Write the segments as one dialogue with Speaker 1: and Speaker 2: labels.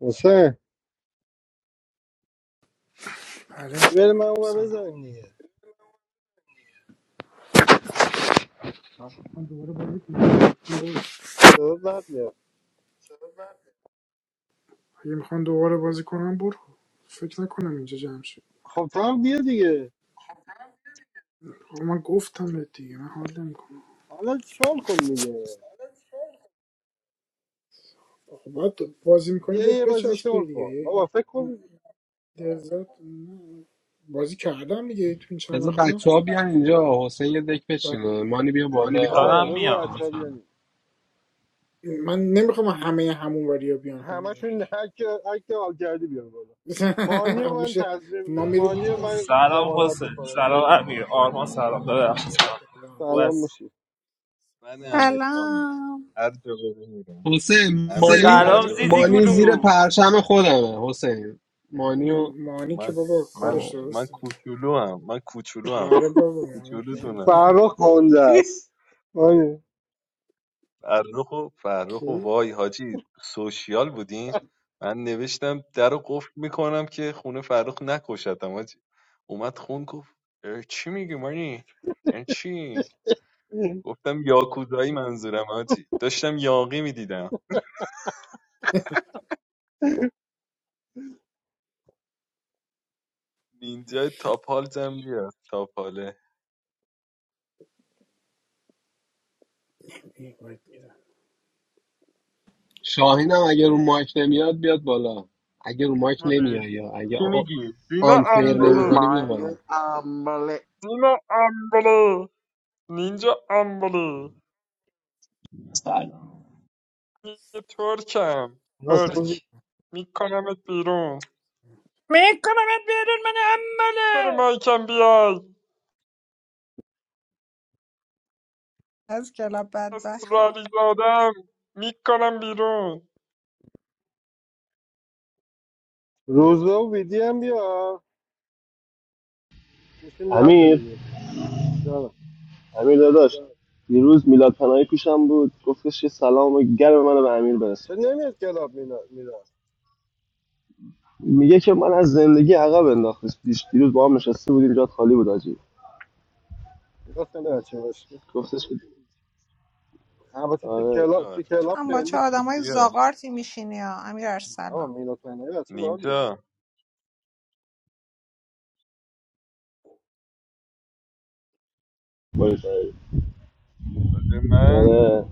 Speaker 1: حسین
Speaker 2: بله
Speaker 1: بریم من اونور
Speaker 2: سلام
Speaker 1: بزنیم دیگه
Speaker 2: من دوباره بازی کنم
Speaker 1: سبب بعد بیاد
Speaker 2: اگه میخوان دوباره بازی کنم برو فکر نکنم اینجا جمع شد
Speaker 1: خب تو هم بیا دیگه
Speaker 2: خب من گفتم بهت دیگه من حال نمیکنم
Speaker 1: حالا شال کن دیگه
Speaker 2: خب باید بازی میکنی
Speaker 1: بیا
Speaker 2: بهت
Speaker 1: یه بازی شال
Speaker 2: بچسبه دیگه
Speaker 1: کن بابا
Speaker 2: یه
Speaker 1: فکر کن
Speaker 2: لذت بازی کردم دیگه تو این چند
Speaker 3: بذار
Speaker 2: وقتا
Speaker 3: بچه ها بیان اینجا حسین یه دک
Speaker 2: و
Speaker 3: بچینه مانی بیا
Speaker 4: مانی
Speaker 3: بالا
Speaker 1: آره
Speaker 4: دارم
Speaker 1: بگو
Speaker 4: میام
Speaker 1: بچه ها
Speaker 3: آفرین.
Speaker 1: بیان
Speaker 2: من نمیخوام همه همون وریا بیان همین ور
Speaker 1: همشون هک هک حال کردی بیان بالا مانی و من
Speaker 2: میشه
Speaker 1: تضمین
Speaker 2: ما میریم
Speaker 1: مانی
Speaker 2: اون
Speaker 1: و
Speaker 2: ور.
Speaker 1: من
Speaker 4: سلام
Speaker 1: ضمانت
Speaker 4: حسین
Speaker 1: میکنم
Speaker 4: سلام
Speaker 1: بیارش بالا
Speaker 4: امیر آرمان سلام ببخشید سلام
Speaker 2: سلام
Speaker 4: خوب
Speaker 1: سلام
Speaker 4: هست
Speaker 1: موشی
Speaker 5: من امیر
Speaker 2: محمود، سلام
Speaker 5: خانم
Speaker 6: سلام
Speaker 5: هر جا بره میرم
Speaker 3: حسین
Speaker 5: امیر خان
Speaker 3: مانی
Speaker 2: سلام
Speaker 1: سلام.
Speaker 5: هر
Speaker 4: سلام مانی
Speaker 5: جا بره
Speaker 4: زیزی
Speaker 5: من
Speaker 3: مانی
Speaker 5: میرم
Speaker 3: زیر
Speaker 4: گلو
Speaker 3: پرچم خودمه حسین مانی و
Speaker 2: م- مانی
Speaker 5: من
Speaker 2: که بابا
Speaker 5: من
Speaker 2: کارش
Speaker 3: آه.
Speaker 5: من
Speaker 2: درسته
Speaker 5: کوچولو هم من کوچولو هم
Speaker 2: آره بابا مانی
Speaker 5: کوچولو تونم
Speaker 2: خیلی
Speaker 1: فرخ گنده است مانی
Speaker 5: فرخ و فرخ و
Speaker 2: کی
Speaker 5: وای حاجی سوشیال بودیم من نوشتم در رو قفل میکنم که خونه فرخ نکشتم حاجی اومد خون گفت اه، چی میگی مانی یعنی چی گفتم یاکوزایی منظورم حاجی داشتم یاقی میدیدم اینجا تاپال زم بیار تاپاله
Speaker 2: این باید میدم
Speaker 3: شاهین هم اگه رو مایک نمیاد بیاد بالا اگه رو مایک نمیای یا اگه
Speaker 5: چی
Speaker 3: آ-
Speaker 5: میگی؟ دینا
Speaker 3: آنفیر نمی
Speaker 5: امبلی
Speaker 3: کنی بیا
Speaker 7: My
Speaker 3: بالا
Speaker 7: omelet.
Speaker 5: دینا امبلی نینجا امبلی یه ترکم ترک
Speaker 1: ناصر،
Speaker 5: میکنمت بیرون
Speaker 6: میکنم بیرون من
Speaker 5: چرا
Speaker 6: عمله
Speaker 5: مایکم بیای
Speaker 6: از کلاب بدبختا
Speaker 5: اصراری دادم میکنم بیرون
Speaker 1: روزبه و ویدی هم بیا میشیم ده تا
Speaker 8: امیر
Speaker 1: دیگه جانم
Speaker 8: امیر داداش دیروز میلاد پیشم بود، گفتش یه سلام گرم منو به امیر برسون.
Speaker 1: چرا نمیاد کلاب مینا
Speaker 8: میگه که من از زندگی عقب انداخته پیش، دیروز با هم نشسته بودیم جات خالی بود آجی.
Speaker 1: میلاد خیلی بچه باشه
Speaker 8: گفتش که
Speaker 1: البته تو
Speaker 8: آره
Speaker 1: کلاب
Speaker 5: آره.
Speaker 1: تو
Speaker 6: تو
Speaker 1: کلاب
Speaker 6: هم با چه
Speaker 1: فعلی
Speaker 6: آدمای زاغارتی میشینی ها امیر
Speaker 1: نه بابا،
Speaker 6: ارسلان
Speaker 1: میلاد فنایی بچه باحالیه
Speaker 5: نینجا
Speaker 8: باش،
Speaker 5: واسه من
Speaker 8: آره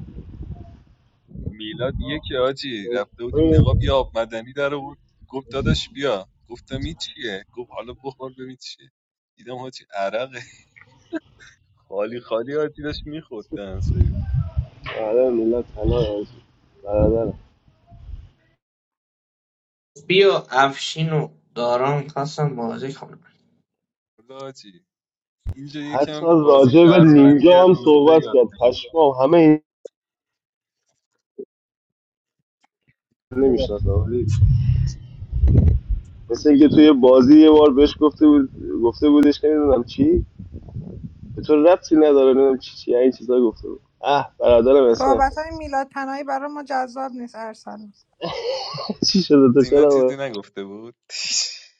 Speaker 5: میلاد یک آجی رفته بودیم نقاب یه آب مدنی در بود گفت داداش بیا گفتم این چیه گفت حالا بخور ببین چیه دیدم حاجی عرقه خالی خالی آجی داشت میخوردن
Speaker 8: آره میلاد پناهی آجی برادر.
Speaker 9: بیا افشین و داران خواستم بازی کنم
Speaker 5: حالا حاجی اینجا
Speaker 8: حتی
Speaker 5: یکم بازی
Speaker 8: راجع به
Speaker 5: شهروندی
Speaker 8: نینجا
Speaker 5: از
Speaker 8: هم
Speaker 5: روزبه
Speaker 8: صحبت
Speaker 5: یاد
Speaker 8: کرد،
Speaker 5: بگیر
Speaker 8: پشمام. همه این نمیشناسم، ولی مثل اینکه توی بازی یه بار بهش گفته بود، گفته بودش نمیدونم چی، Because you don't know what I'm talking about. Ah, but I don't understand.
Speaker 6: صحبت های میلاد پناهی برای ما جذاب نیست ارسلان
Speaker 8: What did you
Speaker 5: زینا
Speaker 8: say?
Speaker 5: چیزی نگفته بود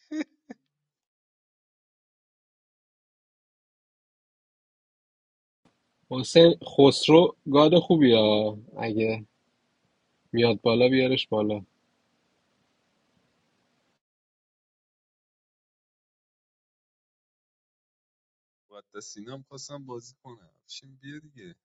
Speaker 3: حسین خسرو گاد خوبی ها اگه میاد بالا بیارش بالا
Speaker 5: باید تا سینا هم خواستم بازی کنم شیم بیا دیگه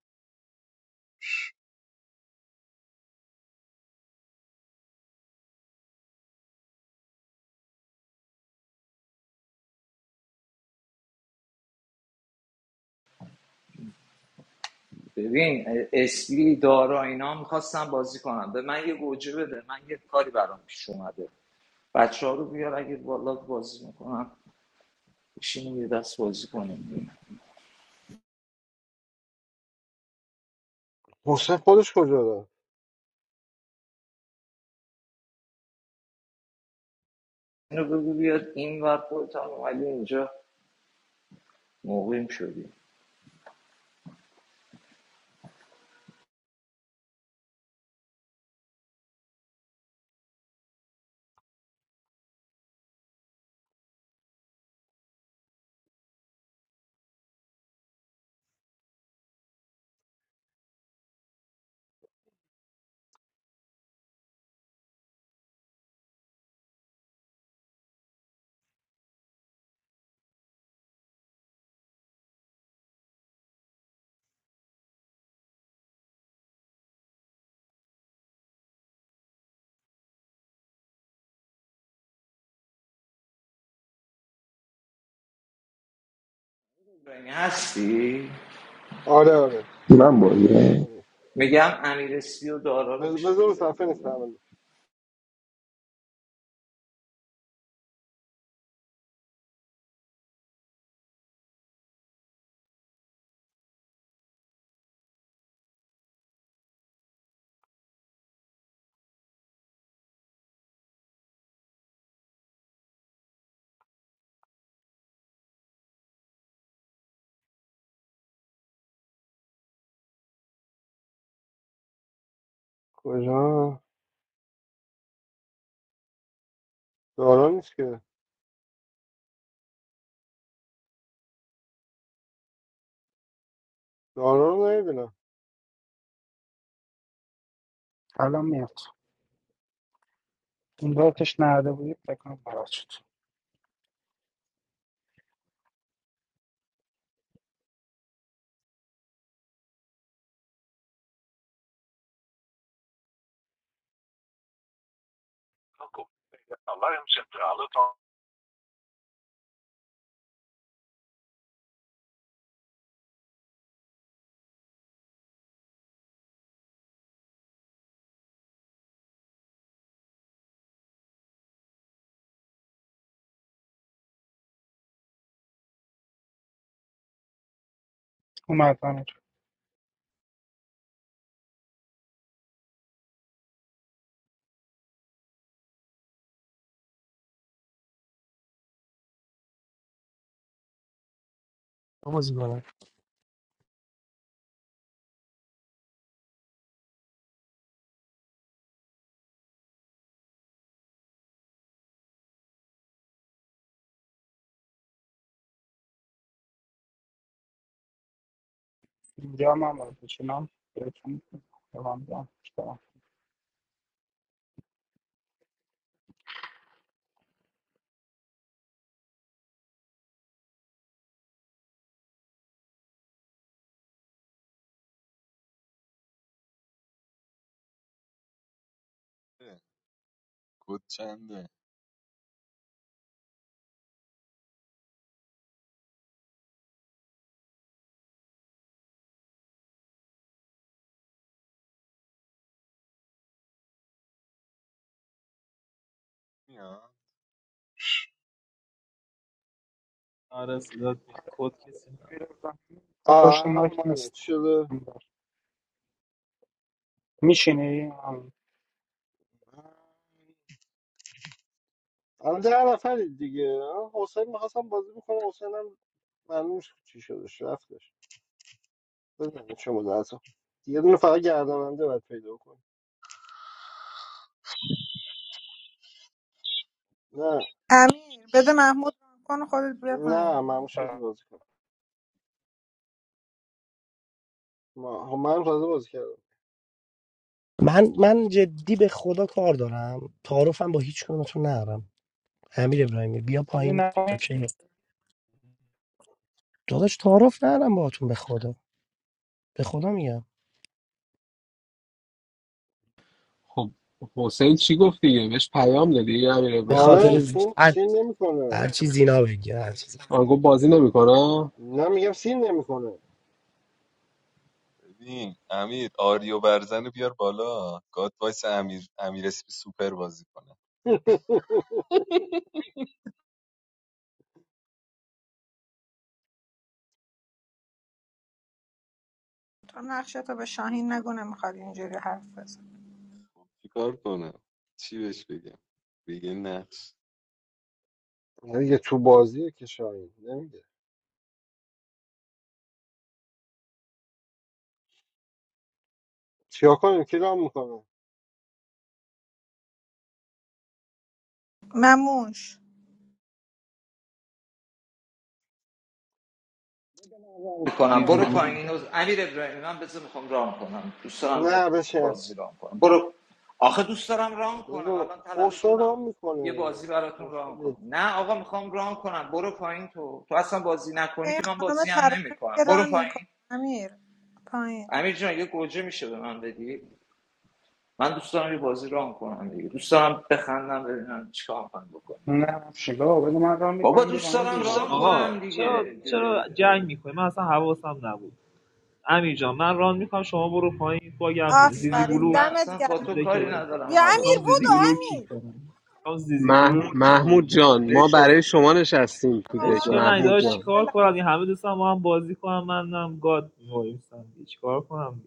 Speaker 10: ببین اسلی دارا اینا میخواستم بازی کنم به من یه گوجه بده من یه کاری برام پیش اومده بچه ها رو بیار اگه بالا بازی میکنم بشینیم یه دست بازی کنیم
Speaker 1: حسین خودش کجا داره
Speaker 10: اینو بگو بیاد این ور خودت هم اومدی اینجا مقیم شدی این هستی
Speaker 1: آره آره
Speaker 7: Mambo, yeah.
Speaker 1: آره
Speaker 10: میگم امیر اسلی و دارا رو
Speaker 1: بز-
Speaker 10: میشه
Speaker 1: بذار رو
Speaker 10: بیاری
Speaker 1: صفحه نیست
Speaker 10: بالا
Speaker 1: اولی کجا دارا نیست که دارا رو نمیبینم
Speaker 11: الان میاد اون بارتش نهده بودی فکر کنم برات شد اومد همین
Speaker 12: بازی کنم
Speaker 11: اینجا هم هم بود چنان بهتون دوام بیام بیام.
Speaker 5: اه، کد چنده بیا
Speaker 4: آره صدات میاد. کد کسی نه
Speaker 11: پشت
Speaker 1: آه
Speaker 11: مایک
Speaker 1: اومدم
Speaker 11: نیست
Speaker 1: چی شده
Speaker 11: میشینی
Speaker 1: الان ده نفرید دیگه آه، حسین میخواستم بازی بکنم حسین هم معلوم نیست چی شدش رفتش بزنید شما درسا یه دونه فقط گرداننده باید پیدا کنیم نه
Speaker 6: امیر بده محمود ران کن و خودت بیا
Speaker 1: نه
Speaker 6: پایین
Speaker 1: مموش تازه بازی کن ما خب منم تازه بازی کردم
Speaker 12: من من جدی به خدا کار دارم تعارفم با هیچ کدومتون ندارم امیر ابراهیمی بیا پایین
Speaker 11: نه
Speaker 12: اوکی. داداش تعارف ندارم باهاتون به خدا به خدا میگم
Speaker 3: خب حسین چی گفت دیگه بهش پیام دادی امیر
Speaker 12: به
Speaker 1: آره
Speaker 12: خاطر
Speaker 3: ابراهیمی
Speaker 1: سین
Speaker 12: هر
Speaker 1: سین نمیکنه
Speaker 12: هر چی زینا بگی هر چیز
Speaker 3: آن گفت بازی نمیکنه
Speaker 1: نه میگم سین نمیکنه
Speaker 5: ببین امیر آریو برزن رو بیار بالا گاد وایس امیر امیر اسپی سوپر بازی کنه
Speaker 6: تو نقشه تو به شاهین نگو نمیخواد اینجوری حرف بزن
Speaker 5: چیکار کنم چی بهش بگم بگه نقش
Speaker 1: میگه تو بازیه که شاید نمیگه چیا کنیم کی رام میکنه
Speaker 6: مموش
Speaker 10: کنم
Speaker 4: زیزی
Speaker 10: برو
Speaker 4: گلو
Speaker 10: پایین اینو امیر ابراهیمی من بذار میخوام ران کنم دوست دارم یه
Speaker 1: نه بشه
Speaker 10: بازی ران کنم برو آخه دوست دارم ران کنم
Speaker 1: بذار
Speaker 10: الان طلبه
Speaker 1: خسرو
Speaker 10: شدم
Speaker 1: رام
Speaker 10: یه
Speaker 1: میکنه دیگه
Speaker 10: بازی براتون
Speaker 1: خسرو
Speaker 10: ران کنم
Speaker 1: بی-
Speaker 10: نه آقا میخوام ران کنم برو پایین تو تو اصلا بازی
Speaker 6: بیا
Speaker 10: نکنی
Speaker 6: این
Speaker 10: که من
Speaker 6: خانم
Speaker 10: بازی هم
Speaker 6: ترانه
Speaker 10: نمیکنم
Speaker 6: میگه
Speaker 10: برو
Speaker 6: ران میکنه
Speaker 10: پایین
Speaker 6: امیر پایین
Speaker 10: امیر جان یه گوجه میشه به من بدی من دوست دارم یه بازی ران کنم دیگه دوست دارم بخندم ببینم چیکار میخوام بکنم
Speaker 11: نه شیبا بده من راه
Speaker 10: بابا
Speaker 11: میکنم بیا
Speaker 10: دوست
Speaker 11: پایین
Speaker 10: دارم
Speaker 11: دیگه
Speaker 10: ران کنم
Speaker 4: آقا چرا
Speaker 10: دیگه
Speaker 4: چرا جنگ میکنی من اصلا حواسم نبود امیر جان من ران میکنم شما برو پایین باگم نیست زیزی
Speaker 10: من
Speaker 6: آفرین
Speaker 4: گلو من
Speaker 6: دمت
Speaker 10: اصلا با
Speaker 6: گرم
Speaker 10: تو
Speaker 4: چیزه
Speaker 10: کاری
Speaker 4: که
Speaker 10: ندارم
Speaker 6: بیا
Speaker 10: حواس
Speaker 6: امیر
Speaker 4: میخوام زیزی
Speaker 6: بودو
Speaker 4: گلو رو کیک
Speaker 6: امیر
Speaker 4: کنم میخوام زیزی گلو محمود جان
Speaker 3: محمود
Speaker 4: ما
Speaker 3: جان
Speaker 4: برای
Speaker 3: ما
Speaker 4: شما
Speaker 3: برای شما نشستیم تو دک
Speaker 4: چرا من
Speaker 3: محمود
Speaker 4: داشت
Speaker 3: جان
Speaker 4: چیکار کنم این همه دوستم با هم بازی کنم منم گاد وایسم چیکار کنم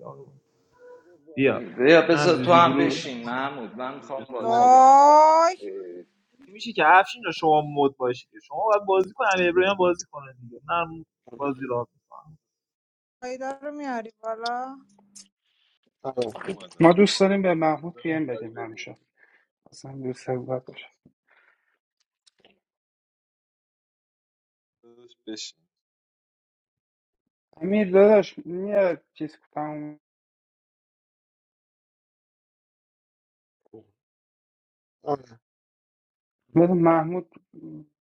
Speaker 4: بیا
Speaker 10: بیا
Speaker 4: من
Speaker 10: بذار تو
Speaker 4: زیزی
Speaker 10: هم
Speaker 4: گروه رو
Speaker 10: بشین محمود من میخوام
Speaker 5: بیشتر.
Speaker 10: بازی رو آن کنم
Speaker 6: وای
Speaker 4: میشه که افشین رو شما مد باشید شما باید بازی کنم ابراهیم بازی کنه دیگه نه بازی را
Speaker 6: پیدا رو میاری بالا
Speaker 1: آره
Speaker 5: محمود اومدم
Speaker 11: ما دوست
Speaker 5: بابا
Speaker 11: داریم به محمود
Speaker 5: کجا
Speaker 11: پی ام
Speaker 5: میخوای
Speaker 11: بدیم
Speaker 5: بری
Speaker 11: همیشه اصلا دوست حقوقت باشه
Speaker 5: داداش بشین
Speaker 11: امیر داداش میاد چیز تموم
Speaker 1: آره
Speaker 11: بده محمود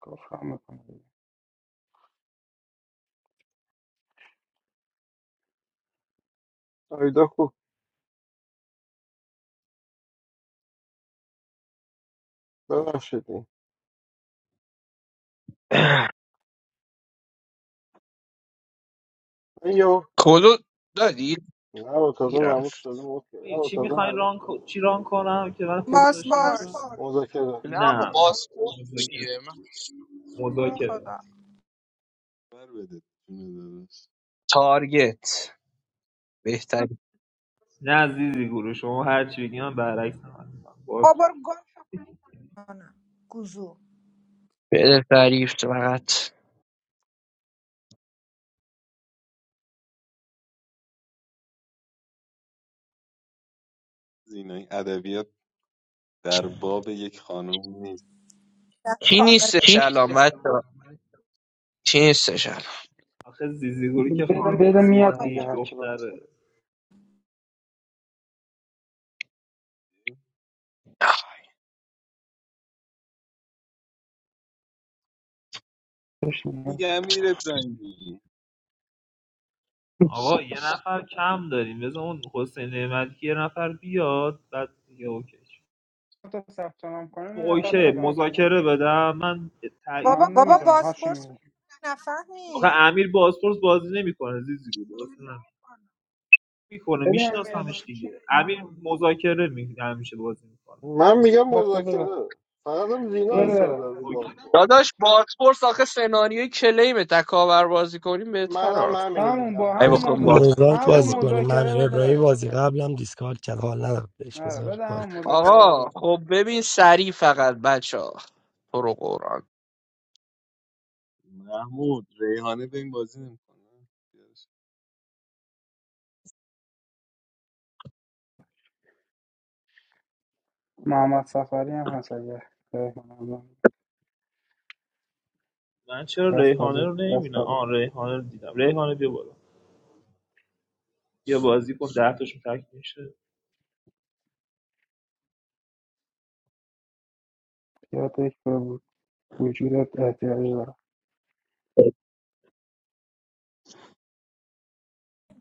Speaker 11: گفتم میکنه
Speaker 1: آیدا خوب ببخشید ایو
Speaker 9: کلو دادی
Speaker 1: نه با تازه
Speaker 9: گیرم
Speaker 1: مموش تازه موت کرد
Speaker 4: چی میخواین ران کو- چی ران کنم که من خود داشته
Speaker 6: بازپرس
Speaker 1: مذاکره
Speaker 9: نه آقا
Speaker 4: نه
Speaker 9: باسپورت
Speaker 4: مذاکره
Speaker 9: چیه من
Speaker 6: تو رو
Speaker 4: مذاکره
Speaker 6: خدا
Speaker 5: بر بده جون داداش
Speaker 9: تارگت بهتری
Speaker 4: نه زیزی گروه شما هر چی بگی من برعکس عمل می‌کنم. باز بابا
Speaker 6: نه گوزو
Speaker 9: بده تعریف فقط
Speaker 5: زینای ادبیات در باب یک خانم نیست
Speaker 6: در
Speaker 9: کی
Speaker 6: باغ.
Speaker 4: کی
Speaker 9: نیستش الان
Speaker 4: نیست شما
Speaker 9: بچه کی نیستش الان
Speaker 4: آخه زیزیگوری که خانم
Speaker 11: بده میاد
Speaker 4: اسمانی
Speaker 11: دیگه هر چی باشه
Speaker 4: دختره
Speaker 11: بهش نیاز
Speaker 5: میگه
Speaker 11: نیست.
Speaker 5: امیر ابراهیمی
Speaker 4: آقا یه نفر کم داریم بذار اون حسین نعمتی یه نفر بیاد بعد دیگه اوکی
Speaker 11: تا ثبت نام
Speaker 4: خب،
Speaker 11: کنیم یه نفر
Speaker 4: اوکی
Speaker 11: پیدا میشه
Speaker 4: مذاکره بدم من تعیین. بابا
Speaker 11: من
Speaker 6: بابا
Speaker 11: نمیدونم
Speaker 6: باسپورس
Speaker 11: هاشمی
Speaker 4: تایید آخه
Speaker 6: نفهمی
Speaker 4: امیر بازپرس بازی نمیکنه زیزی بود اصلا میکنه ببین، میشناسمش دیگه امیر مذاکره می- همیشه بازی میکنه
Speaker 1: من میگم
Speaker 11: بس بده بده
Speaker 1: مذاکره فقط هم زینا
Speaker 11: بده
Speaker 1: اصرار داره رو باز
Speaker 4: اوکی
Speaker 1: کن
Speaker 9: داداش باسپورت آخه سناریوی کلیم تکاور بازی کنیم بهتر
Speaker 1: منم
Speaker 9: آقا.
Speaker 1: همینو
Speaker 11: همون با
Speaker 9: ای
Speaker 1: میگم
Speaker 11: همون
Speaker 9: بکن
Speaker 11: موضوع
Speaker 9: باز
Speaker 5: نره
Speaker 12: موزاییک
Speaker 5: بیار
Speaker 11: همون
Speaker 12: بازی
Speaker 5: بالا
Speaker 12: کنیم من
Speaker 11: مذاکره
Speaker 12: امیر
Speaker 11: بده
Speaker 12: ابراهیمی
Speaker 11: بریم
Speaker 12: بازی قبلم دیسکارد کرد حال ندارم بهش
Speaker 11: آره
Speaker 12: بذار
Speaker 11: بده
Speaker 12: بازی
Speaker 11: همون مذاکره بده
Speaker 9: آقا
Speaker 11: بریم
Speaker 9: خب ببین سریع فقط بچه ها تو رو قرآن
Speaker 5: محمود ریحانه به این بازی نمیکنه بیارش
Speaker 11: محمد سفری هم هست اگه
Speaker 4: من چرا
Speaker 11: دست
Speaker 4: ریحانه
Speaker 11: قضیه
Speaker 4: رو نمیبینم دستم. آن ریحانه رو دیدم ریحانه بیا بالا بیا بازی کن ده تاشون تک میشه
Speaker 11: یک بود وجودت احتیاج داره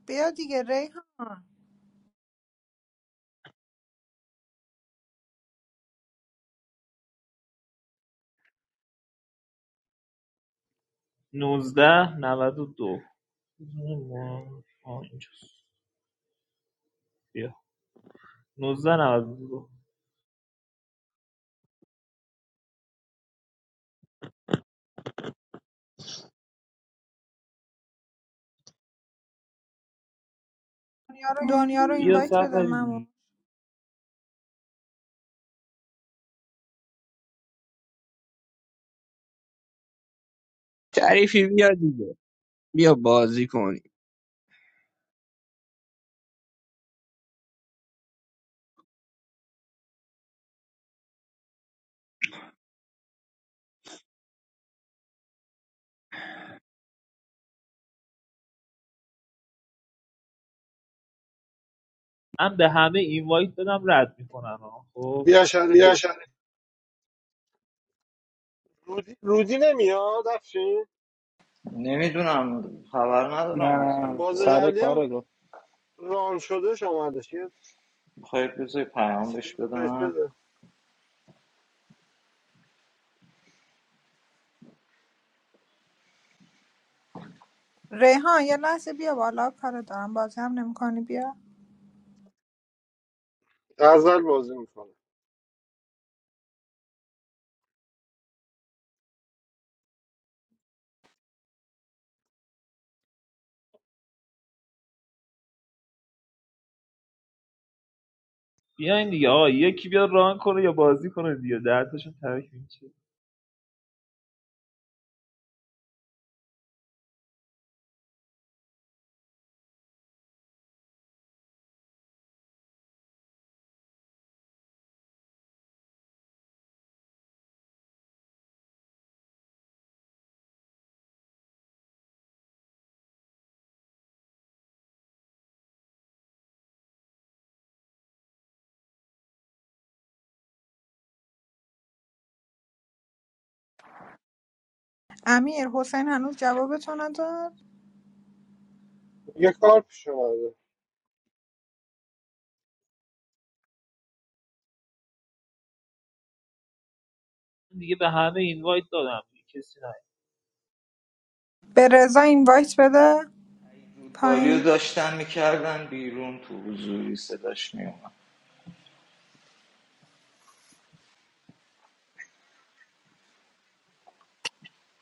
Speaker 6: بیا دیگه ریحان
Speaker 4: 19 92 آه، اینجاست. بیا 19 92
Speaker 6: دنیا رو
Speaker 4: بیا
Speaker 6: اینوایت بده ممو
Speaker 4: سفری
Speaker 9: تعریفی بیا دیگه بیا بازی کنیم
Speaker 4: من به همه اینوایت دادم رد میکنن خب
Speaker 1: بیا شریفی رودی, رودی نمیاد افشین
Speaker 10: نمیدونم خبر ندارم از
Speaker 11: نه
Speaker 1: باز
Speaker 10: رودباری
Speaker 11: سر
Speaker 1: قبلی هم
Speaker 11: کار گفت
Speaker 1: ران شدهش آمدش یه
Speaker 10: میخوای بذار پیام
Speaker 1: مسیج
Speaker 10: بهش
Speaker 1: میکنش
Speaker 10: بدم
Speaker 1: بده
Speaker 6: ریحان یه لحظه بیا بالا کار دارم بازی هم نمیکنی بیا
Speaker 1: غزل بازی میکنه
Speaker 4: بیاین دیگه آقا یکی بیا ران کنه یا بازی کنه دیگه دردشون ترک میشه
Speaker 6: امیر حسین هنوز جوابتو نداد
Speaker 1: یه کار پیش اومده
Speaker 4: دیگه به همه اینوایت دادم دیگه کسی نه
Speaker 6: به رضا اینوایت بده
Speaker 10: رودباری رو
Speaker 6: پایین
Speaker 10: داشتن میکردن بیرون تو حضوری صداش میومد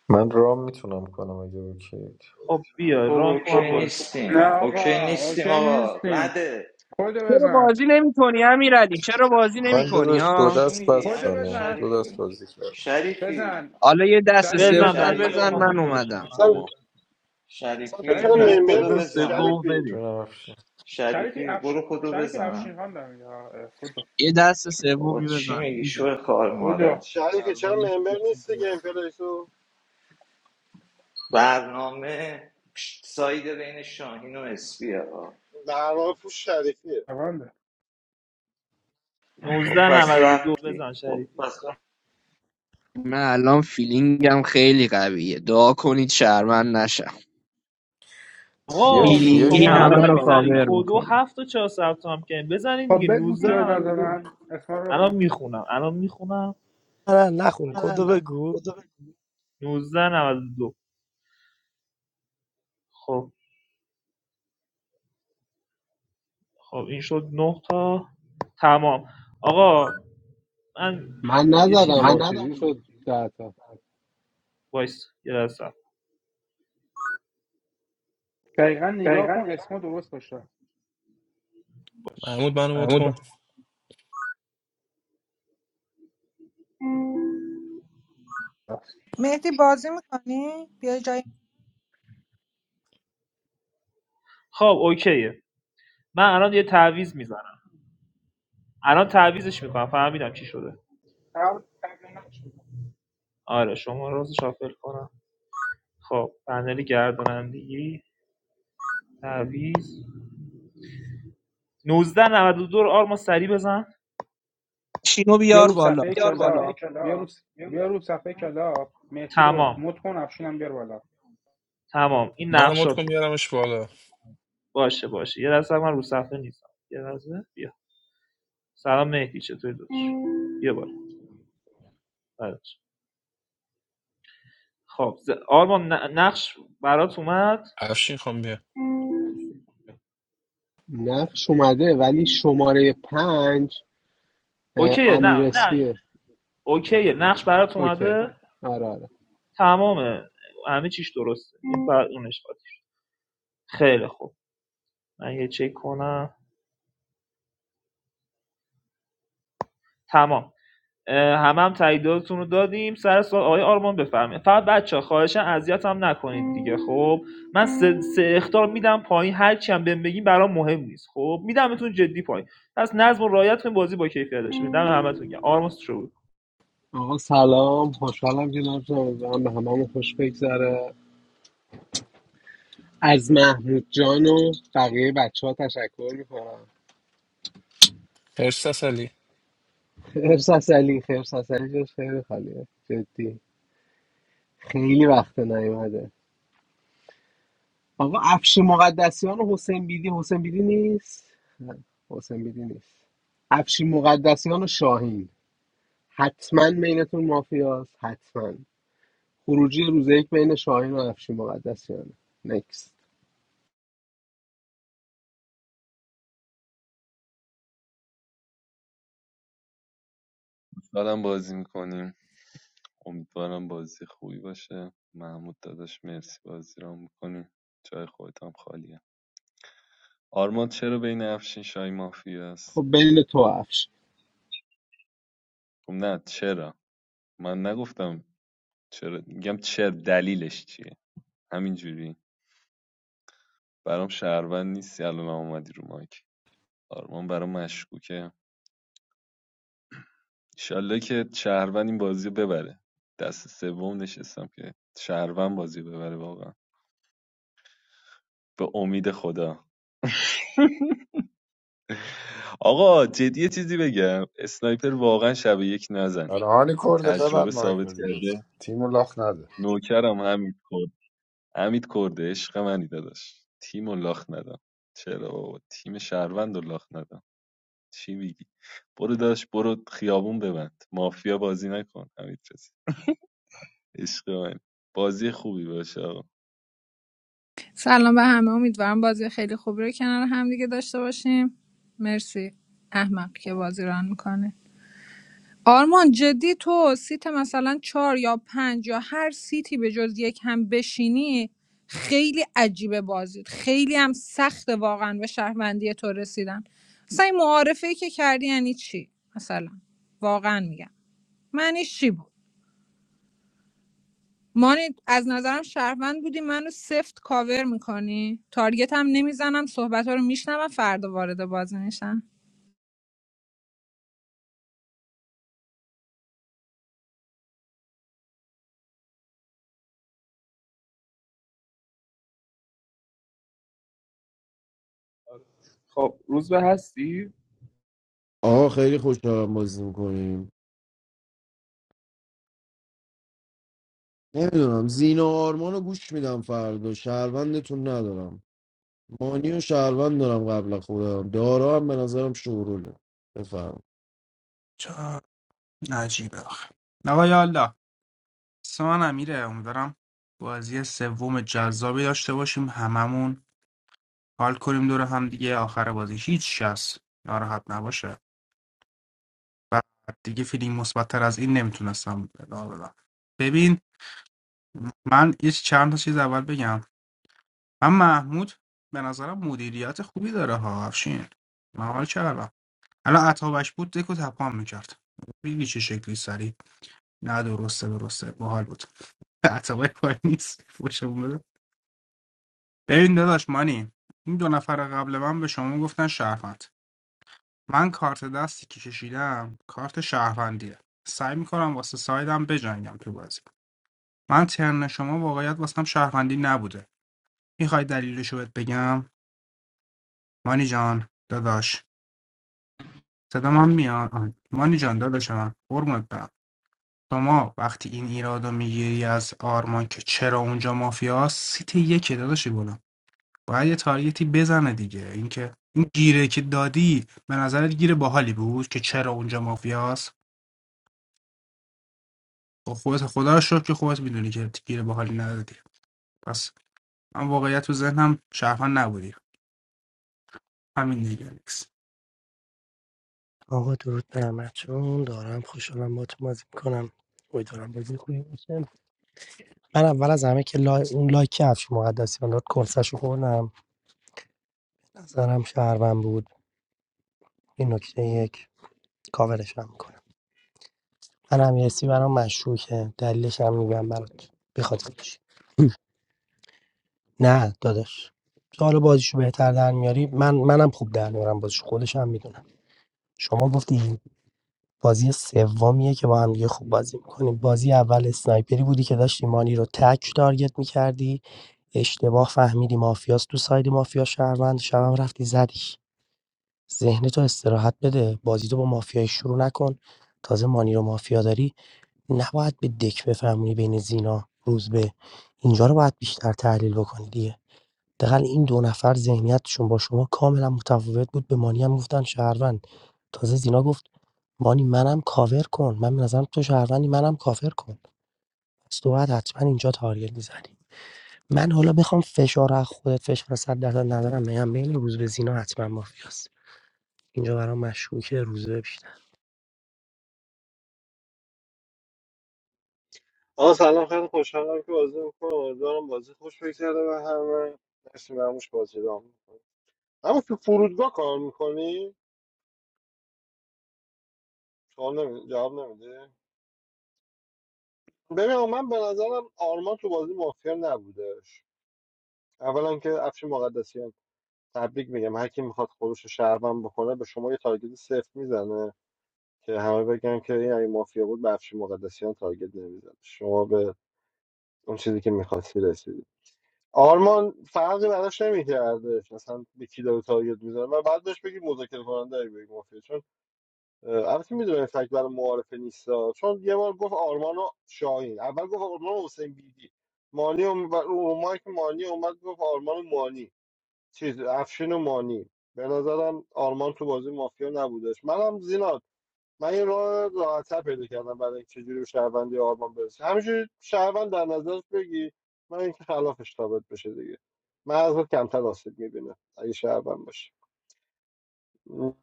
Speaker 13: من رام میتونم کنم اگه اوکیت
Speaker 4: خب بیا
Speaker 10: خب
Speaker 4: ران کن من
Speaker 10: اوکی
Speaker 4: بازی کنم.
Speaker 11: نه
Speaker 10: نیستیم اوکی
Speaker 11: آقا
Speaker 10: نیستیم
Speaker 11: اوکی
Speaker 10: آقا
Speaker 11: نیستیم
Speaker 10: رده
Speaker 11: کد
Speaker 9: چرا
Speaker 11: بزن
Speaker 9: بازی نمیکنی امیرعلی چرا بازی
Speaker 13: من
Speaker 9: نمیکنی
Speaker 13: داداش دو
Speaker 9: ها
Speaker 10: چی
Speaker 13: دست
Speaker 10: میگی
Speaker 11: کد
Speaker 13: بستم
Speaker 11: بزن
Speaker 13: دو دست
Speaker 10: شریفی
Speaker 13: بازی کردم
Speaker 10: شریفی
Speaker 11: بزن
Speaker 9: حالا یه دست
Speaker 4: بزن
Speaker 11: شریفی
Speaker 9: سومی
Speaker 4: بزن بچه
Speaker 10: شریف
Speaker 4: من
Speaker 9: بزن
Speaker 4: ها من بود
Speaker 9: من
Speaker 4: اومدم بازی
Speaker 9: اومدم
Speaker 4: کنم
Speaker 5: با
Speaker 1: اصلا
Speaker 5: ما
Speaker 4: بزن
Speaker 1: اصلا تو
Speaker 10: شریفی
Speaker 1: چرا
Speaker 9: بزن
Speaker 10: برو
Speaker 11: شریفی
Speaker 1: ممبر
Speaker 10: کدو
Speaker 5: بزن
Speaker 1: نیستی
Speaker 10: بزن
Speaker 5: سومو
Speaker 1: شریفی
Speaker 5: بریم
Speaker 13: جونم افشین
Speaker 11: شریفی
Speaker 10: شریفی
Speaker 11: افش
Speaker 10: برو کدو
Speaker 11: شریفی
Speaker 10: بزن
Speaker 11: افشین خان دارم یا خود
Speaker 9: یه دست
Speaker 10: بابا
Speaker 9: سومی
Speaker 10: چی
Speaker 9: بزن
Speaker 10: میگی
Speaker 9: میزن
Speaker 10: شو خار مادر
Speaker 11: اولا
Speaker 1: شریفی چرا
Speaker 5: دربم
Speaker 1: ممبر
Speaker 5: بکشیم
Speaker 1: نیستی گیم
Speaker 5: ببریم.
Speaker 1: پلی تو
Speaker 10: برنامه ساید بین شاهین و اسپیه ها
Speaker 1: در واقع پوش شریفیه
Speaker 11: پرونده
Speaker 4: 19
Speaker 10: خب پس
Speaker 4: 92
Speaker 10: رفتی
Speaker 4: بزن خب شریفی پس
Speaker 9: من الان فیلینگم خیلی قویه دعا کنید شرمن نشم
Speaker 4: آقا میلیون این شما
Speaker 9: فیلینگی
Speaker 4: همه
Speaker 13: مافیاشیم
Speaker 4: رو
Speaker 9: همه رو
Speaker 4: نمیزنین میکنه
Speaker 9: کاور
Speaker 4: کدو
Speaker 9: میکنه
Speaker 4: هفت و چهار ثبت هم کردین بزنین
Speaker 11: خب
Speaker 4: دیگه
Speaker 11: بگو کیا
Speaker 4: 19 دو
Speaker 11: نزدن اسما رو
Speaker 4: الان
Speaker 11: بخون
Speaker 4: میخونم الان میخونم
Speaker 12: نه نه
Speaker 4: من
Speaker 12: نخون کدو بگو
Speaker 4: کدو بزن. 19 خب خب این شد 9 تا تمام آقا من
Speaker 3: من
Speaker 4: یه چیزی
Speaker 3: نزدم
Speaker 4: من
Speaker 3: ها چجوری شد
Speaker 4: ندارم
Speaker 3: ده تا
Speaker 4: وایس یه لحظه صبر.
Speaker 11: دقیقا نگاه
Speaker 4: دقیقا
Speaker 11: کن
Speaker 4: نگاه
Speaker 11: اسما درست باشه
Speaker 14: Mohammad, I'm not
Speaker 4: محمود با-
Speaker 14: going.
Speaker 6: مهدی بازی میکنی بیا جای
Speaker 4: خب اوکیه من الان یه تعویض میزنم الان تعویزش میکنم فهمیدم چی شده آره شما راز شافل کنم خب پنل گردانندگی تعویض نوزده نود و دو رو آرما سری بزن
Speaker 9: چینو
Speaker 11: بیا
Speaker 9: بیار
Speaker 11: رو
Speaker 9: بالا
Speaker 11: صفحه کلاب بیا رو بیا رو صفحه کلاب مهدی رو
Speaker 4: تمام
Speaker 11: مد کن افشینم بیار بالا
Speaker 4: تمام این
Speaker 14: I'm not going to
Speaker 4: نقشاتون
Speaker 14: go to school.
Speaker 4: باشه باشه یه لحظه من رو صفحه نیستم یه لحظه بیا سلام مهدی چطوری داداش بیا بالا بعدش. خب آرما آرمان ن- نقش برات اومد
Speaker 14: I'm going to
Speaker 3: نقش اومده ولی شماره پنج اه،
Speaker 4: اوکیه
Speaker 3: امیر
Speaker 4: نه نه
Speaker 3: اسفیه
Speaker 4: اوکیه نقش برات
Speaker 3: اوکی
Speaker 4: اومده
Speaker 3: آره آره
Speaker 4: تمامه همه چیش درسته بعد اونش قاطی خیلی خوب من یه چک کنم تمام اه، همه هم تاییداتون رو دادیم سر سوال آقای آرمان بفرمایید فقط بچه خواهشن اذیت هم نکنید دیگه خب من سه, سه اختار میدم پایین هر چی هم بهم بگین برام مهم نیست خب میدمتون جدی پایین پس نظم و رعایت کنید بازی با کیفیت داشته میدم همتون گم آرمان شروع
Speaker 3: آقا سلام خوشحالم که نمیتونم به هممون خوش بگذره از محمود جان و بقیه بچه ها تشکر میکنم
Speaker 14: Afghanistan. 30 years
Speaker 3: خیر سسلی خیر سسلی جاش خیلی خالیه جدی خیلی وقت نیومده آقا افشین مقدسیان و حسین بیدی حسین بیدی نیست نه، حسین بیدی نیست افشین مقدسیان و شاهین حتما بینتون مافیاست حتما خروجی روز یک بین شاهین و افشین مقدسیان نکست
Speaker 5: دارم بازی میکنیم امیدوارم بازی خوبی باشه محمود داداش مرسی بازی را میکنی جای خودت هم خالیه آرمان چرا بین افشین شای مافیا است
Speaker 3: خب بین تو و افشین
Speaker 5: خب نه چرا من نگفتم چرا میگم چرا دلیلش چیه همینجوری برام شهروند نیستی الان اومدی رو مایک آرمان برام مشکوکه ایشالله که شهروند این بازی رو ببره دست سوم نشستم که شهروند بازی رو ببره واقعا به امید خدا آقا جدی یه چیزی بگم اسنایپر واقعا شب یک نزنه
Speaker 15: آنی
Speaker 5: این
Speaker 15: کرده ببر
Speaker 5: تجربه
Speaker 15: مایکو
Speaker 5: ثابت
Speaker 15: دیگه
Speaker 5: کرده
Speaker 15: تیمو لاخ نده
Speaker 5: نوکرم حمید کرد حمید کرده عشق منی داداش تیم و لاخ ندم چرا بابا تیم شهروند و لاخ ندم چی میگی برو داش برو خیابون ببند مافیا بازی نکن حمید رضا عشق من بازی خوبی باشه آقا
Speaker 6: سلام به همه امیدوارم بازی خیلی خوبی رو کنار هم دیگه داشته باشیم مرسی احمق که بازی ران میکنه آرمان جدی تو سیت مثلا چهار یا پنج یا هر سیتی به جز یک هم بشینی خیلی عجیبه بازید خیلی هم سخت واقعا به شهروندی تو رسیدن مثلا این معارفه که کردی یعنی چی مثلا واقعا میگم معنیش چی بود مانی از نظرم شهروند بودی منو سفت کاور میکنی تارگت هم نمیزنم صحبت ها رو میشنوم فردا وارد بازی میشم
Speaker 4: خب روز به هستی
Speaker 16: آقا خیلی خوشحالم بازی میکنیم نمیدونم زینا و آرمان رو گوش میدم فردا شهروندتون ندارم مانی و شهروند دارم قبل از خودم دارا هم به نظرم شوروله بفهم
Speaker 11: چه عجیبه آخه. آقا یا الله سامان امیره امیدوارم بازی سوم جذابی داشته باشیم هممون حال کنیم دور هم دیگه آخر بازی هیچ کس ناراحت نباشه بعد دیگه فیلینگ مثبتتر از این نمیتونستم بدم ببین من یه چند تا چیز اول بگم من محمود به نظرم مدیریت خوبی داره ها افشین من حال کردم الان عطابش بود دکو تپام میکرد بگی چه شکلی سری نه درسته درسته باحال بود عطابک کاری نیست فوشمون بده ببین داداش مانی این دو نفر قبل من به شما گفتن شهروند من کارت دستی که کشیدم کارت شهروندیه سعی میکنم واسه سایدم بجنگم تو بازی من ترن شما واقعیت واسم شهروندی نبوده میخوای دلیلش رو بهت بگم مانی جان داداش صدام هم میاد مانی جان داداش من قربونت برم شما وقتی این ایراد میگیری از آرمان که چرا اونجا مافیاست سیت یک داداشی گلم باید یه تارگتی بزنه دیگه اینکه این گیره که دادی به نظرت گیره باحالی بود که چرا اونجا مافیاست خب خودت خدا رو شکر که خودت میدونی که گیره باحالی ندادی پس من واقعیت تو ذهنم شهروند نبودی همین دیگه نیست
Speaker 12: آقا درود به همتون دارم خوشحالم باهاتون بازی میکنم امیدوارم بازی خوبی باشه من اول از همه که لای... اون لایک افش مقدسیان رو کنسش خوردم نظرم شهروند بود این نکته یک کاورش هم میکنم من امیرسی برام مشکوکه دلیلش هم میگم برات بخاطرش نه داداش تو حالا بازیشو بهتر در میاری من منم خوب در میارم بازیشو خودش هم میدونم شما گفتی بازی سومیه که با هم دیگه خوب بازی میکنیم بازی اول اسنایپری بودی که داشتی مانی رو تک تارگت میکردی اشتباه فهمیدی مافیاست تو ساید مافیا شهروند شبم رفتی زدیش ذهنتو استراحت بده، بازیتو با مافیای شروع نکن، تازه مانی رو مافیا داری نباید به دک بفهمونی بین زینا، روزبه اینجا رو باید بیشتر تحلیل بکنی دیگه دقل این دو نفر ذهنیتشون با شما کاملا متفاوت بود به مانی هم گفتن شهروند تازه زینا گفت مانی منم کاور کن من به نظرم تو شهروندی منم کاور کن پس تو باید حتما اینجا تارگت میزنی من حالا بخوام فشار رو از خودت فشار صد درصد ندارم میگم بین روزبه زینا حتما مافیاست اینجا برام مشکوکه روزبه بیشتر
Speaker 1: آقا سلام خیلی خوشحالم که بازی میکنم امیدوارم بازی خوش بگذره به همه مرسی مموش بازی رام میکنه اما تو فرودگاه کار میکنی؟ سوال نمی... جواب نمیده ببین من به نظرم آرمان تو بازی مافیا نبودش اولا که افشین مقدسیان تبریک میگم هر کی میخواد خودش رو شهروند بکنه به شما یه تارگت صفر میزنه که همه بگن که این اگه مافیا بود به افشین مقدسیان تارگت نمیزنه شما به اون چیزی که میخواستی رسیدی آرمان فرقی براش نمیکردش اصلا به کی داره تارگت میزنه و بعد بهش بگی مذاکره کننده بگی مافیا چون البته میدونه فکر برای معارفه نیست. چون یه بار گفت آرمان و شاهین اول گفت آرمان و حسین بیدی مانی و رو مایک مانی اومد گفت آرمان و مانی چیز افشین و مانی به نظرم آرمان تو بازی مافیا نبودش منم زینا من این راه راحت‌تر پیدا کردم برای اینکه چجوری به شهروندی آرمان برسه همینجوری شهروند در نظرش بگی من اینکه خلافش ثابت بشه دیگه من ازت کمتر آسیب میبینه اگه شهروند باشه نه،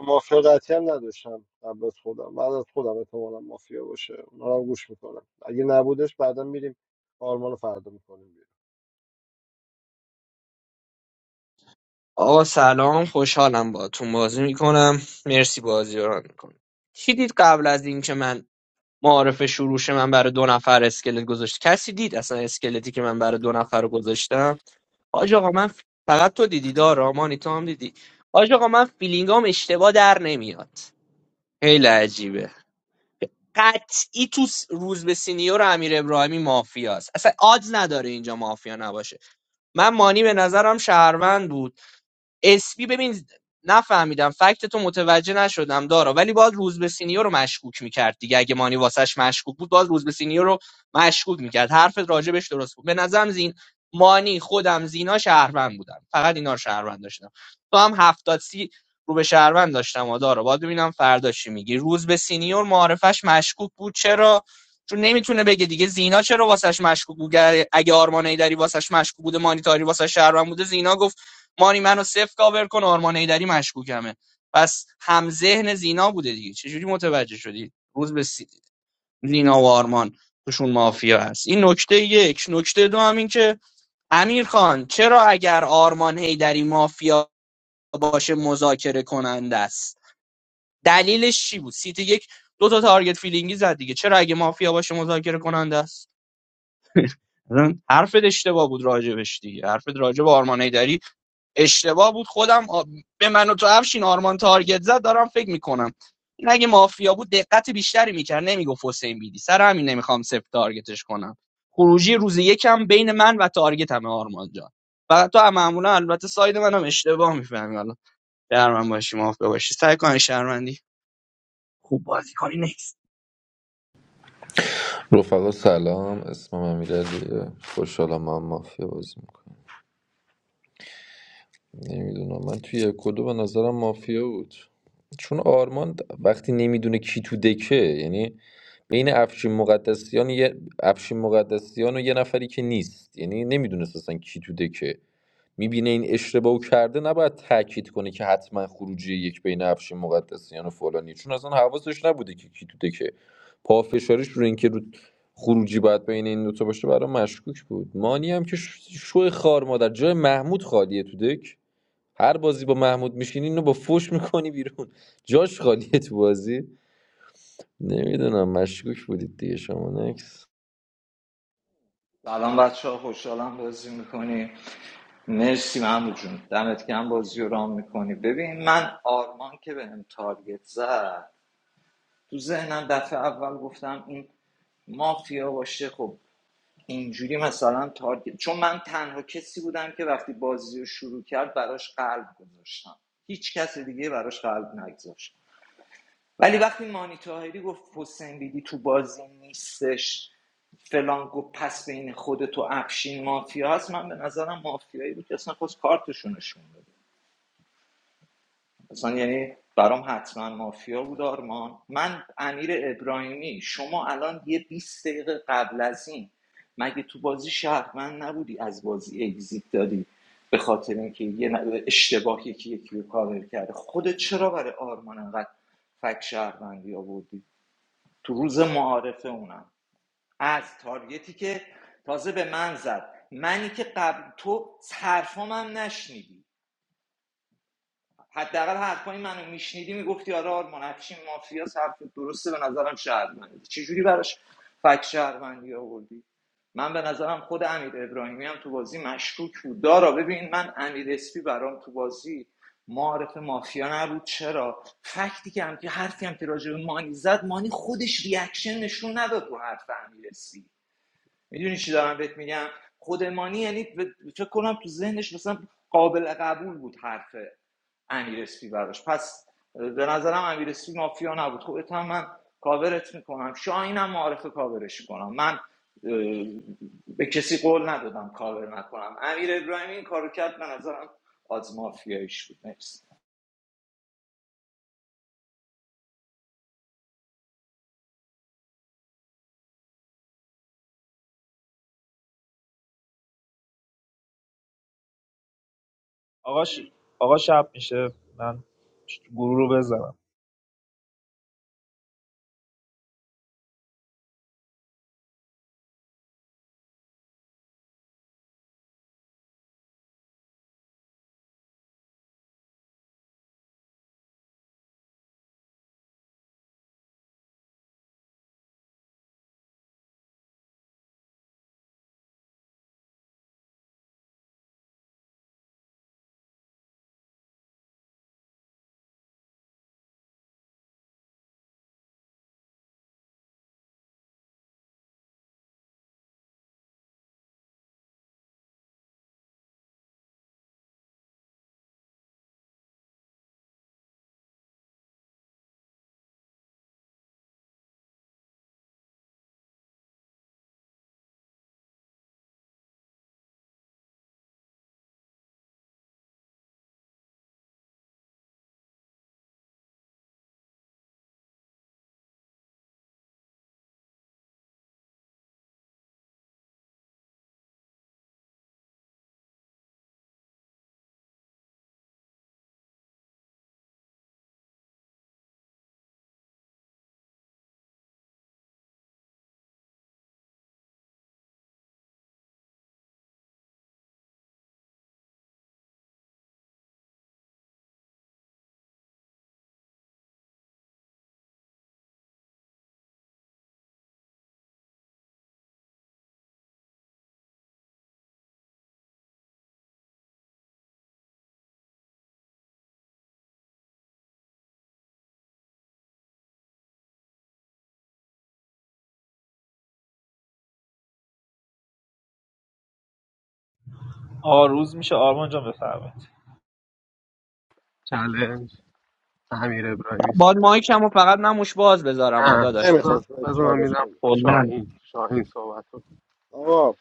Speaker 1: مافیا قطعی هم نداشتم قبل از خودم بعد از خودم احتمالا مافیا باشه اونا رو هم گوش میکنم اگه نبودش بعدا میریم آرمان رو فردا میکنیم
Speaker 9: آقا سلام خوشحالم باهاتون بازی میکنم مرسی بازی رو میکنم چی دید قبل از اینکه من معارف شروعش من برای دو نفر اسکلت گذاشت کسی دید اصلا اسکلتی که من برای دو نفر گذاشتم حاج آقا من ف- فقط تو دیدی دارا مانی تو هم دیدی حاج آقا من فیلینگام اشتباه در نمیاد خیلی عجیبه قطعی تو س- روز به سینیور امیر ابراهیمی مافیاست اصلا آدز نداره اینجا مافیا نباشه من مانی به نظرم شهروند بود اسپی ببین نفهمیدم فکت تو متوجه نشدم دارا ولی باز روز سینیور رو مشکوک میکرد دیگه اگه مانی واسش مشکوک بود باز روز به سینیور رو مشکوک میکرد حرفت راجبش درست بود به نظرم زین مانی خودم زینا شهروند بودن فقط اینا رو شهروند داشتم تو هم هفتاد سی رو به شهروند داشتم آ دارا باید ببینم فردا چی میگی روز سینیور معرفش مشکوک بود چرا چون نمیتونه بگه دیگه زینا چرا واسش مشکوک بود اگه آرمان ایدری واسش مشکوک بوده مانیتاری واسش شهروند بوده زینا گفت مانی منو صفر کاور کن آرمان ایدری مشکوکمه پس هم ذهن زینا بوده دیگه چجوری متوجه شدی روز به سی- زینا و آرمان توشون مافیا هست این نکته یک نکته دو هم این که امیر خان چرا اگر آرمان هیدری مافیا باشه مذاکره کننده است دلیلش چی بود سیت یک دو تا تارگت فیلینگی زد دیگه چرا اگه مافیا باشه مذاکره کننده است اصلا حرفت اشتباه بود راجبش دیگه حرفت راجب آرمان هیدری اشتباه بود خودم به من و تو افشین آرمان تارگت زد دارم فکر میکنم این اگه مافیا بود دقت بیشتری میکرد نمیگفت حسین بیدی سر همین نمیخوام سفت تارگتش کنم خروجی روز یکم بین من و تارگت همه آرمان جان فقط تو هم معمولا البته ساید منم اشتباه میفهمی حالا در باشی مافیا باشی سعی کن شهروندی
Speaker 13: رفقا سلام اسمم امیرعلیه خوشحالم من مافیا بازی میکنم نمیدونم من توی یک و دو به نظرم مافیا بود چون آرمان د- وقتی نمیدونه کی تو دکه یعنی بین افشین مقدسیان یه افشین مقدسیان و یه نفری که نیست یعنی نمیدونه اصلا کی تو دکه میبینه این اشتباهو کرده نباید تاکید کنه که حتما خروجی یک بین افشین مقدسیان و فلانی چون اصلا حواسش نبوده که کی تو دکه پافشاریش رو اینکه رو خروجی باید بین این دوتا باشه برای مشکوک بود مانی هم که ش- شو خار مادر جای محمود خالیه تو دک هر بازی با محمود میشینی اینو با فوش میکنی بیرون جاش خالیه تو بازی نمیدونم مشکوک بودید دیگه شما نکس
Speaker 10: سلام بچه ها خوشحالم بازی میکنی مرسی محمود جون دمت گرم بازی رو رام میکنی ببین من آرمان که بهم تارگت زد تو ذهنم دفعه اول گفتم این مافیا باشه خب اینجوری مثلا تارگت چون من تنها کسی بودم که وقتی بازی رو شروع کرد براش قلب گذاشتم هیچ کس دیگه براش قلب نگذاشت ولی وقتی مانی تاهری گفت حسین بیدی تو بازی نیستش فلان گفت پس بین خودت و افشین مافیا هست من به نظرم مافیایی بود که اصلا خواست کارتشون نشون بده اصلا یعنی برام حتما مافیا بود آرمان من امیر ابراهیمی شما الان یه بیست دقیقه قبل از این مگه تو بازی شهروند نبودی از بازی اگزیت دادی به خاطر اینکه یه ن- اشتباه یکی یکی رو کاور کرده خودت چرا برای آرمان انقدر فک شهروندی آوردی تو روز معارفه اونم از تارگتی که تازه به من زد منی که قبل تو حرفام هم نشنیدی حداقل حرفای منو میشنیدی میگفتی آره آرمان افشین مافیا حرف درسته به نظرم شهروندی چجوری براش فک شهروندی آوردی من به نظرم خود امیر ابراهیمی هم تو بازی مشکوک بود دارا ببین من امیر اسپی برام تو بازی معارف مافیا نبود چرا فکتی که هم که حرفی هم که راجع به مانی زد مانی خودش ریاکشن نشون نداد رو حرف امیر اسپی میدونی چی دارم بهت میگم خود مانی یعنی به- فکر کنم تو ذهنش مثلا قابل قبول بود حرف امیر اسپی براش پس به نظرم امیر اسپی مافیا نبود خودت هم من کاورت میکنم شاهینم معارف کاورش کنم من به کسی قول ندادم کاور نکنم امیر ابراهیمی این کارو کرد به نظرم آز مافیاییش بود مرسی
Speaker 4: آقا, ش... آقا شب میشه من گروه رو بزنم آقا روز میشه آرمان جان بفرمایید
Speaker 3: چلنج امیر
Speaker 9: من
Speaker 3: ابراهیمی است.
Speaker 9: باد مایکمو فقط نموش باز بذارم آ
Speaker 3: نه
Speaker 9: داداش واسه
Speaker 3: بذار
Speaker 1: نمیخواست
Speaker 3: بذار من
Speaker 1: چالش
Speaker 3: میدم
Speaker 1: بده
Speaker 9: کلاً.
Speaker 3: شاهین شاهین صحبت کن.
Speaker 1: آقا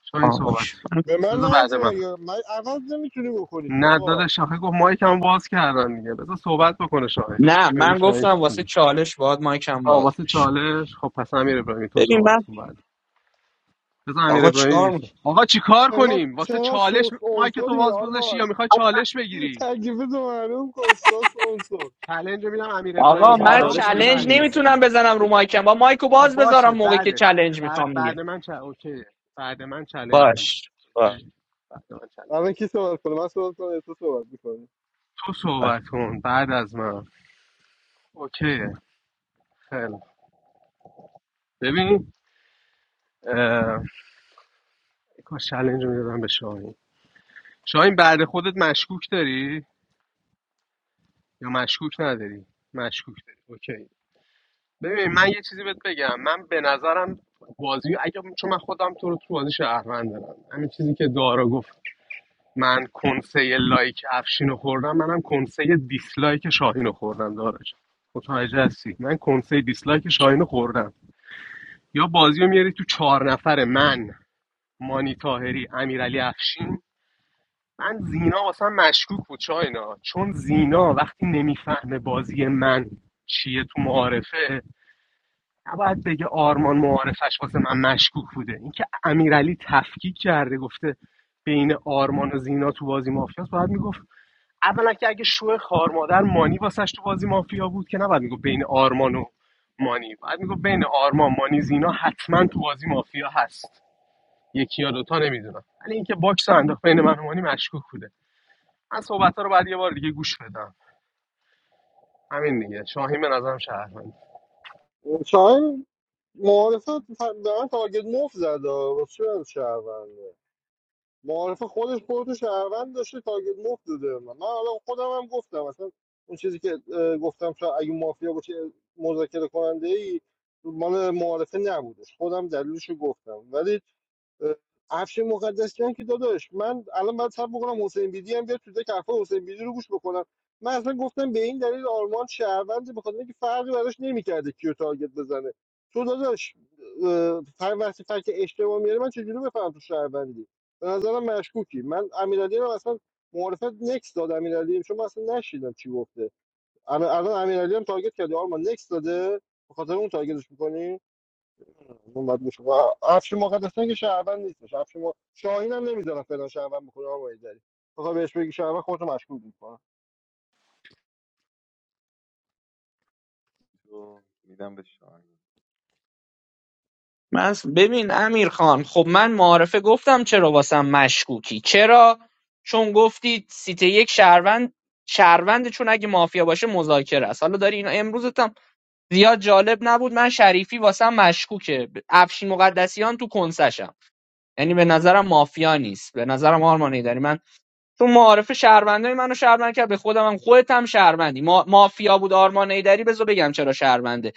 Speaker 3: شاهین
Speaker 9: آه،
Speaker 3: صحبت
Speaker 9: اوکی.
Speaker 1: به من
Speaker 3: بذار بعد
Speaker 1: نجیب
Speaker 3: من
Speaker 1: یا من عوض نمیتونی بکنی که
Speaker 3: نه
Speaker 1: آقا
Speaker 3: داداش شاهین گفت مایکم باز کردن دیگه بذار صحبت بکنه شاهین
Speaker 9: نه
Speaker 3: ببین
Speaker 9: من
Speaker 3: شاهین
Speaker 9: گفتم
Speaker 3: چی میگه.
Speaker 9: واسه چالش باد مایکم
Speaker 3: آه
Speaker 9: باز
Speaker 3: واسه
Speaker 9: بشه
Speaker 3: چالش خب پس امیر ابراهیمی تو
Speaker 9: ببین
Speaker 3: صحبت
Speaker 9: من
Speaker 3: کن بعد پس امیر
Speaker 9: آقا
Speaker 3: ابراهیمی
Speaker 9: چیکار
Speaker 3: دیگه
Speaker 9: می‌کنی؟
Speaker 3: صحبت. آقا چیکار
Speaker 1: انقدر
Speaker 3: کنیم واسه
Speaker 1: چقدر
Speaker 3: چالش
Speaker 1: سوس
Speaker 3: مایک تو
Speaker 1: عنصری
Speaker 3: باز گذاشتی یا
Speaker 1: آرمان
Speaker 3: میخوای چالش بگیری
Speaker 1: تکلیف تو معلوم کن سوس عنصر
Speaker 3: چالش میدم امیر ابراهیمی
Speaker 9: آقا
Speaker 4: آرمان
Speaker 9: من
Speaker 3: صحبت
Speaker 4: چالش
Speaker 3: بکنه
Speaker 4: به کی
Speaker 9: چلنج
Speaker 3: بعد من
Speaker 4: میرسه
Speaker 9: نمیتونم بزنم رو مایکم با مایکو
Speaker 3: خب
Speaker 9: باز
Speaker 3: باشه
Speaker 9: بذارم موقعی که
Speaker 3: بعدش
Speaker 9: چلنج
Speaker 3: بعد
Speaker 9: میخوام دیگه
Speaker 3: بعد من چ... اوکی بعد من چالش بگیر
Speaker 9: باش
Speaker 3: اوکی. بعد من چالش
Speaker 1: الان کی صحبت کنه من صحبت کنم یا تو صحبت میکنی
Speaker 3: تو صحبت کن بعد از من اوکی خیلی خوب. ببین اه... کاش چالش میدادم به شاهین شاهین بعد خودت مشکوک داری یا مشکوک نداری مشکوک داری اوکی ببین من یه چیزی بهت بگم من به نظرم بازی اگه چون من خودم تو رو تو بازی شهروند دارم همین چیزی که دارا گفت من کنسه لایک افشین رو خوردم منم کنسه دیسلایک شاهین رو خوردم دارا جان متوجه هستی من کنسه دیسلایک شاهین رو خوردم یا بازی رو میاری تو چهار نفره من مانی تاهری امیرعلی افشین من زینا واسم مشکوک بود چاینا چون زینا وقتی نمیفهمه بازی من چیه تو معارفه نباید بگه آرمان معارفش واسه من مشکوک بوده اینکه امیرعلی تفکیک کرده گفته بین آرمان و زینا تو بازی مافیاست باید میگفت اولا که اگه شو خارمادر مانی واسش تو بازی مافیا بود که نباید میگفت بین آرمان و مانی باید میگفت بین آرمان مانی زینا حتما تو بازی مافیا هست یکی یا دوتا نمیدونم ولی اینکه باکس رو انداخت بین من و مانی مشکوک بوده من صحبت ها رو باید یه بار دیگه گوش بدم همین دیگه شاهین به نظرم شهروند
Speaker 1: چای معارفه ف- به من تارگت مفت زد آه. واسه چی من شهروندم؟ معارف خودش خودتو شهروند داشته تارگت مفت داده به من من حالا خودم هم گفتم اصلا اون چیزی که اه، گفتم شاید اگه مافیا باشه مذاکره کننده ای مال معارفه نبودش خودم دلیلش گفتم ولی افش مقدسیان که داداش من الان باید صبر بکنم حسین بیدی هم بیاد تو دک حرفای حسین بیدی رو گوش بکنم من اصلا گفتم به این دلیل آرمان شهروند به خاطر اینکه فرقی براش نمیکرده کیو تارگت بزنه تو داداش اه، هر وقتی فرق اشتباه میاره من چجوری بفهم تو شهروندی به نظرم مشکوکی من امیرعلی رو اصلا معرفت نکس داد امیرعلی چون من اصلا نشیدم چی گفته الان الان امیرعلی هم تارگت کرده آرمان نکس داده به خاطر اون تارگتش می‌کنی اون باید میشه و افشین مقدسیان که شهروند نیستش افشین م... شاهین هم نمیذارم فلان شهروند بکنه آقا ایدری بخوای بهش بگی شهروند خودتو مشکوک میکنه
Speaker 5: رو میدم به شاهین
Speaker 9: من س- ببین امیر خان خب من معارفه گفتم چرا واسم مشکوکی چرا چون گفتی سیت یک شهروند شهروند چون اگه مافیا باشه مذاکره است حالا داری اینا امروزت هم زیاد جالب نبود من شریفی واسم مشکوکه ب- افشین مقدسیان تو کنسشم یعنی به نظرم مافیا نیست به نظرم آرمانی داری چون معارف شهروندای منو شهروند کرد به خودم هم خودت هم شهروندی ما... مافیا بود آرمان ایدری بذار بگم چرا شهرونده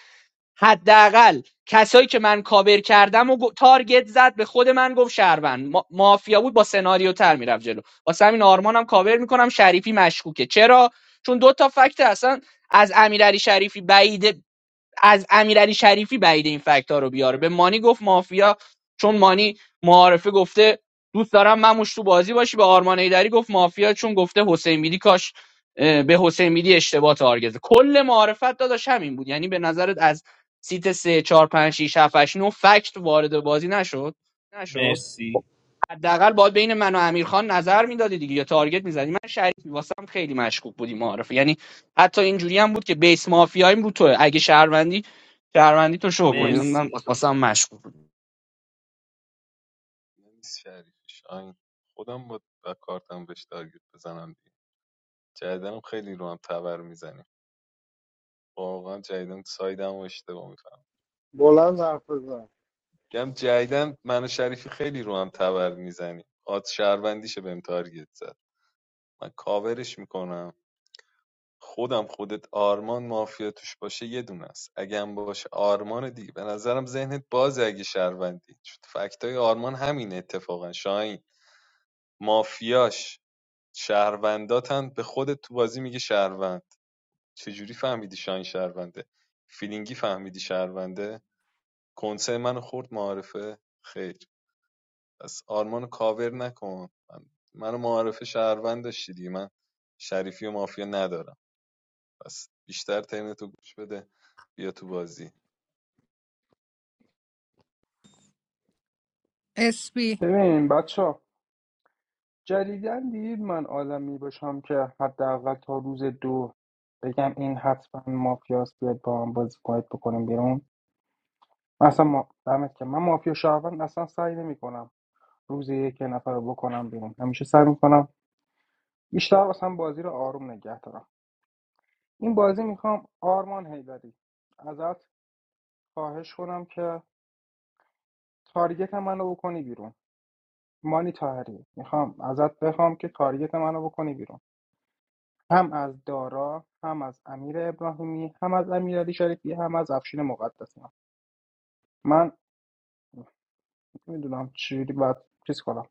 Speaker 9: حداقل کسایی که من کاور کردم و گو- تارگت زد به خود من گفت شهروند ما... مافیا بود با سناریو تر میرفت جلو واسه همین آرمانم هم کاور میکنم شریفی مشکوکه چرا چون دو تا فکت اصلا از امیرعلی شریفی بعید از امیرعلی شریفی بعید این فکت ها رو بیاره به مانی گفت مافیا چون مانی معارفه گفته دوست دارم مموش تو بازی باشی به آرمان ایدری گفت مافیا چون گفته حسین بیدی کاش به حسین بیدی اشتباه تارگزه کل معارفت داداش همین بود یعنی به نظرت از سیت سه چهار 5 6 7 8 9 فکت وارد بازی نشد
Speaker 4: شما مرسی
Speaker 9: حداقل باید بین من و امیرخان نظر میدادی دیگه یا تارگت میزدی من شریک واسم خیلی مشکوک بودی معارفه یعنی حتی اینجوری هم بود که بیس مافیاییم رو تو اگه شهروندی شهروندی تو شو
Speaker 4: کنیم
Speaker 9: کنی
Speaker 4: مرسی
Speaker 9: من
Speaker 4: واسه
Speaker 9: واسم
Speaker 4: من.
Speaker 9: مشکوک بود
Speaker 5: نه نیست شریف شاهین خودم با با کارتم بهش تارگت بزنم دیگه جدیدنم خیلی رو هم تبر میزنیم واقعا جدیدن سایدم و اشتباه میفهم
Speaker 1: بلند حرف بزن
Speaker 5: میگم جدیدن من و شریفی خیلی رو هم تبر میزنیم آت شهروندیشه بهم تارگت زد من کاورش میکنم خودم خودت آرمان مافیا توش باشه یه دونه دونست اگه هم باشه آرمان دیگه به نظرم ذهنت بازه اگه شهروندی چون فکتای آرمان همین اتفاقا شاهین مافیاش شهرونداتن به خودت تو بازی میگه شهروند چجوری فهمیدی شاهین شهرونده فیلینگی فهمیدی شهرونده کنسه منو خورد معارفه خیر پس آرمانو کاور نکن من منو معارفه شهروند داشتی دیگه من شریفی و مافیا ندارم بس بیشتر ترنتو گوش بده بیا تو بازی
Speaker 6: اسپی
Speaker 11: ببین بچه جدیدا دیدید من آدمی باشم که حداقل تا روز دو بگم این حتما مافیاست بیاد با هم بازی کنید بکنیم بیرون من اصلا ما... دمت که من مافیا شهروند اصلا سعی نمیکنم روز یک یه نفر رو بکنم بیرون همیشه سعی میکنم بیشتر اصلا بازی رو آروم نگه دارم این بازی میخوام آرمان هیدری ازت خواهش کنم که تارگت منو بکنی بیرون مانی تاهری میخوام ازت بخوام که تارگت منو بکنی بیرون هم از دارا هم از امیر ابراهیمی هم از امیرعلی شریفی هم از افشین مقدسیان من نمیدونم چجوری باید چیز کنم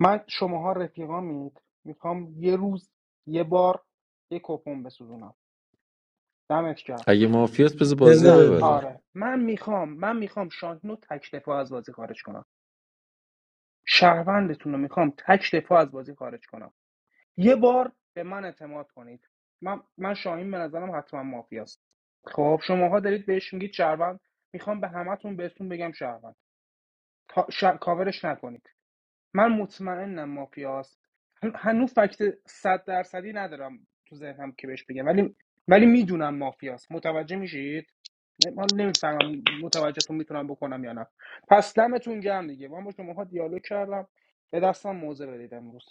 Speaker 11: من شماها رفیقامید میخوام یه روز یه بار یه کپون بسوزونم دمت گرم
Speaker 13: اگه مافیاس بذار بازی رو
Speaker 11: نه
Speaker 12: بذار
Speaker 13: ببره
Speaker 12: ببره
Speaker 11: آره من میخوام من میخوام شاهین رو تک دفاع از بازی خارج کنم شهروندتون رو میخوام تک دفاع از بازی خارج کنم یه بار به من اعتماد کنید من من شاهین به نظرم حتما مافیاست خب شماها دارید بهش میگید شهروند میخوام به همتون بهتون بگم شهروند کاورش نکنید من مطمئنم مافیاست هن- هنوز فکت صد درصدی ندارم تو ذهنم که بهش بگم ولی ولی میدونم مافیاست متوجه میشید من نمیفهمم متوجهتون میتونم بکنم یا نه پس دمتون گرم دیگه من با شماها دیالوگ کردم به دستم موزه بدید امروز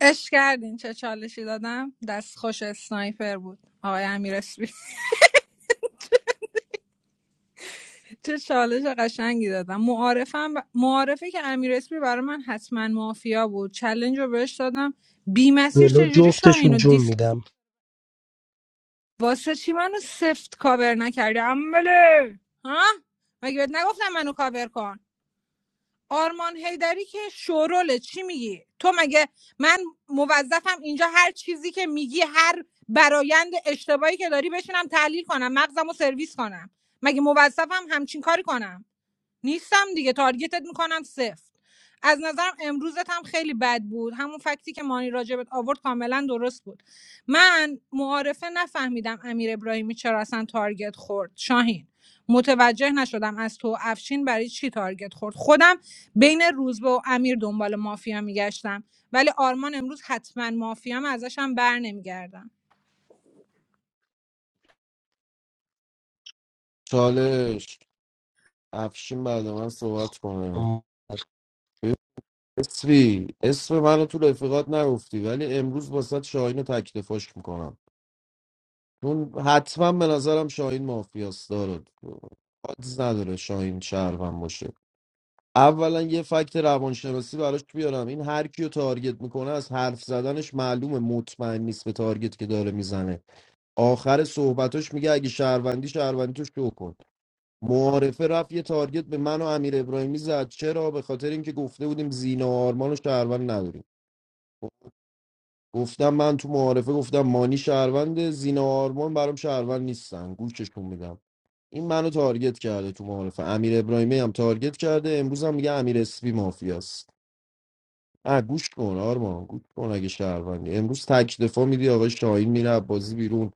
Speaker 6: اش کردین چه چالشی دادم دست خوش اسنایپر بود آقای امیر اسپی چه چالش قشنگی دادم معارفم ب... معارفه که امیر اسپی برای من حتما مافیا بود چلنج رو بهش دادم بی مسیر
Speaker 12: جلو
Speaker 6: چجوری شاهین
Speaker 12: جفتشون
Speaker 6: و
Speaker 12: جون
Speaker 6: دیس
Speaker 12: میدم
Speaker 6: واسه چی منو سفت کاور نکردی عمله ها مگه بهت نگفتم منو کاور کن آرمان هیدری که شوروله چی میگی تو مگه من موظفم اینجا هر چیزی که میگی هر برایند اشتباهی که داری بشینم تحلیل کنم مغزم سرویس کنم مگه موظفم همچین کاری کنم نیستم دیگه تارگتت میکنم سفت از نظرم امروزت هم خیلی بد بود همون فکتی که مانی راجبت آورد کاملا درست بود من معارفه نفهمیدم امیر ابراهیمی چرا اصلا تارگت خورد شاهین متوجه نشدم از تو افشین برای چی تارگت خورد خودم بین روزبه و امیر دنبال مافیا میگشتم ولی آرمان امروز حتما مافیام ازشم بر نمیگردم
Speaker 16: چالش افشین بعد من صحبت کنه اسفی اسم منو تو رفیقات نگفتی ولی امروز واسه شاهین رو تکتفاش میکنم چون حتما به نظرم شاهین مافیاست دارد حادث نداره شاهین شهروند باشه اولا یه فکت روانشناسی براش بیارم این هر کیو تارگت میکنه از حرف زدنش معلومه مطمئن نیست به تارگت که داره میزنه آخر صحبتاش میگه اگه شهروندی شهروندی تو شو کن معارفه رفت یه تارگت به من و امیر ابراهیمی زد چرا به خاطر اینکه گفته بودیم زینا و آرمان و شهروند نداریم گفتم من تو معارفه گفتم مانی شهروند زینا و آرمان برام شهروند نیستن گوششون میدم این منو تارگت کرده تو معارفه امیر ابراهیمی هم تارگت کرده امروز هم میگه امیر اسپی مافیاست نه گوش کن آرمان گوش کن اگه شهروندی امروز تک دفاع میدی آقای شاهین میره بازی بیرون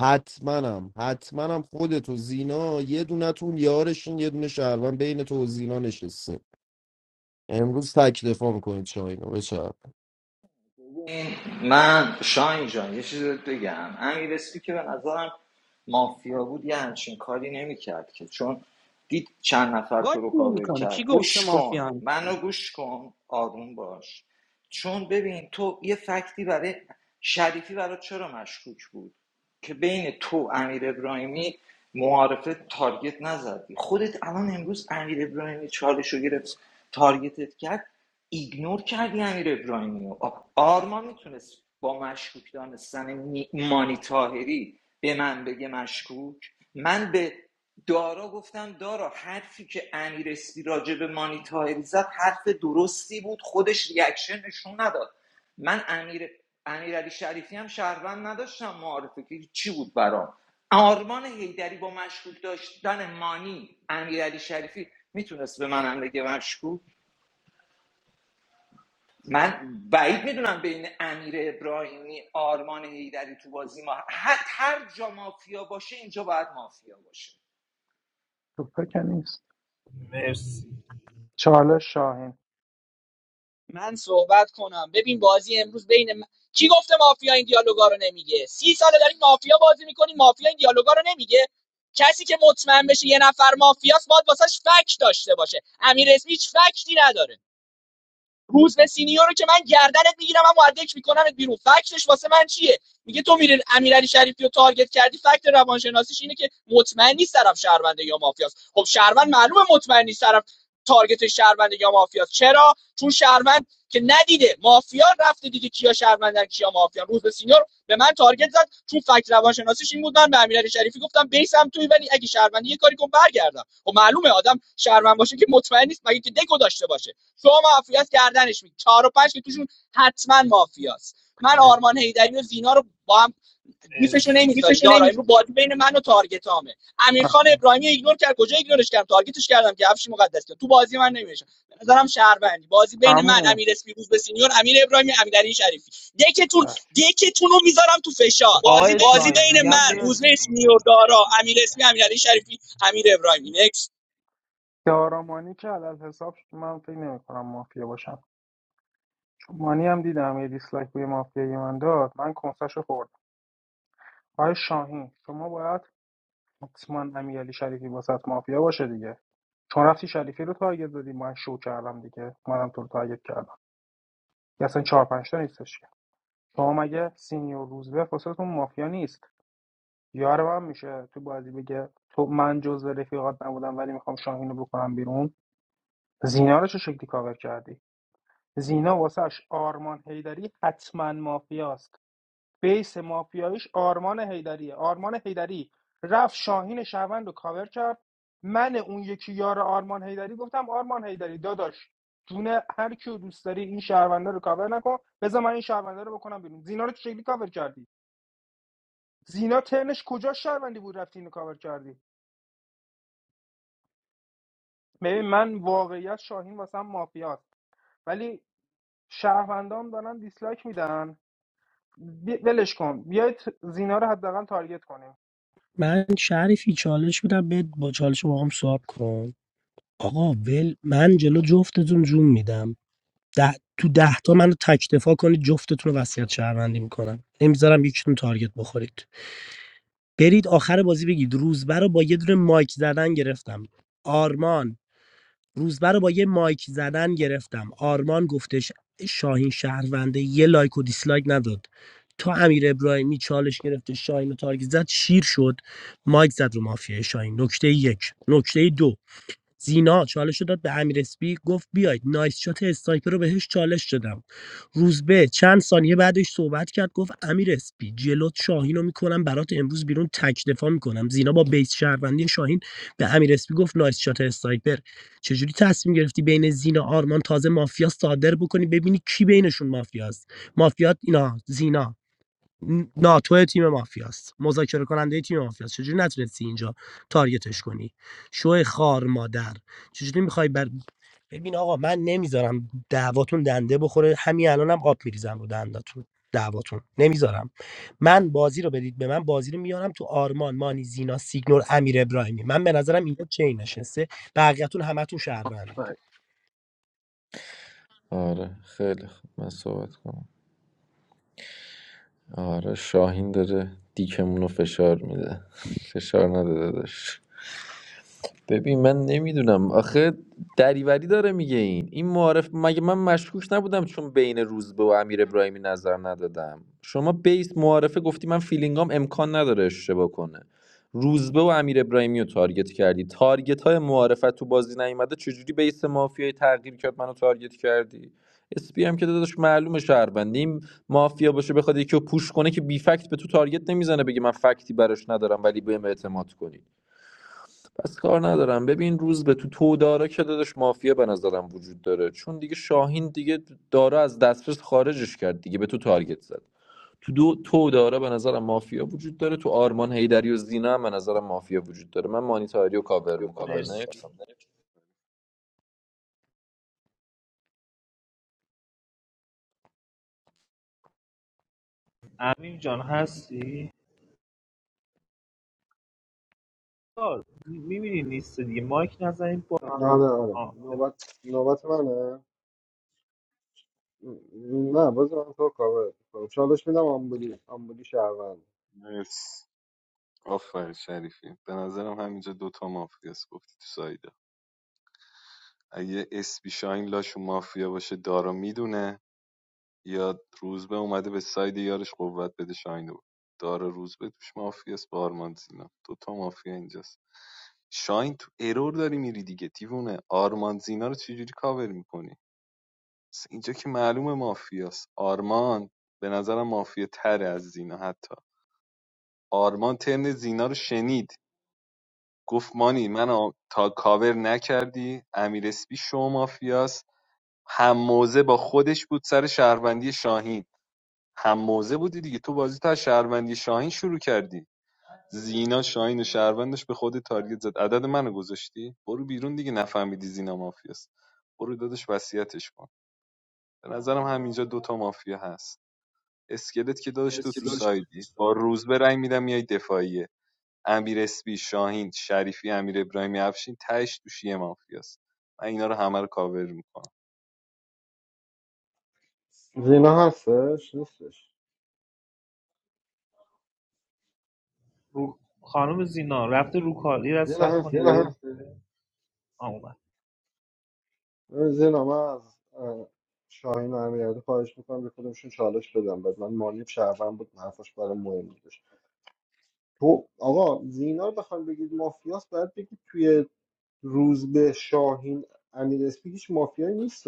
Speaker 16: حتماًم حتماًم خودت و زینا یه دونتون یارشین یه دونه شهروند بین تو و زینا نشسته امروز تک دفاع میکنید شاهین رو بچه‌ر.
Speaker 10: ببین، من شاین جان یه چیز بهت بگم امیر اسپی که به نظرم مافیا بود یه همچین کاری نمیکرد که چون دید چند نفر
Speaker 9: آقا
Speaker 10: تو
Speaker 9: چی
Speaker 10: رو کاور
Speaker 9: میکنی کی
Speaker 10: کرد
Speaker 9: گفته
Speaker 10: گوش
Speaker 9: مافیا
Speaker 10: کن
Speaker 9: هم؟
Speaker 10: منو گوش کن آروم باش چون ببین تو یه فکتی برای شریفی برای چرا مشکوک بود که بین تو امیر ابراهیمی معارفه تارگت نزدی خودت الان امروز امیر ابراهیمی چالش رو گرفت تارگتت کرد ایگنور کردی امیر ابراهیمی آرمان میتونست با مشکوک دانستن مانی تاهری به من بگه مشکوک من به دارا گفتم دارا حرفی که امیر اسپی راجع به مانی تاهری زد حرف درستی بود خودش ریاکشن نشون نداد من امیر امیر علی شریفی هم شهروند نداشتم معارفه که چی بود برام آرمان هیدری با مشکوک داشتن مانی امیر شریفی میتونست به منم بگه مشکوک من بعید میدونم بین امیر ابراهیمی آرمان هیدری تو بازی ما هر هر جا مافیا باشه اینجا باید مافیا باشه
Speaker 11: تو که نیست
Speaker 4: مرسی
Speaker 11: چالش شاهین.
Speaker 9: من صحبت کنم ببین بازی امروز بین من... کی گفته مافیا این دیالوگا رو نمیگه سی ساله داریم مافیا بازی میکنیم مافیا این دیالوگا رو نمیگه کسی که مطمئن بشه یه نفر مافیاست باید واسش فک داشته باشه امیر اسمی هیچ فکتی نداره روز به سینیور رو که من گردنت میگیرم اما ادک میکنمت بیرون فکتش واسه من چیه میگه تو میره امیرعلی شریفی رو تارگت کردی فکت روانشناسیش اینه که مطمئن نیست طرف شهرونده یا مافیاست خب شهروند معلومه مطمئن نیست طرف تارگت شهرونده یا مافیاست چرا چون شهروند که ندیده مافیا رفته دیگه کیا شهروندن کیا مافیا روز به سینیور به من تارگت زد چون فکت روانشناسیش این بود من به امیرعلی شریفی گفتم بیسم توی ولی اگه شهروندی یه کاری کن برگردم خب معلومه آدم شهروند باشه که مطمئن نیست مگه که دکو داشته باشه شما مافیاست گردنش می چهار و پنج که توشون حتما مافیاست من آرمان هیدری و زینا رو با هم گیفشو
Speaker 4: مرسی
Speaker 9: نمیذاری
Speaker 4: میفشه
Speaker 9: یارا
Speaker 4: نمیشه
Speaker 9: امرو بازی بین من و تارگتامه امیرخان خان ابراهیمی ایگنور کرد کجا ایگنورش کردم تارگتش کردم که افشی مقدس کرد تو بازی من نمیشه به نظرم شهروندی بازی بین من
Speaker 11: همون
Speaker 9: امیر اسپیروز به سینیور امیر ابراهیمی امیرعلی شریفی دکتون دکتون رو میذارم تو
Speaker 4: ش-
Speaker 9: فشار
Speaker 4: بازی آقای
Speaker 9: بازی
Speaker 4: شاهین من
Speaker 9: بین من
Speaker 4: میگم
Speaker 9: روزبه
Speaker 4: مرسی
Speaker 9: اسمیور دارا امیر اسمی امیرعلی شریفی امیر ابراهیمی نکس
Speaker 11: دارامانی که علل حساب شد. من فکر نمی کنم مافیا باشم چون مانی هم دیدم یه دیسلایک روی مافیای من داد من کنسش رو خوردم آقای شاهین شما باید حتما امیرعلی شریفی واسط مافیا باشه دیگه چون رفتی شریفی رو تارگت دادی من شو کردم دیگه منم تو رو تارگت کردم یا اصلا چهار پنج تا نیستش که. شما مگه سینیور روزبه واسهتون مافیا نیست یار من میشه تو بازی بگه تو من جزو رفیقات نبودم ولی میخوام شاهین رو بکنم بیرون زینا رو چه شکلی کاور کردی زینا واسهش آرمان هیدری حتما مافیاست بیس مافیاییش آرمان هیدریه آرمان هیدری رفت شاهین شهروند رو کاور کرد من اون یکی یار آرمان هیدری گفتم آرمان هیدری داداش جون هر کیو دوست داری این شهرونده رو کاور نکن بذار من این شهرونده رو بکنم بیرون زینا رو چه شکلی کاور کردی زینا ترنش کجا شهروندی بود رفتی اینو کاور کردی ببین من واقعیت شاهین واسم مافیاست ولی شهروندام دارن دیسلایک میدن بی- ولش کن بیایید زینا رو حداقل تارگت کنیم
Speaker 12: من شریفی چالش میدم بهت با چالش با هم سواب کن آقا ول من جلو جفتتون جون میدم ده تو ده تا منو تک دفاع کنید جفتتون رو وصیت شهروندی میکنم نمیذارم یکیتون تارگت بخورید برید آخر بازی بگید روزبر رو با یه دونه مایک زدن گرفتم آرمان روزبه رو با یه مایک زدن گرفتم آرمان گفتش شاهین شهرونده یه لایک و دیسلایک نداد تا امیر ابراهیمی چالش گرفته شاهین رو تارگت زد شیر شد مایک زد رو مافیای شاهین نکته یک نکته دو زینا چالش رو داد به امیر اسپی گفت بیاید نایس شات استایپر رو بهش چالش دادم روزبه چند ثانیه بعدش صحبت کرد گفت امیر اسپی جلوت شاهین رو میکنم برات امروز بیرون تک دفاع میکنم زینا با بیس شهروندی شاهین به امیر اسپی گفت نایس شات استایپر چجوری تصمیم گرفتی بین زینا آرمان تازه مافیا صادر بکنی ببینی کی بینشون مافیاست مافیات اینا زینا ناتو تیم مافیاست مذاکره کننده تیم مافیاست چجوری نتونستی اینجا تارگتش کنی شو خار مادر چجوری میخوای بر ببین آقا من نمیذارم دعواتون دنده بخوره همین الانم آب میریزم رو دنداتون دعواتون نمیذارم من بازی رو بدید به من بازی رو میارم تو آرمان مانی زینا سیگنور امیر ابراهیمی من به نظرم اینجا چین نشسته بقیه‌تون همتون شهروندید
Speaker 3: بله.
Speaker 13: آره خیلی خوب من صحبت کنم آره شاهین داره دیکمون رو فشار میده فشار نداده داشت ببین من نمیدونم آخه دریوری داره میگه این این معارف مگه من مشکوک نبودم چون بین روزبه و امیر ابراهیمی نظر ندادم شما بیس معارفه گفتی من فیلینگام امکان نداره اشتباه کنه روزبه و امیر ابراهیمی رو تارگت کردی تارگت های معارفت تو بازی نیومده چجوری بیس مافیای تغییر کرد منو تارگت کردی اسپی هم که داداش معلومه شهروندیم مافیا باشه بخواد یکی رو پوش کنه که بی فکت به تو تارگت نمیزنه بگه من فکتی براش ندارم ولی بهم اعتماد کنی پس کار ندارم ببین روز به تو تو داره که دادش مافیا به نظرم وجود داره چون دیگه شاهین دیگه داره از دسترس خارجش کرد دیگه به تو تارگت زد تو دو تو داره به نظرم مافیا وجود داره تو آرمان هیدری و زینا هم به نظرم مافیا وجود داره من مانیتاری رو کاور
Speaker 4: ویدیو کاور
Speaker 13: میکنم نه
Speaker 4: مرسی میکنم امین جان هستی میبینی نیست دیگه مایک نزنیم با
Speaker 1: آره آره
Speaker 4: آه. دلت
Speaker 1: نوبت نوبت منه م- نه بذار من تو رو کاور کنم. چالش میدم آمبولی آمبولی شهروند
Speaker 5: مرسی آفر شریفی به نظرم همینجا دوتا مافیاس گفتی تو سایدا اگه اسپی شاین لاشون مافیا باشه دارا میدونه یا روزبه اومده به ساید یارش قوت بده شاین رو دارا روزبه توش مافیاس با آرمان زینا دوتا مافیا اینجاست شاین تو ارور داری میری دیگه دیوونه آرمان زینا رو چجوری کاور میکنی اینجا که معلومه مافیاست آرمان به نظرم مافیا تر از زینا حتی آرمان ترن زینا رو شنید گفت مانی منو تا کاور نکردی امیر اسپی شو مافیاست هم موزه با خودش بود سر شهروندی شاهین هم موزه بودی دیگه تو بازی تا شهروندی شاهین شروع کردی زینا شاهین و شهروندش به خود تارگت زد عدد منو گذاشتی برو بیرون دیگه نفهمیدی زینا مافیاست برو دادش وصیتش کن به نظرم همینجا دوتا مافیا هست اسکلت که
Speaker 4: که
Speaker 5: دادش تو
Speaker 4: مرسی
Speaker 5: تو
Speaker 4: داشت تو
Speaker 5: سایدی
Speaker 4: دوست
Speaker 5: با
Speaker 4: داری.
Speaker 5: روز به رنگ میدم میای دفاعیه امیر اسپی شاهین شریفی امیر ابراهیمی افشین تهش توش یه مافیاست من اینا رو همه رو کاور میکنم
Speaker 1: زینا هستش نیستش
Speaker 4: رو خانم زینا رفته رو کالی رد
Speaker 1: زینا
Speaker 4: کنید یه
Speaker 1: هستی
Speaker 4: لحظه. آه، اومد.
Speaker 1: ببین زینا من از اه، شاهین و امیرعلی خواهش میکنم به کدومشون چالش بدم بعد من مانی شهروند بود حرفش برای مهم بود تو آقا زینا رو بخوام بگید مافیاس باید بگید توی روزبه شاهین امیر اسپی هیچ مافیایی نیست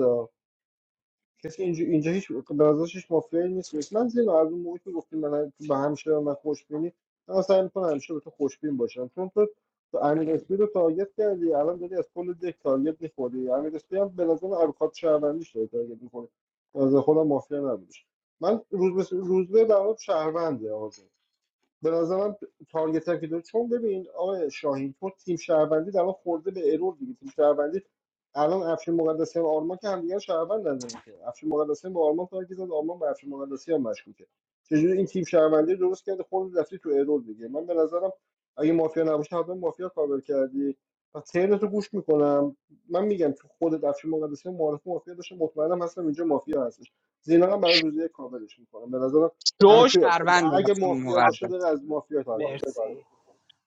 Speaker 1: کسی اینجا اینجا هیچ به نظرش هیچ مافیایی نیست من زینا از اون موقعی که گفتیم من به همیشه به من خوشبینی من سعی میکنم همیشه به تو خوشبین باشم چون تو تو امیر اسپی رو تارگت کردی الان داری از کل دک تارگت میخوری امیر اسپی هم به نظر ابرخات شهروندیش داری تارگت میخوری به نظر خودم مافیا نبودش من روزبه روزبه در واقع شهرونده آقا به نظرم تارگت هم که داره چون ببین آقای شاهین تو تیم شهروندی در واقع خورده به ارور دیگه تیم شهروندی الان افشین مقدسیان و آرمان که همدیگه رو شهروند ندارن که افشین مقدسیان به آرمان تارگت زد آرمان به افشین مقدسیان مشکوکه چجوری این تیم شهروندی درست کرده خورده رفتی تو ارور دیگه من به نظرم اگه مافیا نباشه حتما مافیا کاور کردی پس تیرت رو گوش میکنم من میگم تو خودت افشین مقدسیان معرف مافیا داشته مطمئنم هستم اینجا مافیا هستش زینا هم برای روزی کاورش میکنم به نظرم هر
Speaker 9: دو
Speaker 1: کی
Speaker 9: شهروند
Speaker 1: اگه
Speaker 9: هستون
Speaker 1: مافیا
Speaker 9: مقدس
Speaker 1: باشه داره از مافیا تارگت
Speaker 4: مرسی
Speaker 1: میخوره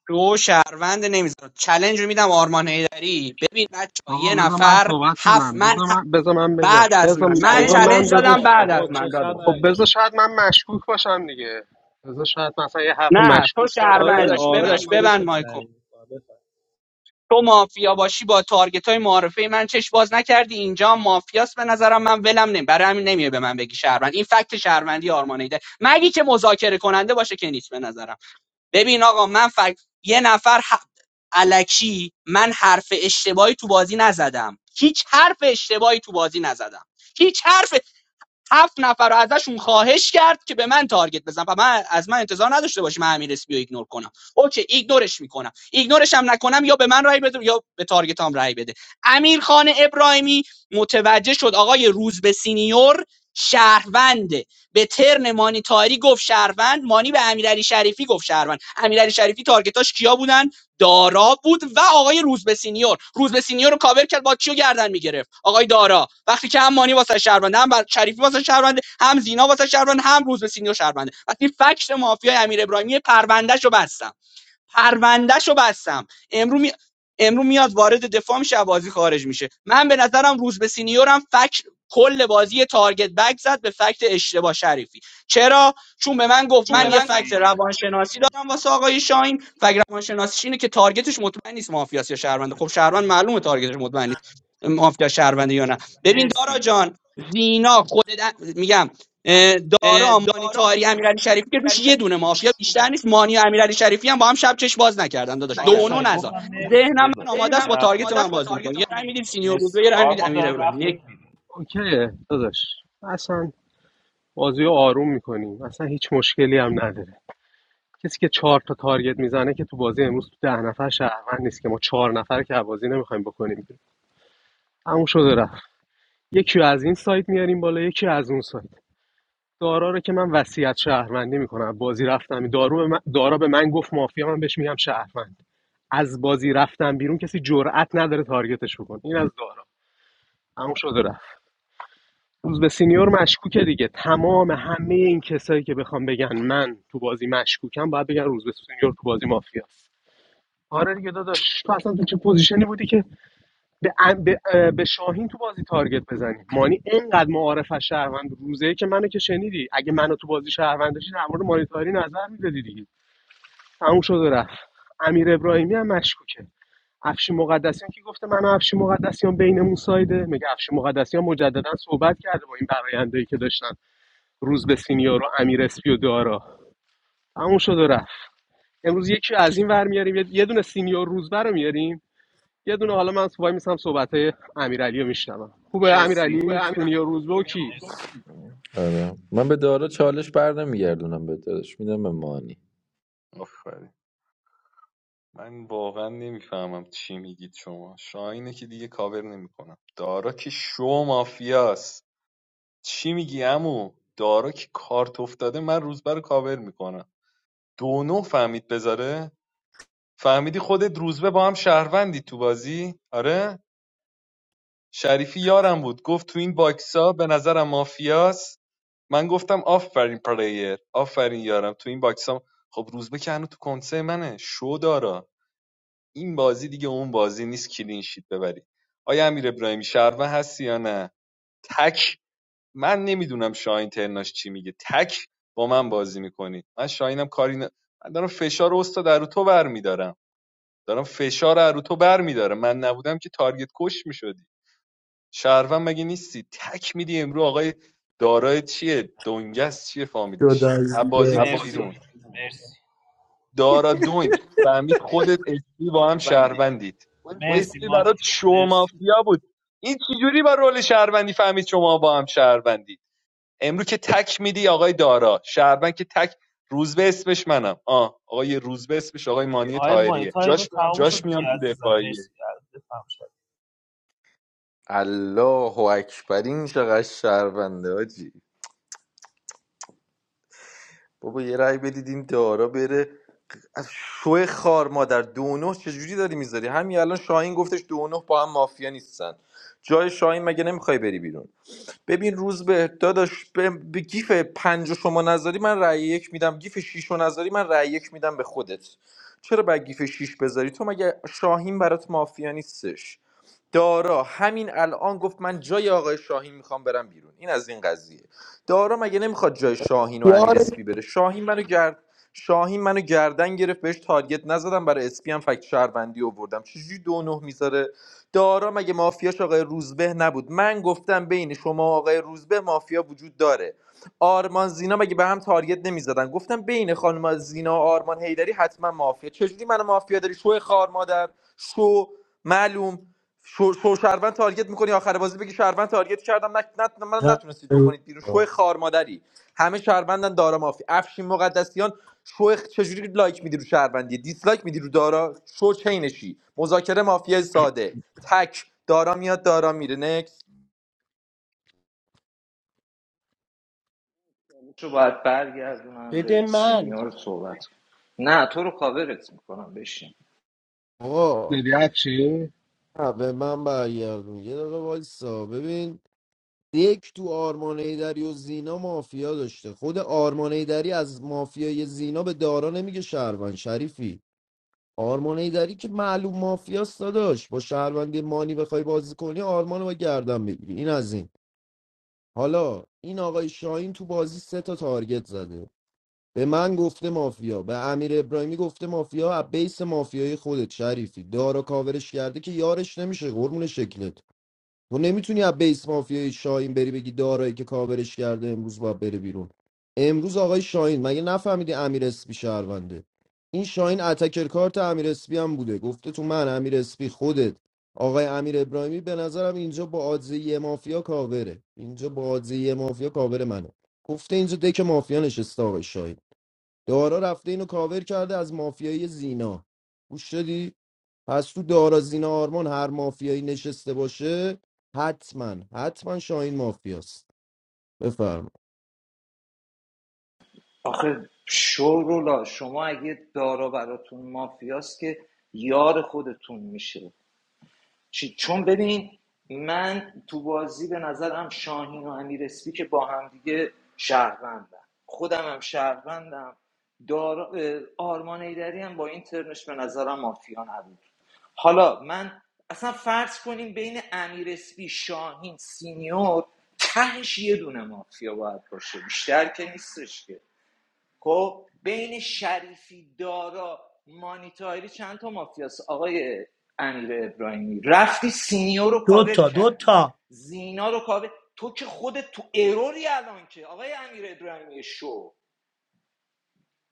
Speaker 9: تو شهروند نمیذاره چلنج رو میدم آرمان هیدری ببین بچه
Speaker 3: آقا
Speaker 9: یه
Speaker 3: بذار من
Speaker 9: نفر
Speaker 3: صحبت
Speaker 9: هفت
Speaker 3: کنم
Speaker 9: من
Speaker 3: بذار
Speaker 9: ه-
Speaker 3: من بذار من بگم
Speaker 9: بعد از
Speaker 3: بذار
Speaker 9: من من
Speaker 3: بذار
Speaker 4: آقا
Speaker 3: من
Speaker 9: چلنج دادم
Speaker 3: دادش
Speaker 9: بعد از
Speaker 4: چه
Speaker 9: من داداش
Speaker 3: خب
Speaker 4: خبره
Speaker 3: بذار شاید من مشکوک باشم دیگه بذار شاید مثلا یه حرف
Speaker 9: نه تو
Speaker 3: مشکوک
Speaker 4: آقای
Speaker 3: زدم
Speaker 4: داداش
Speaker 9: شهروندی
Speaker 4: آرمان ببند
Speaker 9: داداش ببند
Speaker 4: خودشون
Speaker 9: مایکو
Speaker 4: تعیین میکنه بفهم
Speaker 9: تو مافیا باشی با تارگت های معارفه من چش باز نکردی اینجا هم مافیاست به نظرم من ولم نمی برای همین نمیای به من بگی شهروند این فکت شهروندی آرمان هیدری مگی که مذاکره کننده باشه که نیست به نظرم ببین آقا من فکر یه نفر ح... الکی من حرف اشتباهی تو بازی نزدم هیچ حرف اشتباهی تو بازی نزدم هیچ حرف هفت نفر رو ازشون خواهش کرد که به من تارگت بزن و من از من انتظار نداشته باشی من امیر اسپی رو ایگنور کنم اوکی ایگنورش میکنم ایگنورش هم نکنم یا به من رای بده یا به تارگتام رای بده امیرخان خان ابراهیمی متوجه شد آقای روزبه سینیور شهرونده به ترن مانی تاری گفت شهروند مانی به امیرعلی شریفی گفت شهروند امیرعلی شریفی تارگتاش کیا بودن دارا بود و آقای روزبه سینیور روزبه سینیور رو کاور کرد با چیو گردن میگرفت آقای دارا وقتی که هم مانی واسه شهروند هم شریفی واسه شهروند هم زینا واسه شهروند هم روزبه سینیور شهرونده وقتی فکت مافیای امیر ابراهیمی پروندهشو بستم پروندهشو بستم امرو می... امرو میاد وارد دفاع میشه از بازی خارج میشه من به نظرم روز به سینیورم فک کل بازی تارگت بک زد به فکت اشتباه شریفی چرا چون به من گفت من یه فکت روانشناسی دارم واسه آقای شاهین فکت روانشناسیش اینه که تارگتش مطمئن نیست مافیاس یا شهرونده خب شهروند معلومه تارگتش مطمئن نیست مافیا شهرونده یا نه ببین دارا
Speaker 4: مرسی
Speaker 9: جان زینا خودت میگم اه، دارا مانی تاهری امیرعلی شریفی که روش یه دونه مافیا بیشتر نیست مانی و امیرعلی شریفی هم با هم شب چش باز نکردن داداش دو
Speaker 4: مرسی آقای
Speaker 9: و نو
Speaker 4: شاهین
Speaker 9: نزار
Speaker 4: گفتم مرسی
Speaker 9: ذهنم
Speaker 4: داداش
Speaker 9: من آماده است با تارگت من بازی می‌کنه یه رای میدیم سینیور بود یه
Speaker 4: مرسی
Speaker 9: رای میدیم
Speaker 4: آرمان
Speaker 9: امیر
Speaker 4: داره
Speaker 9: ابراهیم
Speaker 4: وقتت
Speaker 9: یک
Speaker 4: میده
Speaker 3: اوکیه داداش اصلا بازی رو آروم میکنیم اصلا هیچ مشکلی هم نداره کسی که چهار تا تارگت میزنه که تو بازی امروز تو ده نفر شهروند نیست که ما چهار نفر که بازی نمیخوایم بکنیم تموم شده رفت یکی از این سایت میاریم بالا یکی از اون سایت دارا رو که من وصیت شهروندی میکنم بازی رفتم دارو به من... دارا به من گفت مافیا من بهش میگم شهروند از بازی رفتم بیرون کسی جرئت نداره تارگتش بکن این از دارا همون شده رفت روز به سینیور مشکوکه دیگه تمام همه این کسایی که بخوام بگن من تو بازی مشکوکم باید بگن روز به سینیور تو بازی مافیاست آره دیگه داداش تو اصلا تو چه پوزیشنی بودی که به, به, به شاهین تو بازی تارگت بزنید مانی اینقدر معارف از شهروند روزه که منو که شنیدی اگه منو تو بازی شهروند داشتی در مورد مانیتاری نظر میدادی دیگه تموم شد و رفت امیر ابراهیمی هم مشکوکه افشین مقدسیان که گفته من و افشین مقدسیان بینمون سایده میگه افشین مقدسیان مجددا صحبت کرده با این برایندهایی که داشتن روز به سینیور و امیر اسپی و دارا تموم شد و رفت امروز یکی از این ور میاریم یه یه دونه سینیور روزبر رو میاریم یه دونه حالا من وای میسم صحبت های امیرعلی رو میشنوم
Speaker 4: شبا
Speaker 3: خوبه
Speaker 4: مرسی
Speaker 3: امیرعلی
Speaker 4: خوبه
Speaker 3: سونی
Speaker 4: امیرم
Speaker 3: و روزبه و
Speaker 4: دنیا آماده
Speaker 3: کی
Speaker 4: مرسی کی
Speaker 13: آره من به داره چالش بر نمیگردونم به دادش میدم به مانی
Speaker 5: آفرین من واقعا نمیفهمم چی میگید شما شاهینه که دیگه کاور نمیکنم دارا که شو مافیاست چی میگی عمو دارا که کارت افتاده من روزبه رو کاور میکنم دو نو فهمید بذاره فهمیدی خودت روزبه با هم شهروندی تو بازی آره شریفی یارم بود گفت تو این باکسا به نظرم مافیاست من گفتم آفرین پلیر آفرین یارم تو این باکس هم خب روزبه که هنوز تو کنسه منه شو دارا این بازی دیگه اون بازی نیست کلین شیت ببری آیا امیر ابراهیمی شهروند هستی یا نه تک من نمیدونم شاهین ترناش چی میگه تک با من بازی میکنی من شاهینم کاری ن... من دارم فشار استاد رو تو برمیدارم دارم فشار رو تو برمیدارم من نبودم که تارگت کش میشدی شهروند مگه نیستی تک میدی امرو آقای دارای چیه دنگس چیه
Speaker 12: جدا
Speaker 5: فامیلیش
Speaker 12: از
Speaker 5: عبازی
Speaker 12: دیگه.
Speaker 5: میره
Speaker 4: عبازی
Speaker 5: بیرون
Speaker 4: مرسی رو مرسی
Speaker 5: دارا دنگ فهمید خودت اسپی با هم
Speaker 4: بندی
Speaker 5: شهروندید
Speaker 4: من
Speaker 5: تو
Speaker 4: مرسی
Speaker 5: اسپی
Speaker 4: مانی
Speaker 5: برات
Speaker 4: جان
Speaker 5: شو
Speaker 4: مرسی
Speaker 5: مافیا بود این چجوری با رول شهروندی فهمید شما با هم شهروندی امرو که تک میدی آقای دارا شهروند که تک روزبه اسمش منم آه آقای روزبه اسمش آقای مانی
Speaker 4: آقای مانی
Speaker 5: طاهریه
Speaker 4: تایم تموم
Speaker 5: جاش
Speaker 4: شد دیگه
Speaker 5: میام تو
Speaker 4: عزیزم
Speaker 5: دفاعیه
Speaker 4: مرسی بفهم
Speaker 13: الله اکبر این چقدر شهرونده آجی بابا یه رأی بدید این دارا بره از شو خار مادر دو نه چجوری داری میذاری همین الان شاهین گفتش دو نه با هم مافیا نیستن جای شاهین مگه نمیخوای بری بیرون ببین روز به داداش به, به گیف پنج رو شما نذاری من رأی یک میدم گیف شیش رو نذاری من رأی یک میدم به خودت چرا باید گیف شیش بذاری تو مگه شاهین برات مافیا نیستش دارا همین الان گفت من جای آقای شاهین میخوام برم بیرون این از این قضیه دارا مگه نمیخواد جای شاهین و امیر
Speaker 16: یارش
Speaker 13: اسپی بره شاهین منو گرد شاهین منو گردن گرفت بهش تارگت نزدم برای اسپی هم فکت شهروندی آوردم چجوری دو نه میذاره دارا مگه مافیاش آقای روزبه نبود من گفتم بین شما و آقای روزبه مافیا وجود داره آرمان زینا مگه به هم تارگت نمیزدن گفتم بین خانم زینا و آرمان هیدری حتما مافیا چجوری منو مافیا داری شو خار مادر شو معلوم شو, شو شهروند تارگت میکنی آخر بازی بگی شهروند تارگت کردم نه نه من نتونستید بکنید بیرون شو خار مادری همه شهروندن دارا مافیا افشین مقدسیان شو خ- چجوری لایک میدی رو شهروندی دیسلایک میدی رو دارا شو چینشی مذاکره مافیای ساده تک دارا میاد دارا میره نکس
Speaker 10: اینجا باید برگردونم به
Speaker 12: بده من
Speaker 10: سینیور صحبت کنم. نه تو رو کاورت میکنم بشین
Speaker 16: آقا
Speaker 3: دیدی افشین
Speaker 16: نه، به من برگردون یه دقیقه وایسا ببین یک تو آرمان ایدری و زینا مافیا داشته خود آرمان ایدری از مافیای زینا به دارا نمیگه شهروند شریفی آرمان ایدری که معلوم مافیاست داداش با شهروندی مانی بخوای بازی کنی آرمانو رو با گردن بگیری این از این حالا این آقای شاهین تو بازی سه تا تارگت زده به من گفته مافیا به امیر ابراهیمی گفته مافیا از بیس مافیای خودت شریفی دارا کاورش کرده که یارش نمیشه قرمون شکلت تو نمیتونی از بیس مافیای شاهین بری بگی دارایی که کاورش کرده امروز باید بره بیرون امروز آقای شاهین مگه نفهمیدی امیر اسپی شهرونده این شاهین اتکر کارت امیر اسپی هم بوده گفته تو من امیر اسپی خودت آقای امیر ابراهیمی به نظرم اینجا با آدزه یه مافیا کاوره اینجا با آدزه یه مافیا کاور منه گفته اینجا دک مافیا نشسته آقای شاهین دارا رفته اینو کاور کرده از مافیای زینا گوش شدی پس تو دارا زینا آرمان هر مافیایی نشسته باشه حتما حتما شاهین مافیاست بفرما
Speaker 10: آخه شورولا شما اگه دارا براتون مافیاست که یار خودتون میشه چی- چون ببین من تو بازی به نظرم شاهین و امیر اسپی که با هم دیگه شهروندن خودم هم شهروندم دارا- اه، آرمان ایدری هم با این ترنش به نظرم مافیا نبود حالا من اصلا فرض کنیم بین امیر اسپی شاهین سینیور تهش یه دونه مافیا باید باشه بیشتر که نیستش که خب بین شریفی دارا مانیتاری چند تا مافیاس آقای امیر ابراهیمی رفتی سینیور رو
Speaker 12: دو
Speaker 10: کاور
Speaker 12: تا دو
Speaker 10: کردی
Speaker 12: تا
Speaker 10: زینا رو کاور تو که خودت تو اروری الان که آقای امیر ابراهیمی شو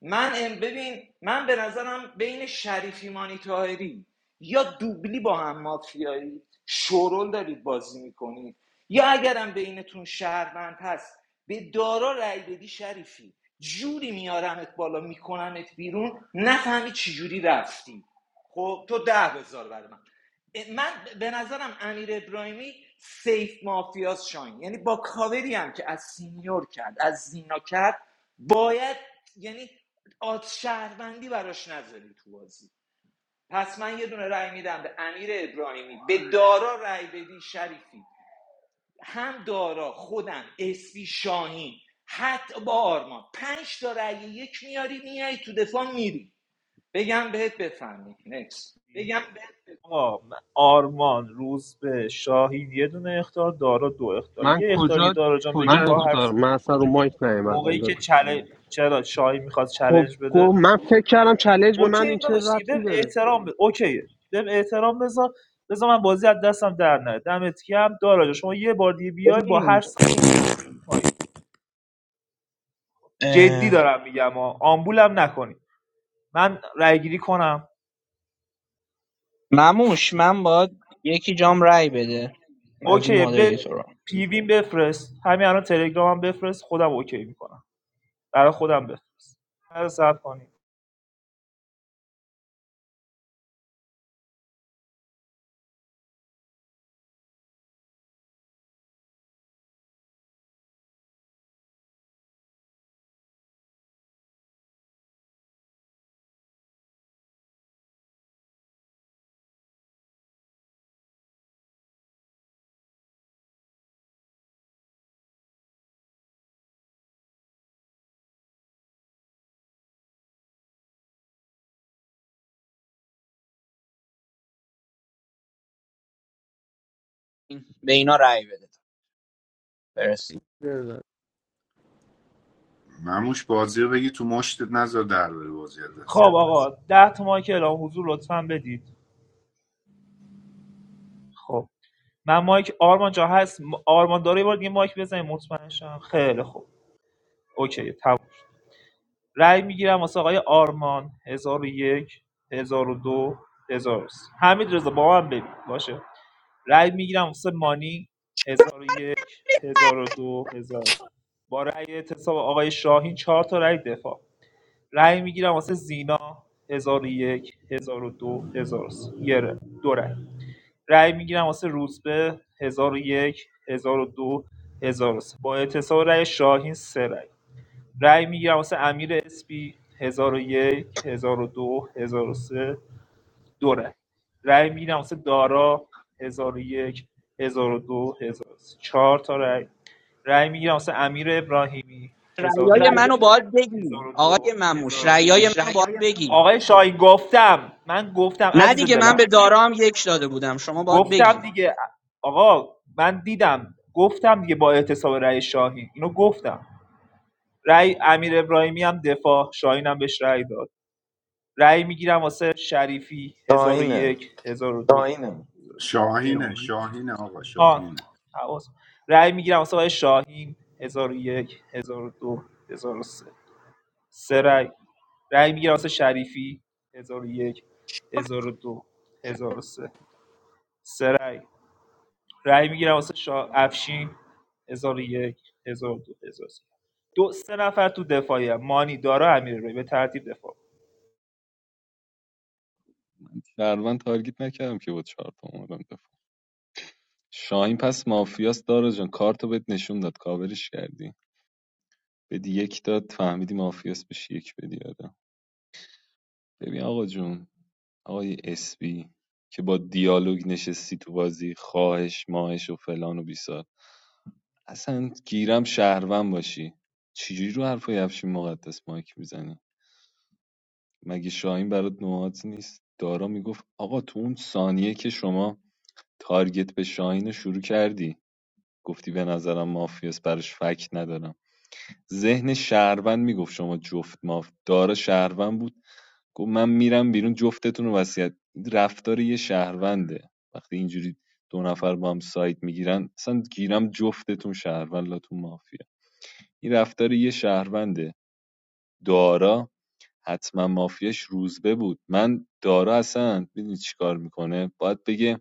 Speaker 10: من ام ببین من به نظرم بین شریفی مانی تاهری یا دوبلی با هم مافیایی شورول دارید بازی میکنید یا اگرم بینتون شهروند هست به دارا رأی بدی شریفی جوری میارمت بالا میکنمت بیرون نفهمی چی جوری رفتی خب تو ده بذار برای من من به نظرم امیر ابراهیمی سیف مافیاس شاین یعنی با کاوری هم که از سینیور کرد از زینا کرد باید یعنی آت شهروندی براش نذاری تو بازی پس من یه دونه رأی میدم به امیر ابراهیمی به دارا رأی بدی شریفی هم دارا خودم اسپی شاهین حتی با آرمان پنج تا رأی یک میاری میای تو دفاع میری بگم بهت بفهمی نکس
Speaker 4: آقا من- آرمان روزبه شاهین یه دونه اختار دارا دو اختار
Speaker 3: من
Speaker 4: یه اختار دیگه
Speaker 3: کجا
Speaker 4: دارا جان بگیری
Speaker 3: کجا
Speaker 4: من با هر کجا
Speaker 3: اختار
Speaker 4: س-
Speaker 3: من اصلا رو
Speaker 4: کجا
Speaker 3: مایک نیومدم
Speaker 4: موقعی که
Speaker 3: دادش
Speaker 4: چل... چرا شاهین میخواد
Speaker 3: خب
Speaker 4: چلنج بده
Speaker 3: من فکر کردم چالش به من
Speaker 4: اوکی
Speaker 3: این چه
Speaker 4: داداش دیگه
Speaker 3: ربطی
Speaker 4: بهم
Speaker 3: داره
Speaker 4: احترام بده اوکی بهم احترام بذار بذار من بازی از دستم در نره دمت گرم دارا جان شما یه بار دیگه بیای با هر
Speaker 9: ببین
Speaker 4: سایدی رفتی پای جدی
Speaker 9: اه،
Speaker 4: دارم میگم ها آمبولم نکنی من رای گیری کنم
Speaker 9: مموش من باید یکی جام رای بده از این
Speaker 4: اوکی به
Speaker 9: مادریتورا
Speaker 4: پیویم بفرست همین الان تلگرامم بفرست خودم اوکی میکنم برای خودم بفرست نظر ثبت کنید
Speaker 9: به اینا رای بده برس
Speaker 16: بله.
Speaker 15: مموش بازی رو بگی تو مشتت نذار در بره بازی از
Speaker 4: خب
Speaker 15: دست
Speaker 4: آقا ده تا مایک اعلام حضور لطفا بدید خب من مایک آرمان جا هست آرمان داره یه بار دیگه مایک بزنید مطمئن شم خیلی خوب اوکی تمام رأی میگیرم واسه آقای آرمان 1001 1002 1003 حمید رضا با من ببین باشه رأی میگیرم واسه مانی 1001 1002 1003 با رأی اعتصاب آقای شاهین چهار تا رأی دفاع رأی میگیرم واسه زینا هزار 1002 1003 یه رأی دو رأی رأی میگیرم واسه روزبه 1001 1002 سه با اتصال رأی شاهین سه رأی رأی میگیرم واسه امیر اسپی 1001 1002 1003 دو هزار و سه دو رأی رأی میگیرم واسه دارا 1001 1002 سه چهار تا رأی رأی میگیرم واسه امیر ابراهیمی
Speaker 9: رایای منو باید بگی آقای
Speaker 4: 1001
Speaker 9: مموش
Speaker 4: 1002 سه
Speaker 9: رایای منو باید بگی
Speaker 4: آقای شاهی گفتم من گفتم
Speaker 9: نه
Speaker 4: عزیز
Speaker 9: دیگه من
Speaker 4: دلم
Speaker 9: به دارا هم یک داده بودم شما باید
Speaker 4: گفتم
Speaker 9: بگی
Speaker 4: دیگه آقا من دیدم گفتم دیگه با اعتصاب رأی شاهین اینو گفتم رأی امیر ابراهیمی هم دفاع شاهین هم بهش رأی داد رأی میگیرم واسه شریفی هزار و
Speaker 13: شاهینه
Speaker 4: یک هزار و دو داینم
Speaker 15: شاهینه شاهینه آقا
Speaker 4: آه
Speaker 15: شاهینه
Speaker 4: حواس رأی میگیرم واسه آقای شاهین هزار و یک هزار و دو هزار و سه سه رای رای میگیرم واسه شریفی 1001 هزار 1003 سه سه رای رای میگیرم واسه شا... افشین 1001 1002 1003 دو هزار و سه دو سه نفر تو دفاعی هم. مانی دارا امیرعلی به ترتیب دفاع
Speaker 5: من شهروند تارگت نکردم که بود چهار تا اومدم شاهین پس مافیاست داره جان کارتو بهت نشون داد کاورش کردی بدی یک داد فهمیدی مافیاست بهش یک بدی آدم ببین آقا جون آقای اسبی که با دیالوگ نشستی تو بازی خواهش ماهش و فلان و بیسار اصلا گیرم شهروند باشی چجوری رو حرفای افشین مقدس مایک میزنی مگه شاهین برات نوعات نیست دارا میگفت آقا تو اون ثانیه که شما تارگت به شاهین رو شروع کردی گفتی به نظرم مافیاس براش فکت ندارم ذهن شهروند میگفت شما جفت ماف داره شهروند بود گفت من میرم بیرون جفتتون رو وصیت این رفتار یه شهرونده وقتی اینجوری دو نفر با هم سایت میگیرن اصلا گیرم جفتتون شهروند لاتون مافیا این رفتار یه شهرونده دارا حتما مافیاش روزبه بود من دارا اصلا میدونی چیکار میکنه باید بگه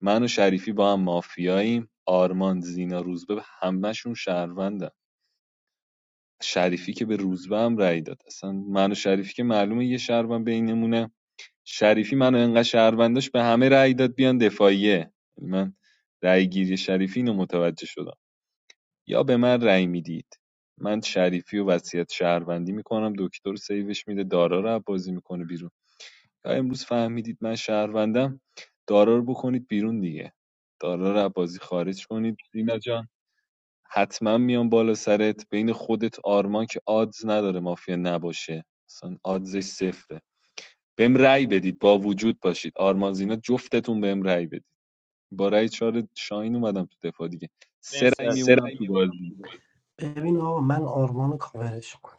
Speaker 5: من و شریفی با هم مافیاییم آرمان زینا روزبه همشون شهروندن شریفی که به روزبه هم رأی داد اصلا من و شریفی که معلومه یه شهروند بینمونه شریفی منو انقدر شهرونداش به همه رأی داد بیان دفاعیه یعنی من رأی گیری شریفی اینو متوجه شدم یا به من رأی میدید من شریفی و وصیت شهروندی میکنم دکتر سیوش میده دارا رو بازی میکنه بیرون یا امروز فهمیدید من شهروندم دارا رو بکنید بیرون دیگه دارا رو بازی خارج کنید دینا جان حتما میام بالا سرت بین خودت آرمان که آدز نداره مافیا نباشه اصلا آدزش صفره بهم رأی بدید با وجود باشید آرمان زینا جفتتون بهم رأی بدید با رأی چهار شاهین اومدم تو دفاع دیگه سه
Speaker 4: مرسی
Speaker 5: رأی
Speaker 4: از سه
Speaker 5: میمونم
Speaker 4: رای
Speaker 5: تو
Speaker 4: میمونم تو
Speaker 5: بازی
Speaker 4: بازی
Speaker 12: ببین آقا من آرمان رو کاورش کنم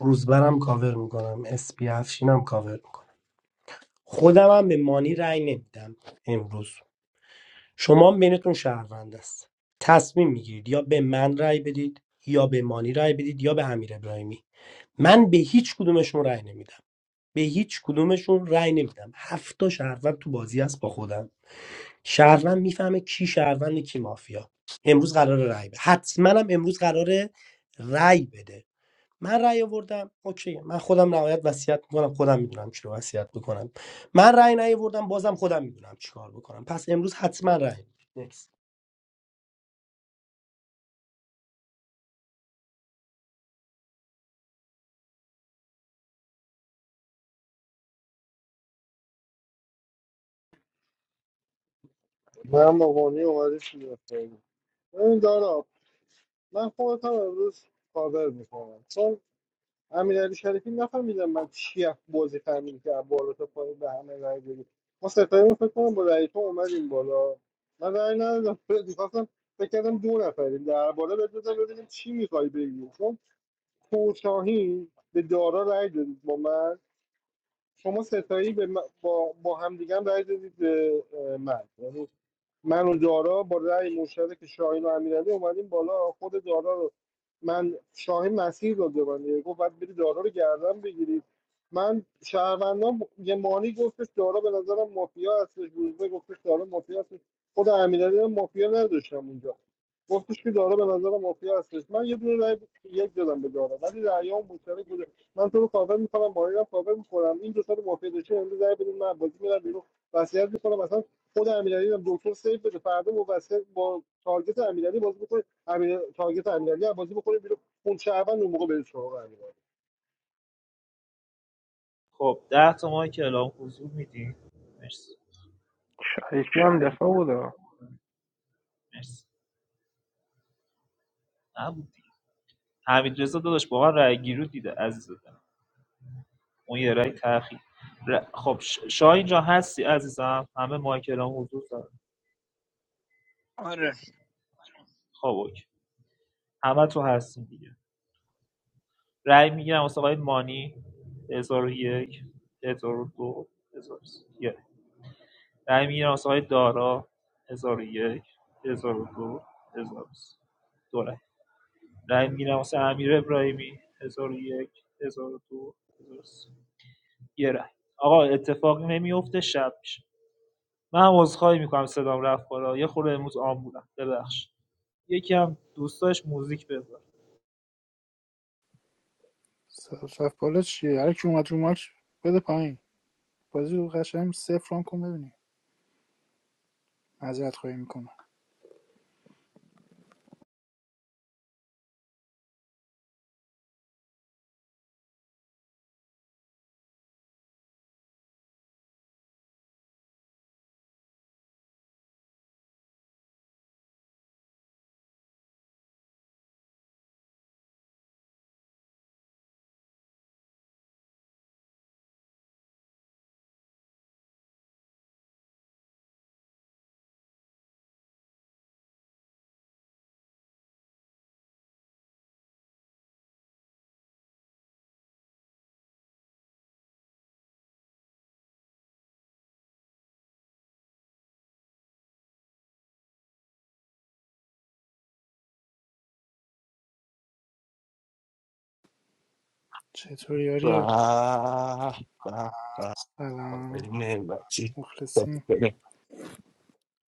Speaker 12: روزبرم کاور میکنم اسپی افشینم کاور میکنم خودم هم به مانی رأی نمیدم امروز شما هم بینتون شهروند است تصمیم میگیرید یا به من رأی بدید یا به مانی رأی بدید یا به امیر ابراهیمی من به هیچ کدومشون رأی نمیدم به هیچ کدومشون رأی نمیدم هفت تا شهروند تو بازی است با خودم شهروند میفهمه کی شهروند کی مافیا امروز قراره رأی بده حتما هم امروز قراره رأی بده من رأی آوردم اوکی من خودم نهایت وصیت میکنم خودم میدونم چی رو وصیت بکنم من رأی نیاوردم بازم خودم میدونم چیکار بکنم پس امروز حتما رأی نکس
Speaker 1: من مقانی اومده شده خیلی. ببین دارا من خودت هم امروز کاور میکنم چون امیرعلی شریفی نفهمیدم من چی از بازی فهمیدی که از بالا تا پایین به همه رای بدی ما ستایمون فکر کنم با رای تو اومدیم بالا من رای ندادم میخواستم فکر کردم دو نفریم در بالا بهت بزن ببینیم چی میخوای بگی چون کوتاهی به دارا رای دادید با من شما ستایی به با, با همدیگه هم رای دادید به من یعنی من و دارا با رأی مشترک شاهین و امیرعلی اومدیم بالا خود دارا رو من شاهین مسیر داده به من گفت باید بری دارا رو گردن بگیرید من شهروندان یه مانی گفتش دارا به نظرم مافیا هستش روزبه گفتش دارا مافیا هستش خود امیرعلی هم مافیا نداشتم اونجا گفتش که دارا به نظرم مافیا هستش من یه دونه رأی یک دادم به دارا ولی رأیام مشترک بوده من تو رو کاور میکنم مانی رو کاور میکنم این دو تا مافیا داشته امروز رأی بدید من بازی میرم بیرون وصیت میکنم خود امیرعلی هم دکتر سیو بده فردا موثق با تارگت امیرعلی بازی بکنه امیر تارگت امیرعلی هم بازی بکنه بیرون اون شهروند اون موقع بره سراغ امیرعلی
Speaker 4: خب 10 تا ماه که کلام حضور میدیم مرسی
Speaker 11: شریفی هم دفاع بوده
Speaker 4: مرسی نبود دیگه حمید رضا داداش با من رای گیرو دیده عزیز دلم. اون یه رای تأخیر خب ش- شاهین جان هستی عزیزم همه مایکلام حضور دارن خب اوکی همه تو هستیم دیگه رای میگیرم واسه آقای مانی هزار و یک هزار و دو هزار و سه. رای میگیرم واسه آقای دارا هزار و یک هزار و دو هزار و سه. دو رای رای میگیرم واسه امیر ابراهیمی هزار و یک هزار و دو هزار و سه. یه رای آقا اتفاقی نمیفته شب میشه من عذرخواهی میکنم صدام رفت بالا یه خورده امروز آم بودم ببخش یکی هم دوستاش موزیک بذار
Speaker 2: صف صف بالا چیه هر کی اومد رو ماچ بده پایین بازی رو قشنگ صفر هم کن ببینیم معذرت خواهی میکنم چطوری یاری
Speaker 17: Ah, ah, ah.
Speaker 2: سلام
Speaker 17: Amen.
Speaker 2: مخلصی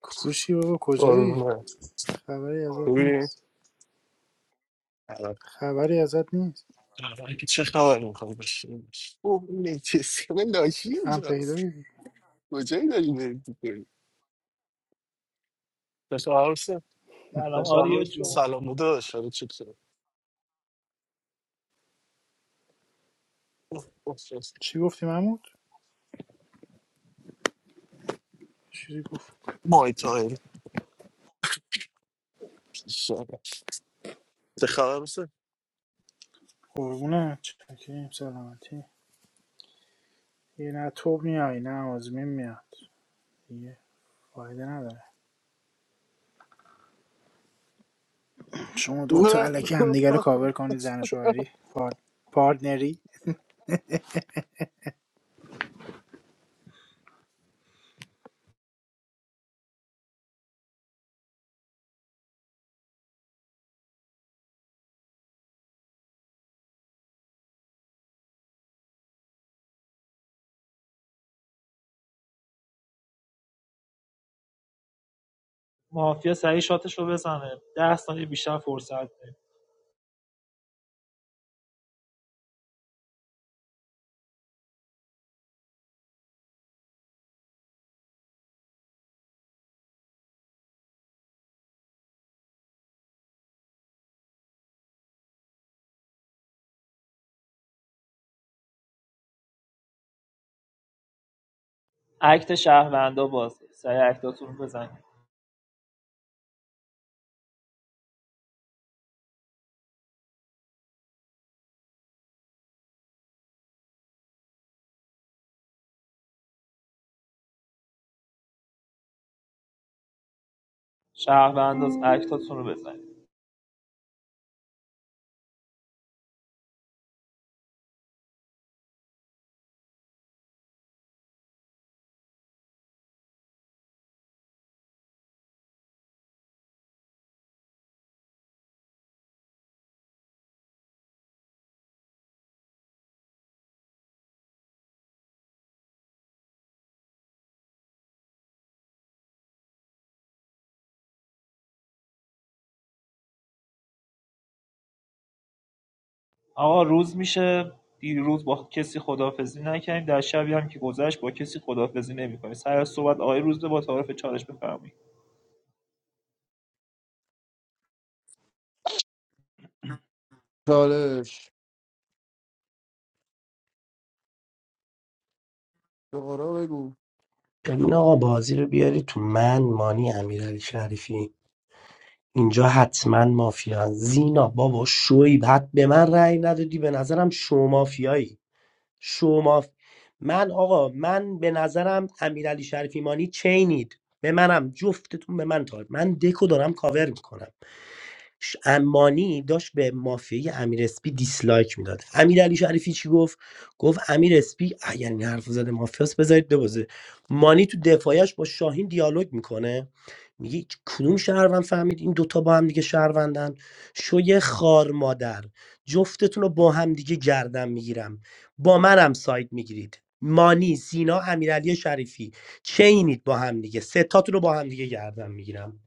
Speaker 2: کوشی بابا کجایی
Speaker 17: Olma.
Speaker 2: خبری ازت
Speaker 17: Bugün
Speaker 2: نیست خبری ازت نیست
Speaker 17: belki çakalarım kalmışsınız. Bu nefis. Ben de aşıyım
Speaker 2: هم پیدا
Speaker 17: zaten.
Speaker 2: کردی.
Speaker 17: Kocayı da yine tutuyorum. Mesela alırsa
Speaker 4: سلام آریا جون
Speaker 17: salonu da dışarı çıksın.
Speaker 2: چی گفتی محمود چیزی گفت
Speaker 17: Muay Thai. Dışarı. Tıkalarsa.
Speaker 2: قربونه چکریم سلامتی یه نه توب میای نه آزمین میاد دیگه فایده نداره شما دو تا علکی همدیگه رو کاور کنید زن و شوهری پار- پارتنری
Speaker 4: مافیا سریع شاتش رو بزنه ده ثانیه بیشتر فرصت ده اکت شهروندا بازه سریع اکتاتون رو بزنید شهروندا اکتاتون رو بزنید آقا روز میشه دیروز با کسی خداحافظی نکردیم در شبی هم که گذشت با کسی خداحافظی نمی‌کنیم سر از صحبت آقای روزبه با تعارف چالش بفرمایید
Speaker 16: چالش دارا بگو
Speaker 12: ببین آقا بازی رو بیاری تو من مانی امیرعلی شریفی اینجا حتما مافیا زینا بابا شوی حد به من رأی ندادی به نظرم شو مافیایی شو ماف... من آقا من به نظرم امیرعلی شریفی مانی چینید به منم جفتتون به من تار من دکو دارم کاور میکنم ش- امانی داشت به مافیای امیر اسپی دیسلایک میداد امیر علی شریفی چی گفت گفت امیر اسپی اگر این حرف زده مافیاس بذارید ببازه مانی تو دفاعش با شاهین دیالوگ میکنه میگه هیچ کدوم شهروند فهمید این دوتا با هم دیگه شهروندن شوی خار مادر جفتتون رو با هم دیگه گردن میگیرم با منم ساید میگیرید مانی سینا امیرعلی شریفی چینید با هم دیگه ستاتون رو با هم دیگه گردن میگیرم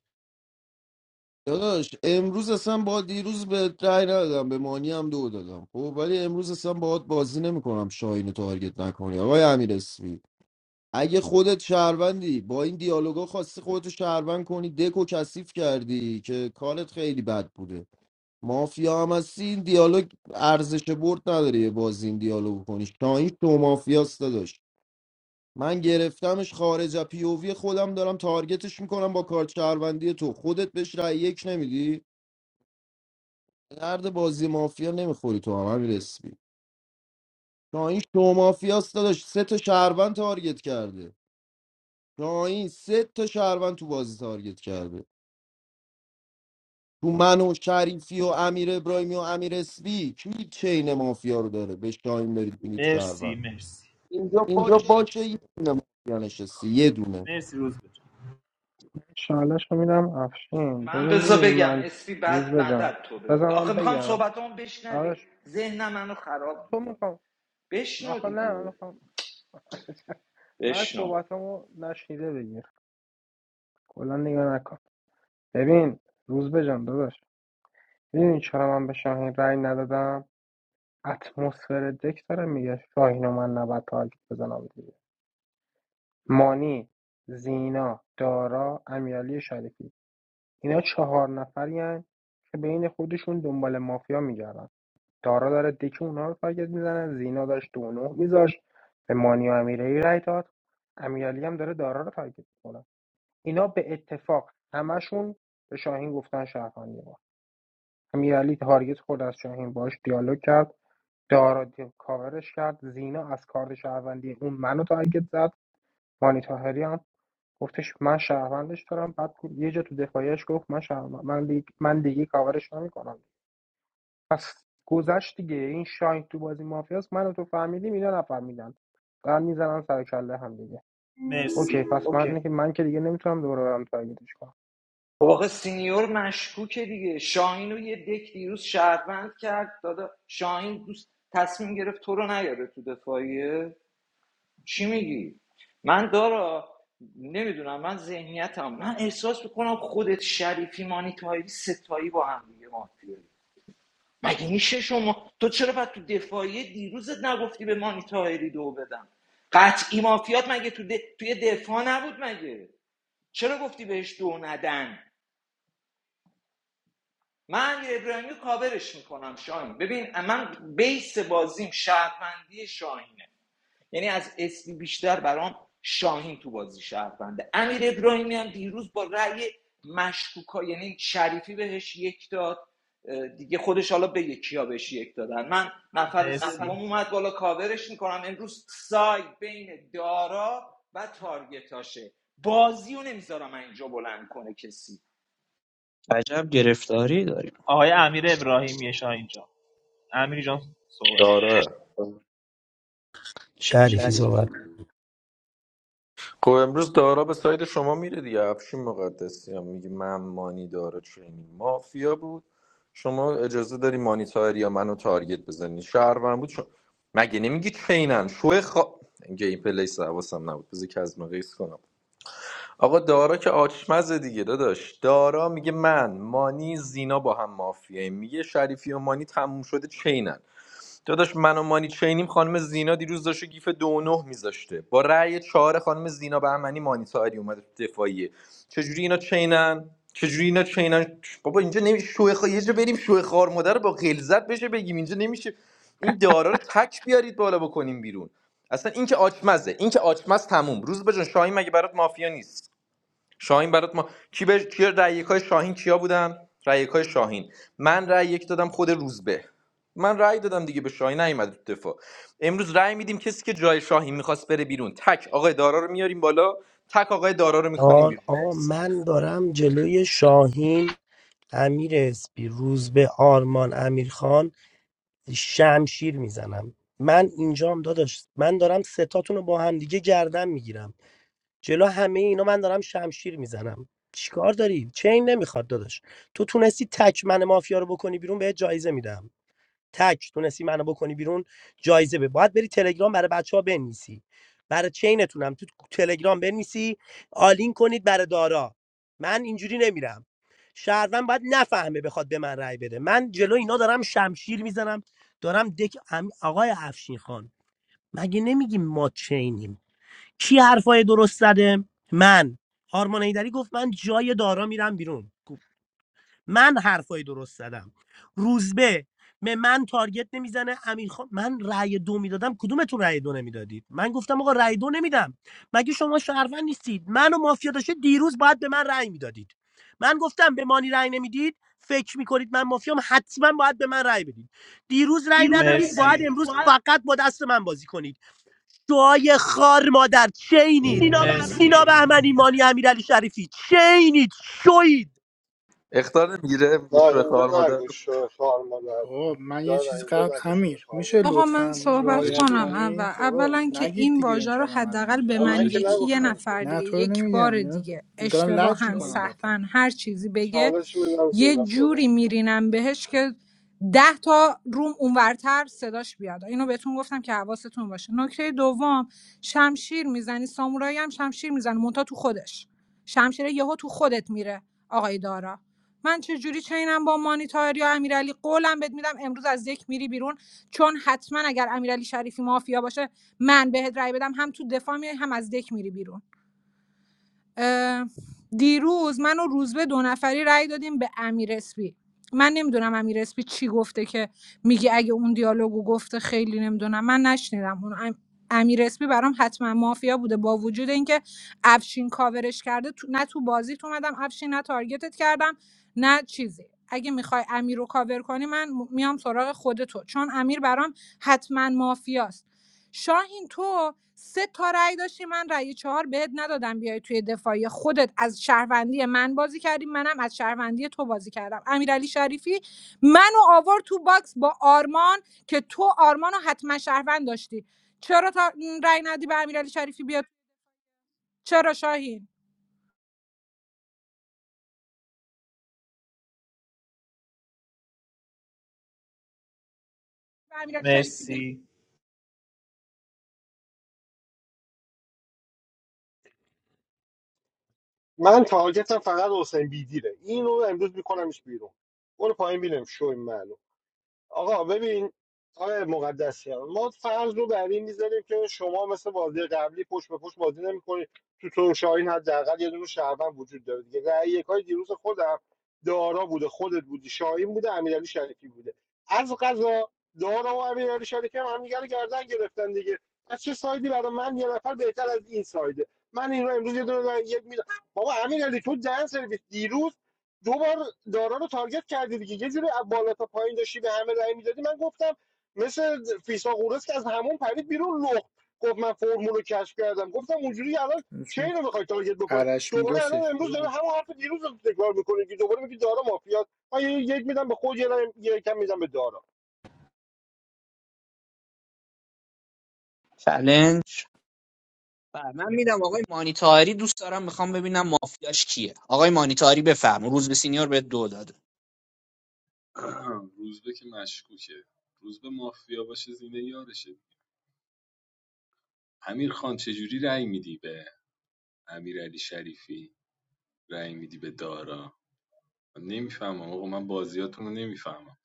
Speaker 16: داداش امروز اصلا با دیروز به رای ندادم به مانی هم دو دادم خب ولی امروز اصلا باهات بازی نمیکنم شاهین رو تارگت نکنی آقای امیر اگه خودت شهروندی با این دیالوگا خواستی خودتو شهروند کنی دکو کثیف کردی که کارت خیلی بد بوده مافیا هم هستی این دیالوگ ارزش برد نداره یه بازی این دیالوگ کنی شاهین تو مافیاست داشت من گرفتمش خارج از پی او وی خودم دارم تارگتش میکنم با کارت شهروندی تو خودت بهش رأی یک نمیدی درد بازی مافیا نمیخوری تو هم همین رسمی شاهین تو مافیاست داداش سه تا شهروند تارگت کرده شاهین سه تا شهروند تو بازی تارگت کرده تو من و شریفی و امیر ابراهیمی و امیر اسبی کی چین مافیا رو داره به شاهین برید بینید
Speaker 4: مرسی
Speaker 16: شهروند
Speaker 4: مرسی اینجا
Speaker 16: اینجا
Speaker 4: باشه
Speaker 16: باشه یه دونه مافیا نشسته یه دونه
Speaker 4: مرسی روزبه جان.
Speaker 11: شالش رو میدم افشین
Speaker 10: من
Speaker 11: ببین
Speaker 10: بزا
Speaker 11: میدونی
Speaker 10: بگم
Speaker 11: من
Speaker 10: اسپی
Speaker 11: روز
Speaker 10: بعد
Speaker 11: بجم
Speaker 10: مدد تو
Speaker 11: بذار
Speaker 10: بگو آخه
Speaker 11: من
Speaker 10: میخوام
Speaker 11: بگم
Speaker 10: صحبتامو بشنوی
Speaker 11: آرش
Speaker 10: ذهن منو خراب
Speaker 11: تو
Speaker 10: میکنه
Speaker 11: میخوام
Speaker 10: بشنو
Speaker 11: آخه نه من
Speaker 10: دیگه
Speaker 11: میخوام من
Speaker 10: بشنو
Speaker 11: صحبتمو نشنیده بگیر کلا نگاه نکن ببین روز بجم داداش ببین چرا من به شاهین رأی ندادم اتمسفر دک داره میگه شاهین و من نباید تارگت بزنم دیگه مانی زینا دارا امیرعلی شریفی اینا چهار نفرین که بین خودشون دنبال مافیا میگردن دارا داره دک اونا رو تارگت میزنه زینا داشت دو و نه میذاشت به مانی و امیرعلی رای داد امیرعلی هم داره دارا رو تارگت میکنه اینا به اتفاق همشون به شاهین گفتن شهروندی ما امیرعلی تارگت خورد از شاهین باش دیالوگ کرد دارا دی- کاورش کرد زینا از کارد شهروندی اون منو تارگت زد مانی طاهری هم گفتش من شهروندش دارم بعد یه جا تو دفاعیش گفت من شهروند من دیگه, من دیگه کاورش نمیکنم پس گذشت دیگه این شاین تو بازی مافیاست منو تو فهمیدیم اینا نفهمیدن دارن میزنن سر کله هم دیگه اوکی
Speaker 4: مرسی
Speaker 11: پس
Speaker 4: اوکی
Speaker 11: من که من که دیگه نمیتونم دوباره برم تارگتش کنم
Speaker 10: خب سینیور مشکوکه دیگه شاهین رو یه دک دیروز شهروند کرد دادا شاهین دوست تصمیم گرفت تو رو نیاره تو دفاعیه چی میگی من دارا نمیدونم من ذهنیتم من احساس میکنم خودت شریفی مانیتایی ستایی با هم دیگه مافیایی. مگه میشه شما تو چرا بعد تو دفاعی دیروزت نگفتی به مانیتاری دو بدم قطعی مافیات مگه تو د... توی دفاع نبود مگه چرا گفتی بهش دو ندن من امیر ابراهیمی رو کاورش میکنم شاهین ببین من بیس بازیم شهروندی شاهینه یعنی از اسمی بیشتر برام شاهین تو بازی شهرونده امیر ابراهیمی هم دیروز با رأی مشکوکا یعنی شریفی بهش یک داد دیگه خودش حالا به یکیا بهش یک دادن من نفر
Speaker 4: مرسی
Speaker 10: سوم اومد بالا کاورش میکنم امروز سایت بین دارا و تارگتاشه بازی رو نمیذارم اینجا بلند کنه کسی
Speaker 9: عجب گرفتاری داریم
Speaker 4: آقای امیر ابراهیمی شاه اینجا امیر جان صحبت
Speaker 13: داره
Speaker 12: شریفی صحبت
Speaker 13: خب امروز دارا به ساید شما میره دیگه افشین مقدسی هم میگه من مانی داره چینی مافیا بود شما اجازه داری مانی تایری یا منو تارگت بزنی شهروند بود شما... مگه نمیگی چینن شو خوا... گیم پلی حواسم نبود بذار که از مقیس کنم آقا دارا که آچمزه دیگه داداش دارا میگه من مانی زینا با هم مافیاییم میگه شریفی و مانی تموم شده چینن داداش من و مانی چینیم خانم زینا دیروز داشته گیف دو و نه میذاشته با رأی چهار خانم زینا بهمنی مانی تاهری اومده تو دفاعیه چجوری اینا چینن چجوری اینا چینن بابا اینجا نمیشه شوه خا... یه جا بریم شوه خار مادر با غلظت بشه بگیم اینجا نمیشه این دارا رو تک بیارید بالا بکنیم بیرون اصلا این که آچمزه این که آچمز تموم روز بجان شاهین مگه برات مافیا نیست شاهین برات ما کی به کی رأی یکای شاهین کیا بودن رأی یکای شاهین من رأی یک دادم خود روزبه من رأی دادم دیگه به شاهین نیومد تو دفاع امروز رأی میدیم کسی که جای شاهین میخواست بره بیرون تک آقای دارا رو میاریم بالا تک آقای دارا رو میکنیم
Speaker 12: آر
Speaker 13: بیرون
Speaker 12: آقا من دارم جلوی شاهین امیر اسپی روز به آرمان امیرخان شمشیر میزنم من اینجام داداش من دارم ستاتون رو با هم دیگه گردن میگیرم جلو همه اینا من دارم شمشیر میزنم چیکار داری چین نمیخواد داداش تو تونستی تک من مافیا رو بکنی بیرون بهت جایزه میدم تک تونستی منو بکنی بیرون جایزه به باید بری تلگرام برای بچه ها بنویسی برای چینتونم تو تلگرام بنویسی آلین کنید برای دارا من اینجوری نمیرم شهروند باید نفهمه بخواد به من رأی بده من جلو اینا دارم شمشیر میزنم دارم دک ام- آقای افشین خان مگه نمیگیم ما چینیم کی حرفای درست زده من آرمان ایدری گفت من جای دارا میرم بیرون من حرفای درست زدم روزبه به من تارگت نمیزنه امیر خان من رأی دو میدادم کدومتون رأی دو نمیدادید من گفتم آقا رأی دو نمیدم مگه شما شهروند نیستید من مافیا داشته دیروز باید به من رأی میدادید من گفتم به مانی رأی نمیدید فکر میکنید من مافیام حتما باید به من رأی بدید دیروز رأی ندادید باید امروز فقط با دست من بازی کنید دعای خار مادر چینید زینا بهمنی مانی امیرعلی شریفی چینید شوید
Speaker 13: اختار میگیره
Speaker 1: نه
Speaker 13: میگه شوی
Speaker 1: اینجا
Speaker 13: خواهر مادر
Speaker 1: نگوش شوی خار مادر
Speaker 2: آقا من یه
Speaker 1: دارن
Speaker 2: چیز
Speaker 1: اینجا
Speaker 2: قبل
Speaker 1: نگوش شوی
Speaker 2: امیر
Speaker 1: خار
Speaker 2: میشه
Speaker 1: مادر
Speaker 6: آقا من
Speaker 2: لطفا
Speaker 6: صحبت
Speaker 5: چالش
Speaker 2: رعایت
Speaker 6: کنم
Speaker 5: بده
Speaker 6: اول
Speaker 2: کنید آقا
Speaker 6: اولا که
Speaker 2: نگید
Speaker 6: این
Speaker 2: دیگه این
Speaker 6: واژه رو
Speaker 2: کلمه رو
Speaker 6: حداقل به
Speaker 2: اینجا
Speaker 1: ما من
Speaker 6: من
Speaker 1: که
Speaker 5: چالش
Speaker 6: یکی
Speaker 5: بده
Speaker 6: یه
Speaker 5: هم
Speaker 1: نگفتم که
Speaker 6: نفر
Speaker 2: نه
Speaker 6: دیگه
Speaker 2: تو رو
Speaker 6: یک بار
Speaker 2: نمیگم اینا
Speaker 6: دیگه
Speaker 2: دارن لج
Speaker 6: اشتباها
Speaker 5: چالش
Speaker 2: میکنن
Speaker 6: سهوا
Speaker 2: بدتر
Speaker 6: هر چیزی بگه
Speaker 1: چالش میدم
Speaker 6: یه
Speaker 1: زینا
Speaker 6: جوری
Speaker 1: صحبت کنه.
Speaker 6: میرینم بهش که ده تا روم اونورتر صداش بیاد اینو بهتون گفتم که حواستون باشه نکته دوم شمشیر میزنی سامورایی هم شمشیر میزنه مونتا تو خودش شمشیر یهو تو خودت میره آقای دارا من چه جوری چینم با مانیتاری یا امیرعلی قولم بهت میدم امروز از یک میری بیرون چون حتما اگر امیرعلی شریفی مافیا باشه من بهت رای بدم هم تو دفاع میای هم از دک میری بیرون دیروز من و روزبه دو نفری رأی دادیم به امیر اسپی من نمیدونم امیر اسپی چی گفته که میگه اگه اون دیالوگو گفته خیلی نمیدونم من نشنیدم اون امیر اسپی برام حتما مافیا بوده با وجود اینکه افشین کاورش کرده تو نه تو بازیت اومدم افشین نه تارگتت کردم نه چیزی اگه میخوای امیر رو کاور کنی من میام سراغ خود تو چون امیر برام حتما مافیاست شاهین تو سه تا رأی داشتی من رأی چهار بهت ندادم بیای توی دفاعی خودت از شهروندی من بازی کردی منم از شهروندی تو بازی کردم امیرعلی شریفی منو آورد تو باکس با آرمان که تو آرمانو حتما شهروند داشتی چرا تا رأی ندی به امیرعلی شریفی بیاد چرا شاهین
Speaker 4: مرسی
Speaker 1: من تارگتم فقط حسین بیدیره اینو امروز میکنمش بیرون برو پایین بینم شوی معلوم آقا ببین آقای مقدسیان ما فرض رو بر این میذاریم که شما مثل بازی قبلی پشت به پشت بازی نمیکنید تو تو شاهین حداقل یه دونه شهروند وجود داره دیگه رأی یکای دیروز خودم دارا بوده خودت بودی شاهین بوده امیرعلی شریفی بوده از قضا دارا و امیرعلی شریفی هم همدیگه رو گردن گرفتن دیگه از چه سایدی برای من یه نفر بهتر از این سایده من این رو امروز یه دونه رأی یک میدم بابا امیرعلی تو دن سرویس دیروز دو بار دارا رو تارگت کردی دیگه یه جوری از بالا تا پایین داشتی به همه رأی میدادی من گفتم مثل فیسا قورس که از همون پرید بیرون لخت گفت من فرمول رو کشف کردم گفتم اونجوری الان چه
Speaker 2: ایشون
Speaker 1: رو میخوای تارگت بکنی
Speaker 2: عرش
Speaker 1: دوباره الان
Speaker 2: میدوسش
Speaker 1: امروز
Speaker 2: رو
Speaker 1: داره
Speaker 2: رو.
Speaker 1: همون حرف دیروز رو تکرار میکنه که دوباره میگی دارا مافیات من یک میدم به خود یه رأی- یه کم میدم به دارا
Speaker 9: چلنج بله، من میدم آقای مانیتاری دوست دارم میخوام ببینم مافیاش کیه آقای مانیتاری بفرم روز به سینیور به دو داده
Speaker 5: روزبه که مشکوکه روزبه مافیا باشه زینه یارشه امیر خان چجوری رأی میدی به امیر علی شریفی رأی میدی به دارا من نمیفهمم آقا من بازیاتون رو نمیفهمم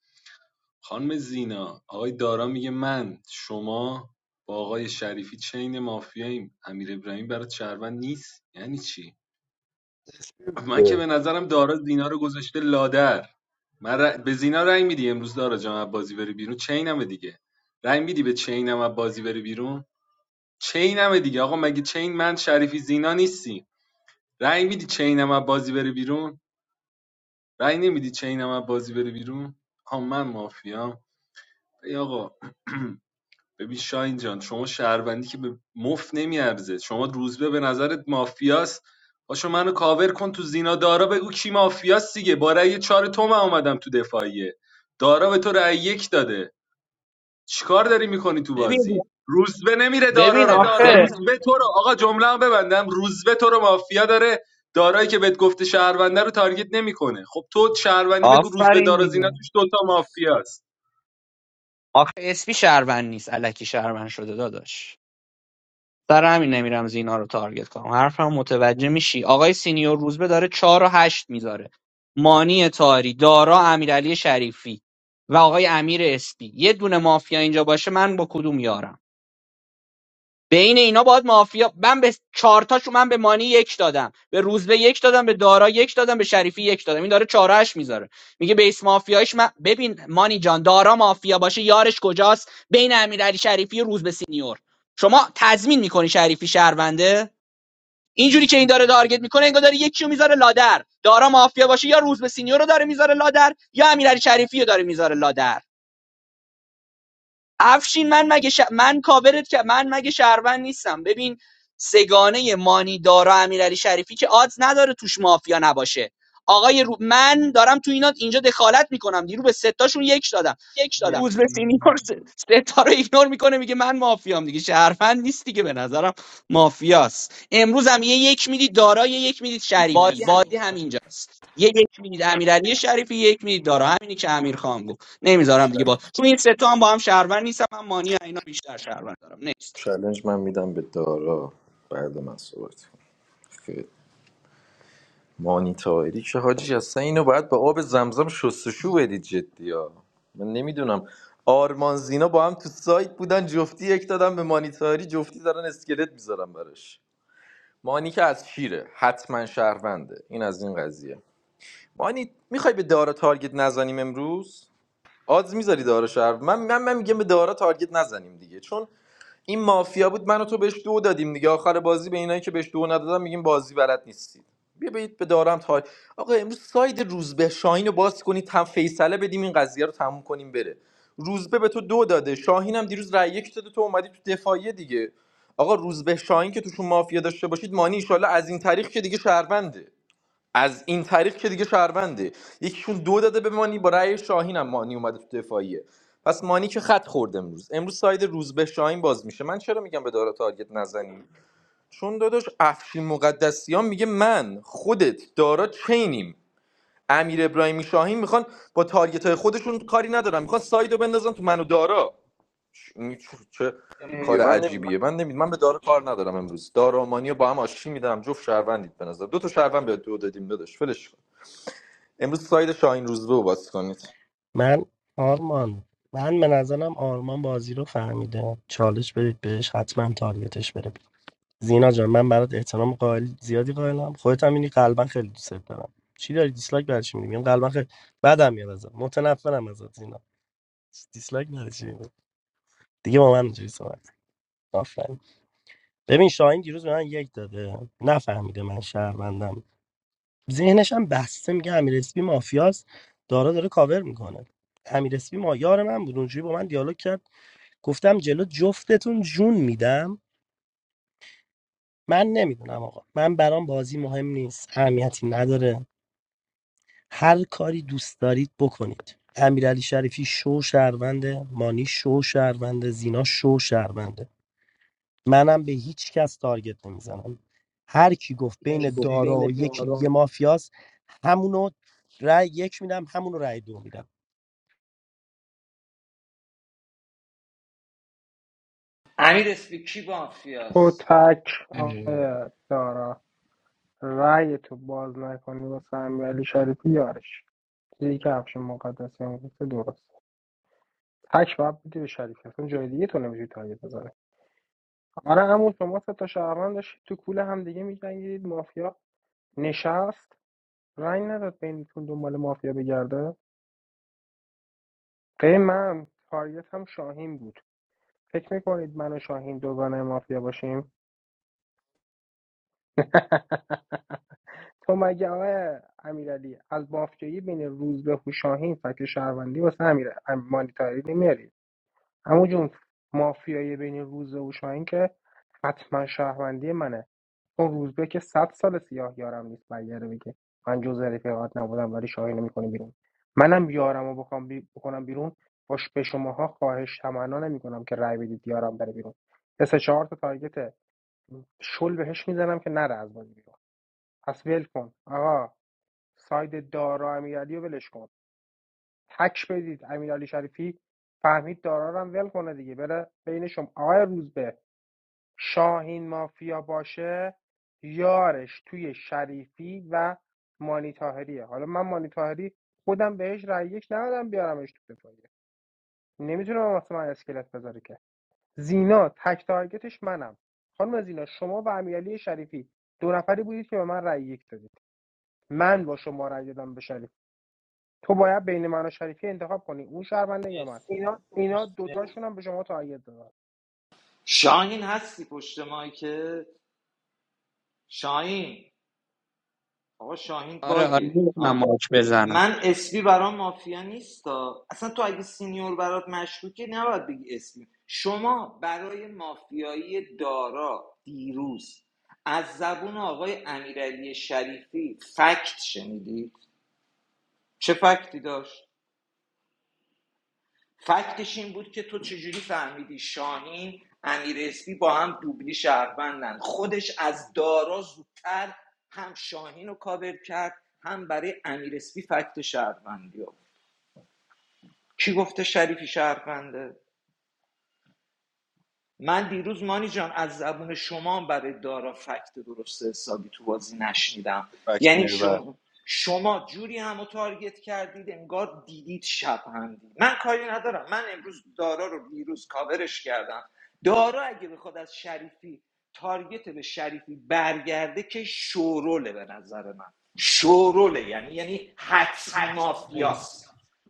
Speaker 5: خانم زینا آقای دارا میگه من شما با آقای شریفی چین مافیاییم امیر ابراهیم برای شهروند نیست یعنی چی
Speaker 1: چی
Speaker 5: من که
Speaker 1: بوده
Speaker 5: به نظرم دارا زینا رو گذاشته لادر من ر- به زینا رأی میدی امروز دارا جان از بازی بری بیرون چینمه دیگه رأی میدی به چینم از بازی بری بیرون چینمه دیگه آقا مگه چین من شریفی زینا نیستی رأی میدی چینم از بازی بری بیرون رأی نمیدی چینم از بازی بری بیرون ها من مافیام ای آقا ببین شاین جان شما شهروندی که به مف نمیارزه شما روزبه به نظرت مافیاست باشو منو کاور کن تو زینا دارا بگو کی مافیاست دیگه با رأی چهار تو من اومدم تو دفاعیه دارا به تو رأی یک داده چیکار داری میکنی تو
Speaker 9: ببین
Speaker 5: بازی روزبه نمیره دارا
Speaker 9: ببین
Speaker 4: دید
Speaker 5: رو
Speaker 9: آخه
Speaker 4: رو هم مرسی امیر شریفی
Speaker 5: روزبه تو رو آقا جمله ببندم روزبه تو رو مافیا داره دارایی که بهت گفته شهرونده رو تارگت نمیکنه خب تو شهروندی بگو روزبه
Speaker 9: آفرین
Speaker 5: دارا زینا
Speaker 9: دیگه
Speaker 5: توش دوتا مافیاست
Speaker 9: آخه اسپی شهروند نیست الکی شهروند شده داداش سر همین نمیرم زینا رو تارگت کنم حرفم متوجه میشی آقای سینیور روزبه داره چهار و هشت میذاره مانی تاری دارا امیرعلی شریفی و آقای امیر اسپی یه دونه مافیا اینجا باشه من با کدوم یارم بین اینا باید مافیا من به چارتاشو من به مانی یک دادم به روزبه یک دادم به دارا یک دادم به شریفی یک دادم این داره چارهش میذاره میگه بیس مافیایش من ببین مانی جان دارا مافیا باشه یارش کجاست بین امیرعلی شریفی و روزبه سینیور شما تضمین میکنی شریفی شهرونده اینجوری که این داره تارگت میکنه انگار داره یکیو میذاره لادر دارا مافیا باشه یا روزبه سینیور رو داره میذاره لادر یا امیرعلی شریفی رو داره میذاره لادر افشین من مگه ش... من کاورت که من مگه شهروند نیستم ببین سگانه مانی دارا امیرعلی شریفی که آدز نداره توش مافیا نباشه آقای رو... من دارم تو اینا اینجا دخالت میکنم دیرو به ستاشون یک دادم
Speaker 4: مرسی مرسی
Speaker 9: روز به سینیور س- ستاره ایگنور میکنه میگه من مافیام دیگه شهروند نیست دیگه به نظرم مافیاست امروز هم یه یک میدید دارا یه یک میدید شریفی بازی همینجاست یه یک میدید امیرعلی شریفی یه یک میدید دارا همینی که امیر خان گفت نمیذارم دیگه با تو این سه تا هم با هم شهروند نیستم من مانی و اینا بیشتر شهروند دارم نیست
Speaker 13: چالنج من میدم به دارا بعد من صحبت کنم. خیر. مانی تاهری که حاجی اصلا اینو باید با آب زمزم شستشو بدید جدی ها من نمیدونم آرمان زینا با هم تو سایت بودن جفتی یک دادن به مانی تاهری جفتی دارن اسکلت میذارن براش مانی که از شیره حتما شهرونده این از این قضیه مانی میخوای به دارا تارگت نزنیم امروز آدز میذاری دارا شهر من من, من میگم به دارا تارگت نزنیم دیگه چون این مافیا بود من و تو بهش دو دادیم دیگه آخر بازی به اینایی که بهش دو ندادن میگیم بازی بلد نیستید بیا برید به دارم تا آقا امروز ساید روزبه شاهین رو باز کنید هم فیصله بدیم این قضیه رو تموم کنیم بره روزبه به تو دو داده شاهین هم دیروز رای یک داده تو اومدی تو دفاعیه دیگه آقا روزبه شاهین که توشون مافیا داشته باشید مانی ایشالله از این تاریخ که دیگه شهرونده از این طریق که دیگه شهرونده یکیشون دو داده به مانی با رأی شاهین هم مانی اومده تو دفاعیه پس مانی که خط خورد امروز امروز ساید روز به شاهین باز میشه من چرا میگم به دارا تارگت نزنیم چون داداش افشین مقدسیان میگه من خودت دارا چینیم امیر ابراهیمی شاهین میخوان با تارگت های خودشون کاری ندارم میخوان ساید رو بندازن تو منو دارا چه, چه کار عجیبیه من نمید من به دارا کار ندارم امروز دارا و مانی رو با هم آشتی میدم جفت شهروندید به نظر دو تا شهروند به دو دادیم داداش ولش کن. امروز ساید شاهین روزبه رو باز کنید
Speaker 12: من آرمان من به نظرم آرمان بازی رو فهمیده چالش بدید بهش حتما تارگتش بره بیرون. زینا جان من برات احترام قائل زیادی قائلم خودت هم اینی قلبا خیلی دوست دارم چی داری دیسلایک برای چی میدی میگم قلبا خیلی بدم میاد ازت متنفرم ازت زینا دیسلایک برای چی میدی دیگه با من اینجوری صحبت کن. آفرین ببین شاهین دیروز به من یک داده نفهمیده من شهروندم ذهنش هم بسته میگه امیر اسپی مافیاست دارا داره کاور میکنه امیر اسپی ما یار من بود اونجوری با من دیالوگ کرد گفتم جلو جفتتون جون میدم من نمیدونم آقا من برام بازی مهم نیست اهمیتی نداره هر کاری دوست دارید بکنید امیرعلی شریفی شو شهرونده مانی شو شهرونده زینا شو شهرونده منم به هیچ کس تارگت نمیزنم هر کی گفت
Speaker 4: مرسی
Speaker 12: بین
Speaker 4: چی گفته مرسی
Speaker 12: دارا و یکی دیگه مافیاست همونو رای یک میدم همونو رای دو میدم
Speaker 10: امیر اسپی کی
Speaker 11: تو
Speaker 10: بافیاست
Speaker 11: تک آقای دارا رای تو باز نکنی با سمی علی شریفی یارش چیزی که افشین مقدسی گفته درست تک باید بدی به شریفی اصلا جای دیگه تو نمیشه تارگت بزنی. آره همون شما سه تا شهروند داشتید تو کوله هم دیگه میجنگیدید مافیا نشست رنگ نداد بینتون دنبال مافیا بگرده غیر من تارگت هم شاهین بود فکر میکنید من و شاهین دوگانه مافیا باشیم تو مگه آقای امیرعلی از مافیایی بین روزبه و شاهین فکر شهروندی واسه امیر ام- مانیتاری نمیاری همون جون مافیایی بین روزبه و شاهین که حتما شهروندی منه چون روزبه که صد سال سیاه یارم نیست برگرده بگه من جز رفیقات نبودم ولی شاهینو میکنه بیرون منم یارم رو بخوام بی... بکنم بیرون باش به شماها خواهش تمنا نمیکنم که رأی بدید یارم بره بیرون یه سه چهار تا تارگت شل بهش میزنم که نره از بازی بیرون پس ول کن آقا ساید دارا امیرعلی رو ولش کن تک بدید امیرعلی شریفی فهمید دارا رو هم ول کنه دیگه بره بین شما آقای روزبه شاهین مافیا باشه یارش توی شریفی و مانی طاهریه حالا من مانی طاهری خودم بهش رأی یک ندادم بیارمش تو دفاعیه نمیتونم واسه من اسکلت بذاره که زینا تک تارگتش منم خانم زینا شما و امیرعلی شریفی دو نفری بودید که به من رأی یک دادید من با شما رأی دادم به شریف تو باید بین من و شریفی انتخاب کنی اون شهرونده یا من
Speaker 4: مرسی اینا
Speaker 11: اینا
Speaker 4: مرسی
Speaker 11: دوتاشون هم به شما تارگت دادن
Speaker 10: شاهین هستی پشت که شاهین آقا شاهین
Speaker 9: آره آره
Speaker 10: باگه
Speaker 9: نمیتونم
Speaker 10: آه.
Speaker 9: ماچ بزنم
Speaker 10: من اسمی برام مافیا نیستا اصلا تو اگه سینیور برات مشکوکه نباید بگی اسپی شما برای مافیایی دارا دیروز از زبون آقای امیرعلی شریفی فکت شنیدید چه فکتی داشت فکتش این بود که تو چجوری فهمیدی شاهین امیر اسپی با هم دوبلی شهروندن خودش از دارا زودتر هم شاهین رو کاور کرد هم برای امیر اسپی فکت شهروندی رو. کی گفته شریفی شهرونده من دیروز مانی جان از زبون شما برای دارا فکت درست حسابی تو بازی نشنیدم یعنی
Speaker 5: فکت
Speaker 10: شما شما جوری همو تارگت کردید انگار دیدید شب هم دید. من کاری ندارم من امروز دارا رو دیروز کاورش کردم دارا اگه بخواد از شریفی تارگت به شریفی برگرده که شوروله به نظر من شوروله یعنی یعنی حتمی
Speaker 4: هشت مرسی
Speaker 10: مافیاست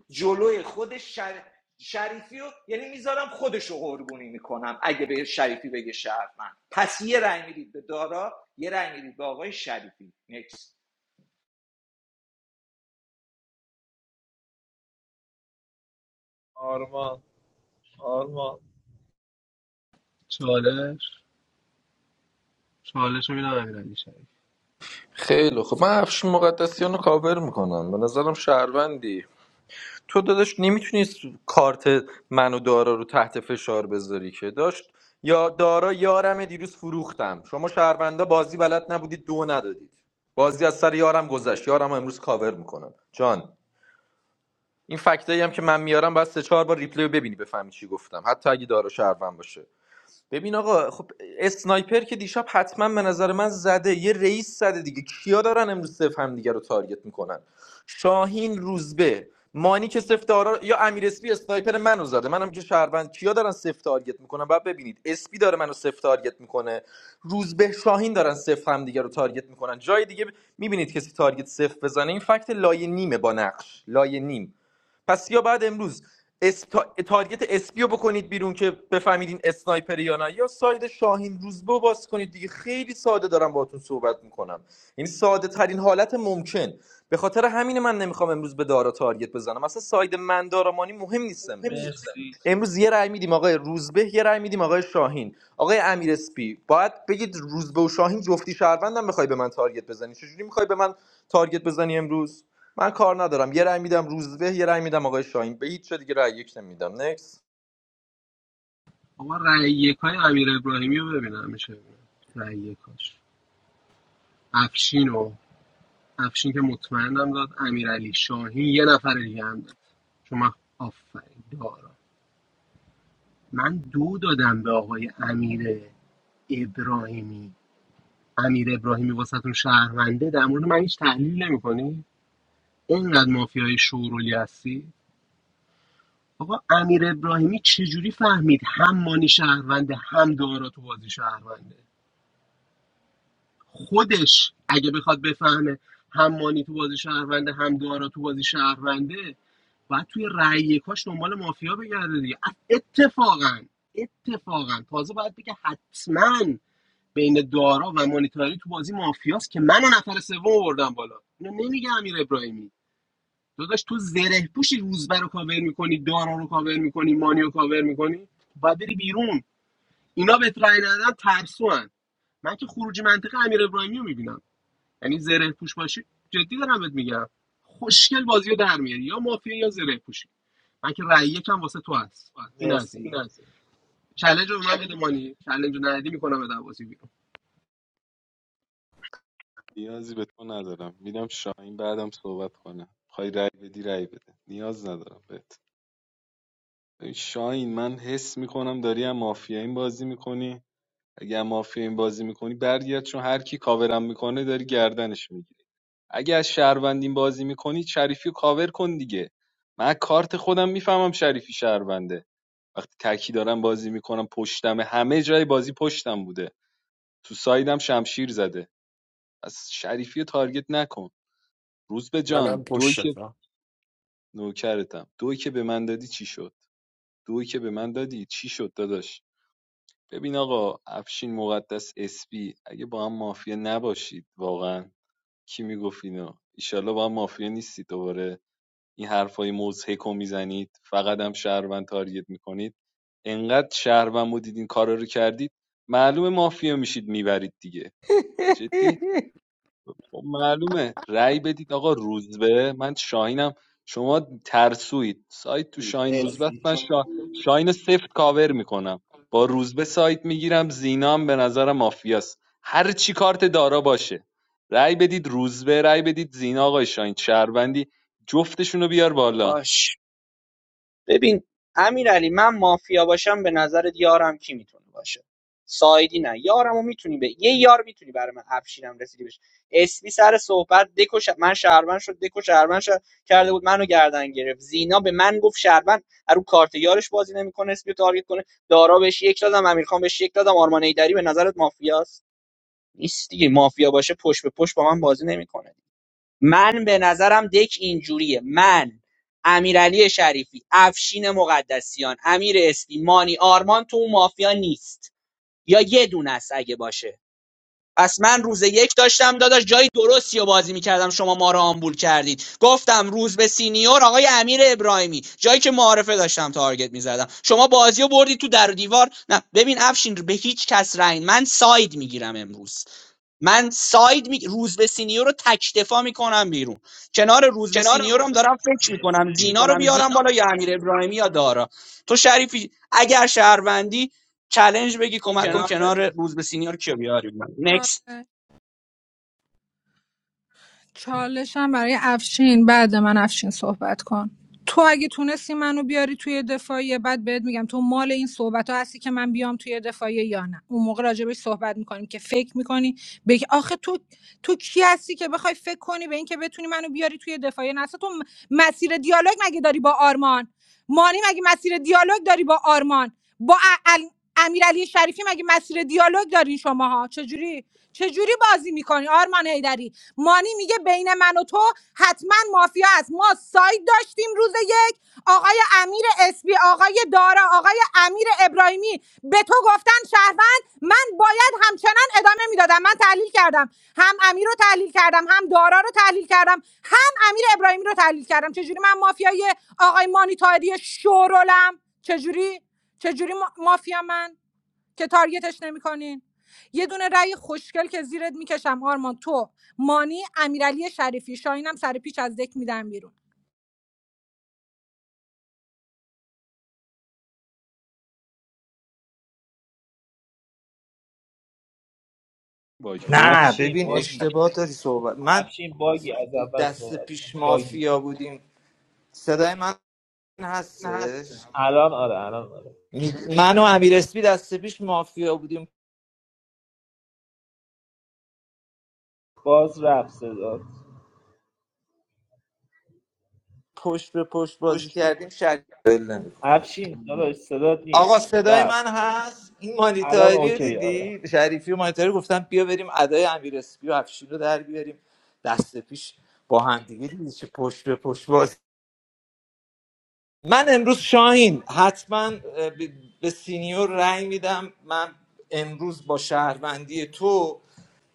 Speaker 10: جلوی خودش شر... شریفی رو یعنی میذارم خودش رو قربونی میکنم اگه به شریفی بگه شهروند پس یه رأی میدید به دارا یه رأی میدید به آقای شریفی نکس
Speaker 4: آرمان آرمان
Speaker 3: چالش چالش رو میدم امیرعلی شریف
Speaker 13: خیلی خب، من افشین مقدسیان رو کاور میکنم به نظرم شهروندی تو داداش نمیتونی کارت من و دارا رو تحت فشار بذاری که داشت یا دارا یارم دیروز فروختم شما شهروندا بازی بلد نبودید دو ندادید بازی از سر یارم گذشت یارم امروز کاور میکنم جان این فکتایی هم که من میارم باید سه چهار بار ریپلی رو ببینی بفهمی چی گفتم حتی اگه دارا شهروند باشه ببین آقا خب اسنایپر که دیشب حتما به نظر من زده یه رئیس زده دیگه کیا دارن امروز صف هم دیگه رو تارگت میکنن شاهین روزبه مانی که سفت آرا یا امیر اسپی اسنایپر منو زده منم که شهروند کیا دارن سفت تارگت میکنن بعد ببینید اسپی داره منو سفت تارگت میکنه روزبه شاهین دارن سفت هم دیگه رو تارگت میکنن جای دیگه میبینید کسی تارگت سفت بزنه این فکت لایه نیمه با نقش لایه نیم پس یا بعد امروز اس... تارگت اسپیو بکنید بیرون که بفهمید این اسنایپر یا نه یا ساید شاهین روزبه رو باز کنید دیگه خیلی ساده دارم باهاتون صحبت میکنم این ساده ترین حالت ممکن به خاطر همین من نمیخوام امروز به دارا تارگت بزنم اصلا ساید من دارامانی مهم نیست
Speaker 4: ببین
Speaker 13: امروز
Speaker 4: دوست دارم.
Speaker 13: امروز یه رأی میدیم آقای روزبه یه رأی میدیم آقای شاهین آقای امیر اسپی باید بگید روزبه و شاهین جفتی شهروندم میخوای به من تارگت بزنی چجوری میخوای به من تارگت بزنی امروز من کار ندارم یه رای میدم روزبه یه رای میدم آقای شاهین به هیچ جا دیگه رأی یک نمیدم نکس
Speaker 3: آقا رأی یکای امیر ابراهیمی رو ببینم میشه ببینم. رأی یکاش افشین و افشین که مطمئنم داد امیرعلی شاهین یه نفر دیگه هم داد چون من آفرین دارم من دو دادم به آقای امیر ابراهیمی امیر ابراهیمی واسهتون شهرونده در مورد من هیچ تحلیل نمیکنی اینقدر مافیای شورولی هستی آقا امیر ابراهیمی چجوری فهمید هم مانی شهرونده هم دارا تو بازی شهرونده خودش اگه بخواد بفهمه هم مانی تو بازی شهرونده هم دارا تو بازی شهرونده باید توی رأی یکاش دنبال مافیا بگرده دیگه اتفاقا اتفاقا تازه باید بگه حتما بین دارا و مانیتاری تو بازی مافیاست که منو نفر سوم آوردم بالا اینو نمیگه امیر ابراهیمی داداش تو زره پوشی روزبر رو کاور میکنی دارا رو کاور میکنی مانی رو کاور میکنی باید بری بیرون اینا بهت رای ندن ترسوان من که خروج منطقه امیر ابراهیمی رو میبینم یعنی زره پوش باشی جدی دارم بهت میگم خوشگل بازی رو در میاری یا مافیا یا زره پوشی من که رأی یکم واسه تو هست این از این
Speaker 4: مرسی مرسی
Speaker 3: چالش رو به من بده مانی چالش رو ندی میکنم به دروازه بیرون
Speaker 5: نیازی به تو ندارم میدم شاهین بعدم صحبت کنه خواهی رأی بدی رأی بده نیاز ندارم بهت ببین شاهین من حس میکنم داری هم مافیا این بازی میکنی اگه هم مافیا این بازی میکنی برگرد چون هر کی کاورم میکنه داری گردنش میگیری اگه از شهروندین بازی میکنی شریفی رو کاور کن دیگه من کارت خودم میفهمم شریفی شهرونده وقتی تکی دارم بازی میکنم پشتم همه جای بازی پشتم بوده تو سایدم شمشیر زده از شریفی تارگت نکن روز به جان
Speaker 17: Bana
Speaker 5: دوی
Speaker 17: boş
Speaker 5: که
Speaker 17: ver.
Speaker 5: نوکرتم دوی که به من دادی چی شد دوی که به من دادی چی شد داداش ببین آقا افشین مقدس اسپی اگه با هم مافیا نباشید واقعا کی میگفت اینو ایشالله با هم مافیا نیستید دوباره این حرفای مضحک رو میزنید فقط هم شهروند تارگت میکنید انقدر شهروند بودید این کارا رو کردید معلومه مافیا میشید میبرید دیگه جدی خب معلومه رأی بدید آقا روزبه من شاهینم شما ترسوید سایت تو
Speaker 4: توییت سایت
Speaker 5: شاهین روزبه است.
Speaker 4: مرسی چی
Speaker 5: من شا... شاهین رو سفت کاور میکنم با روزبه سایت میگیرم زینام به نظرم مافیاست هر چی کارت دارا باشه رأی بدید روزبه رأی بدید زینا آقای شاهین شهروندی جفتشون رو بیار بالا
Speaker 9: باش ببین امیرعلی من مافیا باشم به نظرت یارم کی میتونه باشه سایدی نه یارمو میتونی به یه یار میتونی برای من افشینم رسیدی بشه اسمی سر صحبت دکو ش... من شهروند شد دکو شهروند شد کرده بود منو گردن گرفت زینا به من گفت شهروند رو کارت یارش بازی نمیکنه اسمی رو تارگت کنه دارا بهش یک دادم امیرخان بهش یک دادم آرمان ایدری به نظرت مافیاست نیست دیگه مافیا باشه پشت به پشت با من بازی نمیکنه من به نظرم دک اینجوریه من امیرعلی شریفی افشین مقدسیان امیر اسپی مانی آرمان تو اون مافیا نیست یا یه دونه است اگه باشه پس من روز یک داشتم داداش جای درستی رو بازی میکردم شما ما رو آمبول کردید گفتم روز به سینیور آقای امیر ابراهیمی جایی که معارفه داشتم تارگت میزدم شما بازی رو بردی تو در و دیوار نه ببین افشین به هیچ کس رنگ من ساید میگیرم امروز من ساید می... روزبه سینیور رو تک دفاع میکنم بیرون کنار روزبه سینیور هم دارم فکر
Speaker 4: مرسی
Speaker 9: میکنم زینا رو بیارم بالا یا امیر ابراهیمی یا دارا تو شریفی اگر شهروندی چالش بگی کمک کن کنار روزبه سینیور کیو بیاری نکست
Speaker 6: چالشم برای افشین بعد من افشین صحبت کن تو اگه تونستی منو بیاری توی دفاعیه بعد بهت میگم تو مال این صحبت ها هستی که من بیام توی دفاعیه یا نه اون موقع راجبش صحبت میکنیم که فکر میکنی به آخه تو تو کی هستی که بخوای فکر کنی به این که بتونی منو بیاری توی دفاعیه نه اصلا تو م- مسیر دیالوگ مگه داری با آرمان مانی مگه مسیر دیالوگ داری با آرمان با ا- ال... امیرعلی شریفی مگه مسیر دیالوگ دارین شماها چجوری چجوری بازی میکنی آرمان مانی میگه بین من و تو حتما مافیا است ما ساید داشتیم روز یک آقای امیر اسبی آقای دارا آقای امیر ابراهیمی به تو گفتن شهروند من باید همچنان ادامه میدادم من تحلیل کردم هم امیر رو تحلیل کردم هم دارا رو تحلیل کردم هم امیر ابراهیمی رو تحلیل کردم چجوری من مافیای آقای مانی تایری شورولم چجوری چجوری ما- مافیا من که تارگتش نمیکنین یه دونه رأی خوشگل که زیرت میکشم آرمان تو مانی امیرعلی شریفی شاهینم سر پیچ از دک میدم بیرون
Speaker 5: باک
Speaker 4: پایش
Speaker 10: نه
Speaker 5: خورد
Speaker 4: افشین
Speaker 10: ببین
Speaker 4: باگ باگی
Speaker 10: اشتباه داری صحبت من
Speaker 4: افشین باگی از اول
Speaker 10: دست
Speaker 4: صحبت
Speaker 10: پیش
Speaker 4: کن باگی
Speaker 10: مافیا بودیم صدای من هستش
Speaker 4: الان آره الان آره
Speaker 10: من و امیر اسپی دست پیش مافیا بودیم
Speaker 4: باز رفت صدات
Speaker 10: پشت به پشت بازی کردیم شریف
Speaker 4: افشین داداش صدات
Speaker 10: آقا
Speaker 4: نیست
Speaker 10: صدای من
Speaker 4: رفت
Speaker 10: هست این
Speaker 4: الان
Speaker 10: مانیتاری رو
Speaker 4: اوکی آره
Speaker 10: دیدی شریفی و مانیتاری گفتن بیا بریم ادای امیر اسپی و افشین رو در بیاریم دست پیش با هم دیگه دیدی چه پشت به پشت من امروز شاهین حتما اه، ب- به سینیور رأی میدم من امروز با شهروندی تو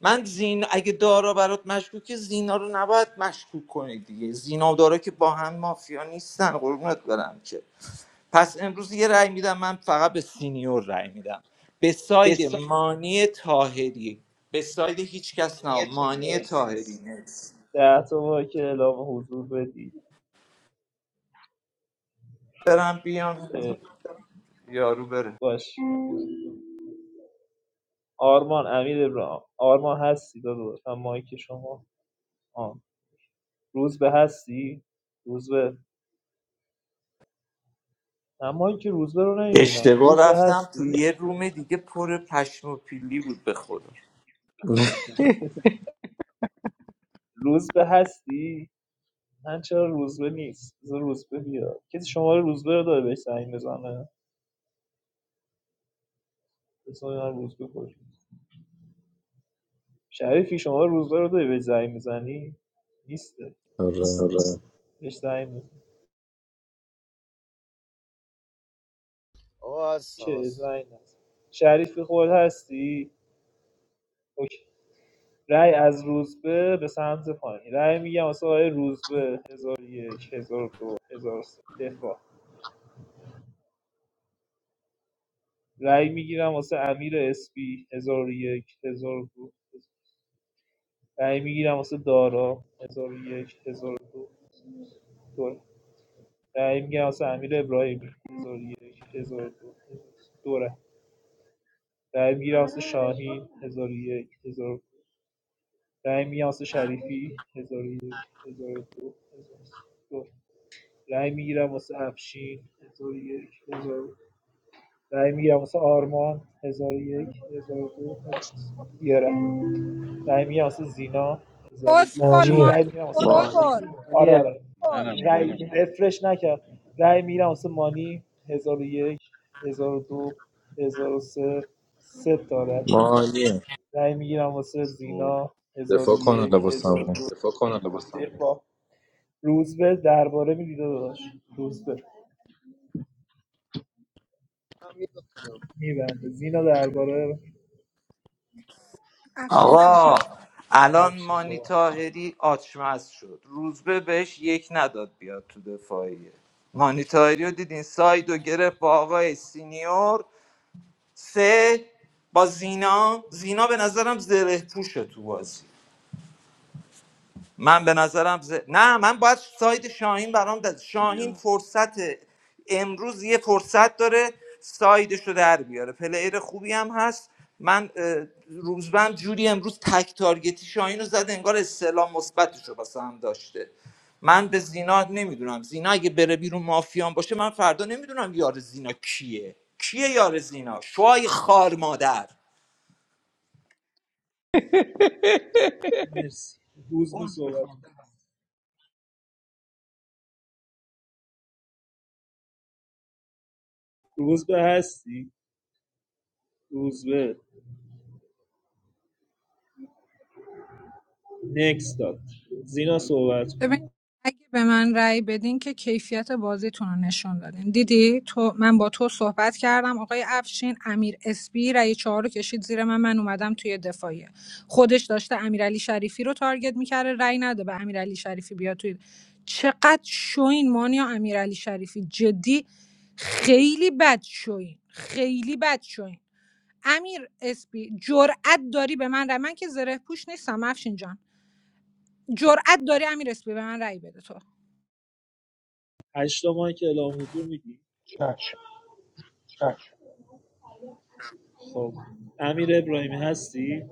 Speaker 10: من زین اگه دارا برات مشکوکه زینا رو نباید مشکوک کنی دیگه زینا و دارا که با هم مافیا نیستن قربونت برم که پس امروز یه رأی میدم من فقط به سینیور رأی میدم به ساید مانی تاهری به ساید هیچ کس نه مانی تاهری
Speaker 4: مرسی
Speaker 10: نیست
Speaker 4: ده تا ما که اعلام حضور بدی
Speaker 10: برم بیام یارو بره
Speaker 4: باش آرمان امیر ابراهام آرمان هستی داداش هم مایک شما آه. روز به هستی روز به من مایک روز به رو نمیبینم
Speaker 10: اشتباه
Speaker 4: روز به
Speaker 10: رفتم تو
Speaker 4: هستی
Speaker 10: یه روم دیگه پر پشم و پیلی بود به خدا
Speaker 4: روز به هستی من چرا روز به نیست بذار روز به بیاد کسی شما رو روز به رو داره بهش زنگ بزنه اسم من روزبه کجاست شریفی شما روزبه رو داری بهش زنگ میزنی نیسته
Speaker 13: آره
Speaker 4: بهش زنگ میزنی
Speaker 16: آقا هستم
Speaker 4: چه
Speaker 16: هستم
Speaker 4: زنگ نزن شریفی خود هستی اوکی رأی از روزبه به سمت پایین رای میگم واسه آقای روزبه هزار و یک هزار و دو هزار و سه دفاع رأی میگیرم واسه امیر اسپی هزار و یک هزار و دو رای میگیرم واسه دارا هزار و یک هزار و دو دو رأی میگیرم واسه امیر ابراهیمی هزار و یک هزار و دو دو رأی. رای میراث شاهین 1001 1000 رای میراث شریفی 1001 1002 1003 رای میگیرم واسه افشین 1001 1000 رای میگیرم واسه آرمان 1001 1002 یه رای رای میگیرم واسه زینا 1000
Speaker 6: اسکل
Speaker 4: چی
Speaker 12: مامیه
Speaker 6: مانی
Speaker 4: رای میگیرم واسه
Speaker 6: اسکل
Speaker 4: آرمان آره
Speaker 11: عالیه
Speaker 4: آره
Speaker 5: منم
Speaker 4: رای رفرش نکرد رای میگیرم واسه مانی 1001 1002 1003 سه سه تا رای
Speaker 13: ما
Speaker 4: رأی میگیرم واسه
Speaker 5: بابا. وای.
Speaker 4: زینا هزار و
Speaker 13: دفاع
Speaker 4: یک
Speaker 13: کن حالا
Speaker 4: هزار
Speaker 13: واسمون
Speaker 4: دو دفاع کن حالا واسه من. دفاع روزبه درباره میدی داداش روزبه میبنده زینا درباره
Speaker 6: افشین صحبت
Speaker 10: آقا الان
Speaker 4: افشین
Speaker 10: مانی
Speaker 4: صحبت
Speaker 10: تاهری آچمز شد روزبه بهش یک نداد بیاد تو دفاعیه مانی تاهری رو دیدین ساید و گرفت با آقای سینیور سه با زینا زینا به نظرم زره پوشه تو بازی من به نظرم ز... نه من باید ساید شاهین برام ده. شاهین
Speaker 5: بیرون
Speaker 10: فرصت امروز یه فرصت داره سایدش رو در بیاره پلیر خوبی هم هست من اه، روزبهم جوری امروز تک تارگتی شاهین رو زد انگار استعلام مثبتش رو واسه هم داشته من به زینا نمیدونم زینا اگه بره بیرون مافیان باشه من فردا نمیدونم یار زینا کیه کیه یار زینا شوهای خار مادر
Speaker 4: مرسی روزبه صحبت کن. روزبه هستی روزبه نکس داد زینا صحبت کن.
Speaker 6: ببین اگه به من رأی بدین که کیفیت بازیتون رو نشون دادین دیدی تو من با تو صحبت کردم آقای افشین امیر اسپی رأی چهار رو کشید زیر من من اومدم توی دفاعیه خودش داشته امیرعلی شریفی رو تارگت میکرده رأی نده به امیرعلی شریفی بیاد توی چقدر شوین مانیا امیرعلی شریفی جدی خیلی بد شوین خیلی بد شوین امیر اسپی جرأت داری به من رأی من که زره پوش نیستم افشین جان جرأت داری امیر اسپی به من رأی بده تو
Speaker 4: هشتا ماه که اعلام حضور میدی
Speaker 11: چشم
Speaker 4: خب امیر ابراهیمی هستی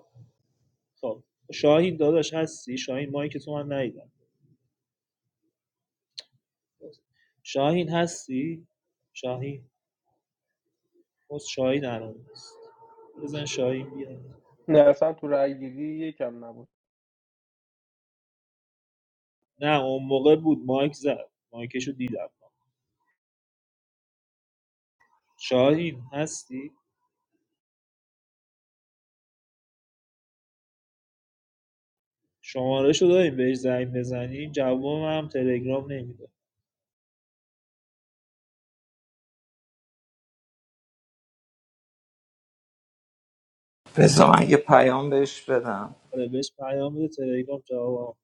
Speaker 4: خب شاهین داداش هستی شاهین مایی که تو من ندیدم شاهین هستی شاهین باز شاهین الان نیست بزن شاهین بیاد
Speaker 11: نه اصلا تو رای گیری یکم نبود
Speaker 4: نه اون موقع بود مایک زد مایکشو دیدم شاهین هستی شماره شو داریم بهش زنگ بزنیم جوابم هم تلگرام نمیده
Speaker 10: بذار من یه پیام بهش بدم
Speaker 4: آره بهش پیام بده تلگرام جواب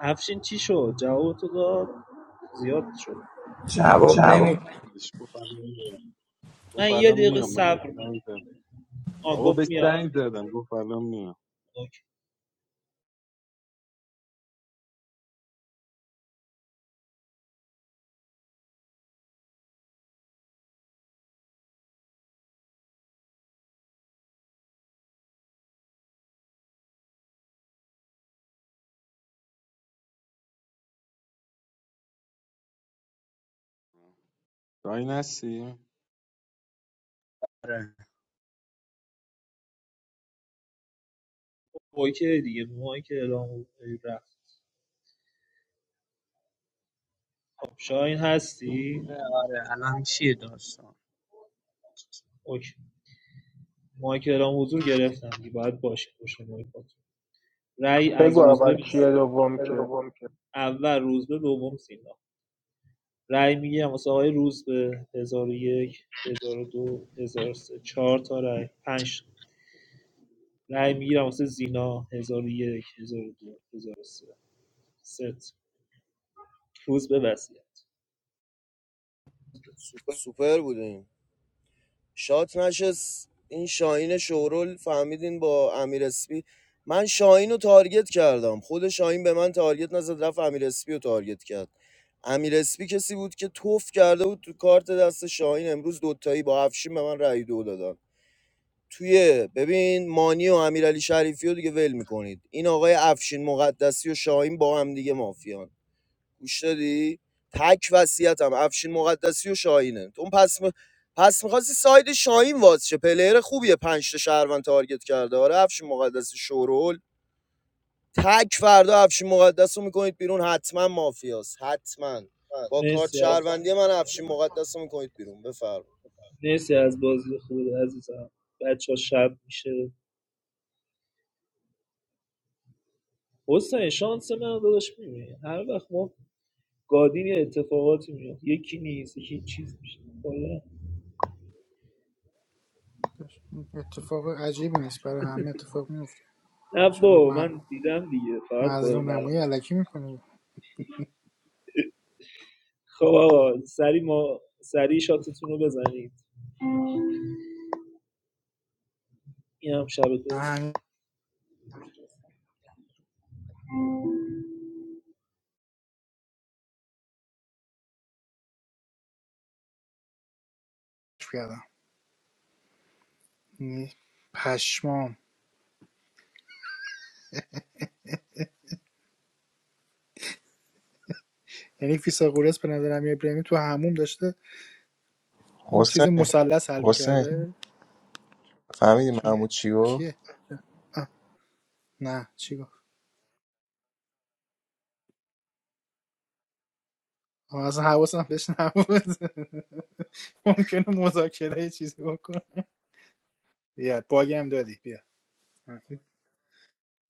Speaker 4: افشین چی شد جواب تو داد زیاد شد
Speaker 10: جواب نمیده
Speaker 5: بهش گفت الان میام گفت
Speaker 4: من یه
Speaker 5: الان
Speaker 4: دقیقه
Speaker 5: میام من به
Speaker 4: صبر
Speaker 5: سنگ
Speaker 4: میکنم
Speaker 5: زدم
Speaker 4: آن
Speaker 5: بابا
Speaker 4: گفت
Speaker 5: به
Speaker 4: میاد
Speaker 5: سنگ زدم گفت الان میام
Speaker 4: اوکی
Speaker 5: شاهین هستی
Speaker 4: اوکی دیگه مایک اعلام حضور رفت شاهین هستی اوکی مایک اعلام حضور گرفتم دیگه باید باشه پشت مایک رأی از
Speaker 11: بگو اول
Speaker 4: روزبه
Speaker 11: کیه دوم
Speaker 4: به
Speaker 11: کیه
Speaker 4: اول روزبه دوم سینا رأی میگیرم واسه آقای روزبه 1001 1002 1003 4 تا رأی پنج رأی میگیرم واسه زینا 1001 1002 1003 ست روزبه وصیت
Speaker 16: سوپر بودیم شات نشست این شاهین شورول فهمیدین با امیر اسپی من شاهین رو تارگت کردم خود شاهین به من تارگت نزد رفت امیر اسپی رو تارگت کرد امیر اسپی کسی بود که توف کرده بود تو کارت دست شاهین امروز دوتایی با افشین به من رأی دو دادن توی ببین مانی و امیرعلی شریفی رو دیگه ول میکنید این آقای افشین مقدسی و شاهین با هم دیگه مافیان گوش دادی تک وصیتم افشین مقدسی و شاهینه اون پس م... پس میخواستی ساید شاهین واز شه پلیر خوبیه پنج تا شهروند تارگت کرده آره افشین مقدسی شورول تک فردا افشین مقدس رو میکنید بیرون حتما مافیاست حتما با کارت
Speaker 4: مرسی از
Speaker 16: شهروندی من افشین مقدس رو میکنید بیرون بفرمایید
Speaker 4: مرسی از بازی خوب عزیزم بچه ها شب میشه حسین شانس من رو داداش میبینی هر وقت ما گادین یه اتفاقاتی میاد یکی نیست یکی چیز میشه کلا
Speaker 2: اتفاق عجیبی نیست برای همه اتفاق میفته
Speaker 4: نه
Speaker 2: چرا
Speaker 4: با
Speaker 2: من
Speaker 4: من دیدم دیگه فقط با
Speaker 2: مظلوم نمایی
Speaker 4: نزدم
Speaker 2: علکی میکنه من
Speaker 4: خب آقا سری ما سری شاتتون رو بزنید این هم شب دو
Speaker 2: همین کردم یعنی پشمام یعنی فیثاغورس به نظر امیر ابراهیمی تو هموم داشته این چیز مثلث حل
Speaker 14: old. Yes.
Speaker 2: میکرده چون
Speaker 14: What?
Speaker 2: کیه آه، نه چی اصلا حواسم بهش نبود ممکنه مذاکره یه چیزی بکنه. بیا باگی هم دادی بیا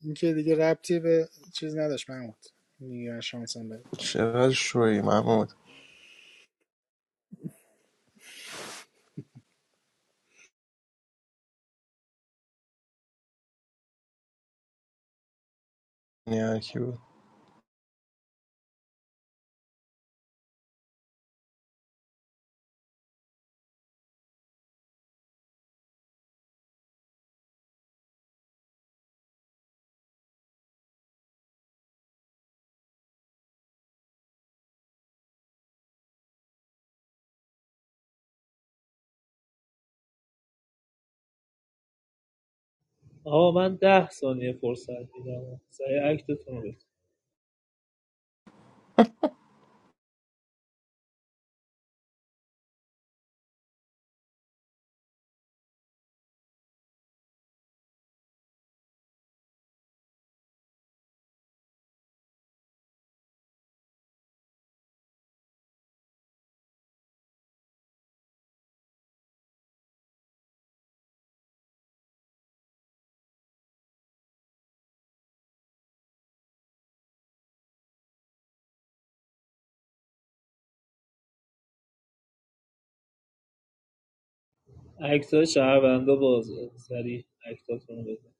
Speaker 2: این که دیگه ربطی به چیز نداشت محمود میگه شانسم بده
Speaker 14: 16 years old, Mohammad. Yeah. Who?
Speaker 4: آقا من ده ثانیه فرصت میدم سری اکتتون رو بزن اکتای شهروندا بازه سری اکتاتون رو بزن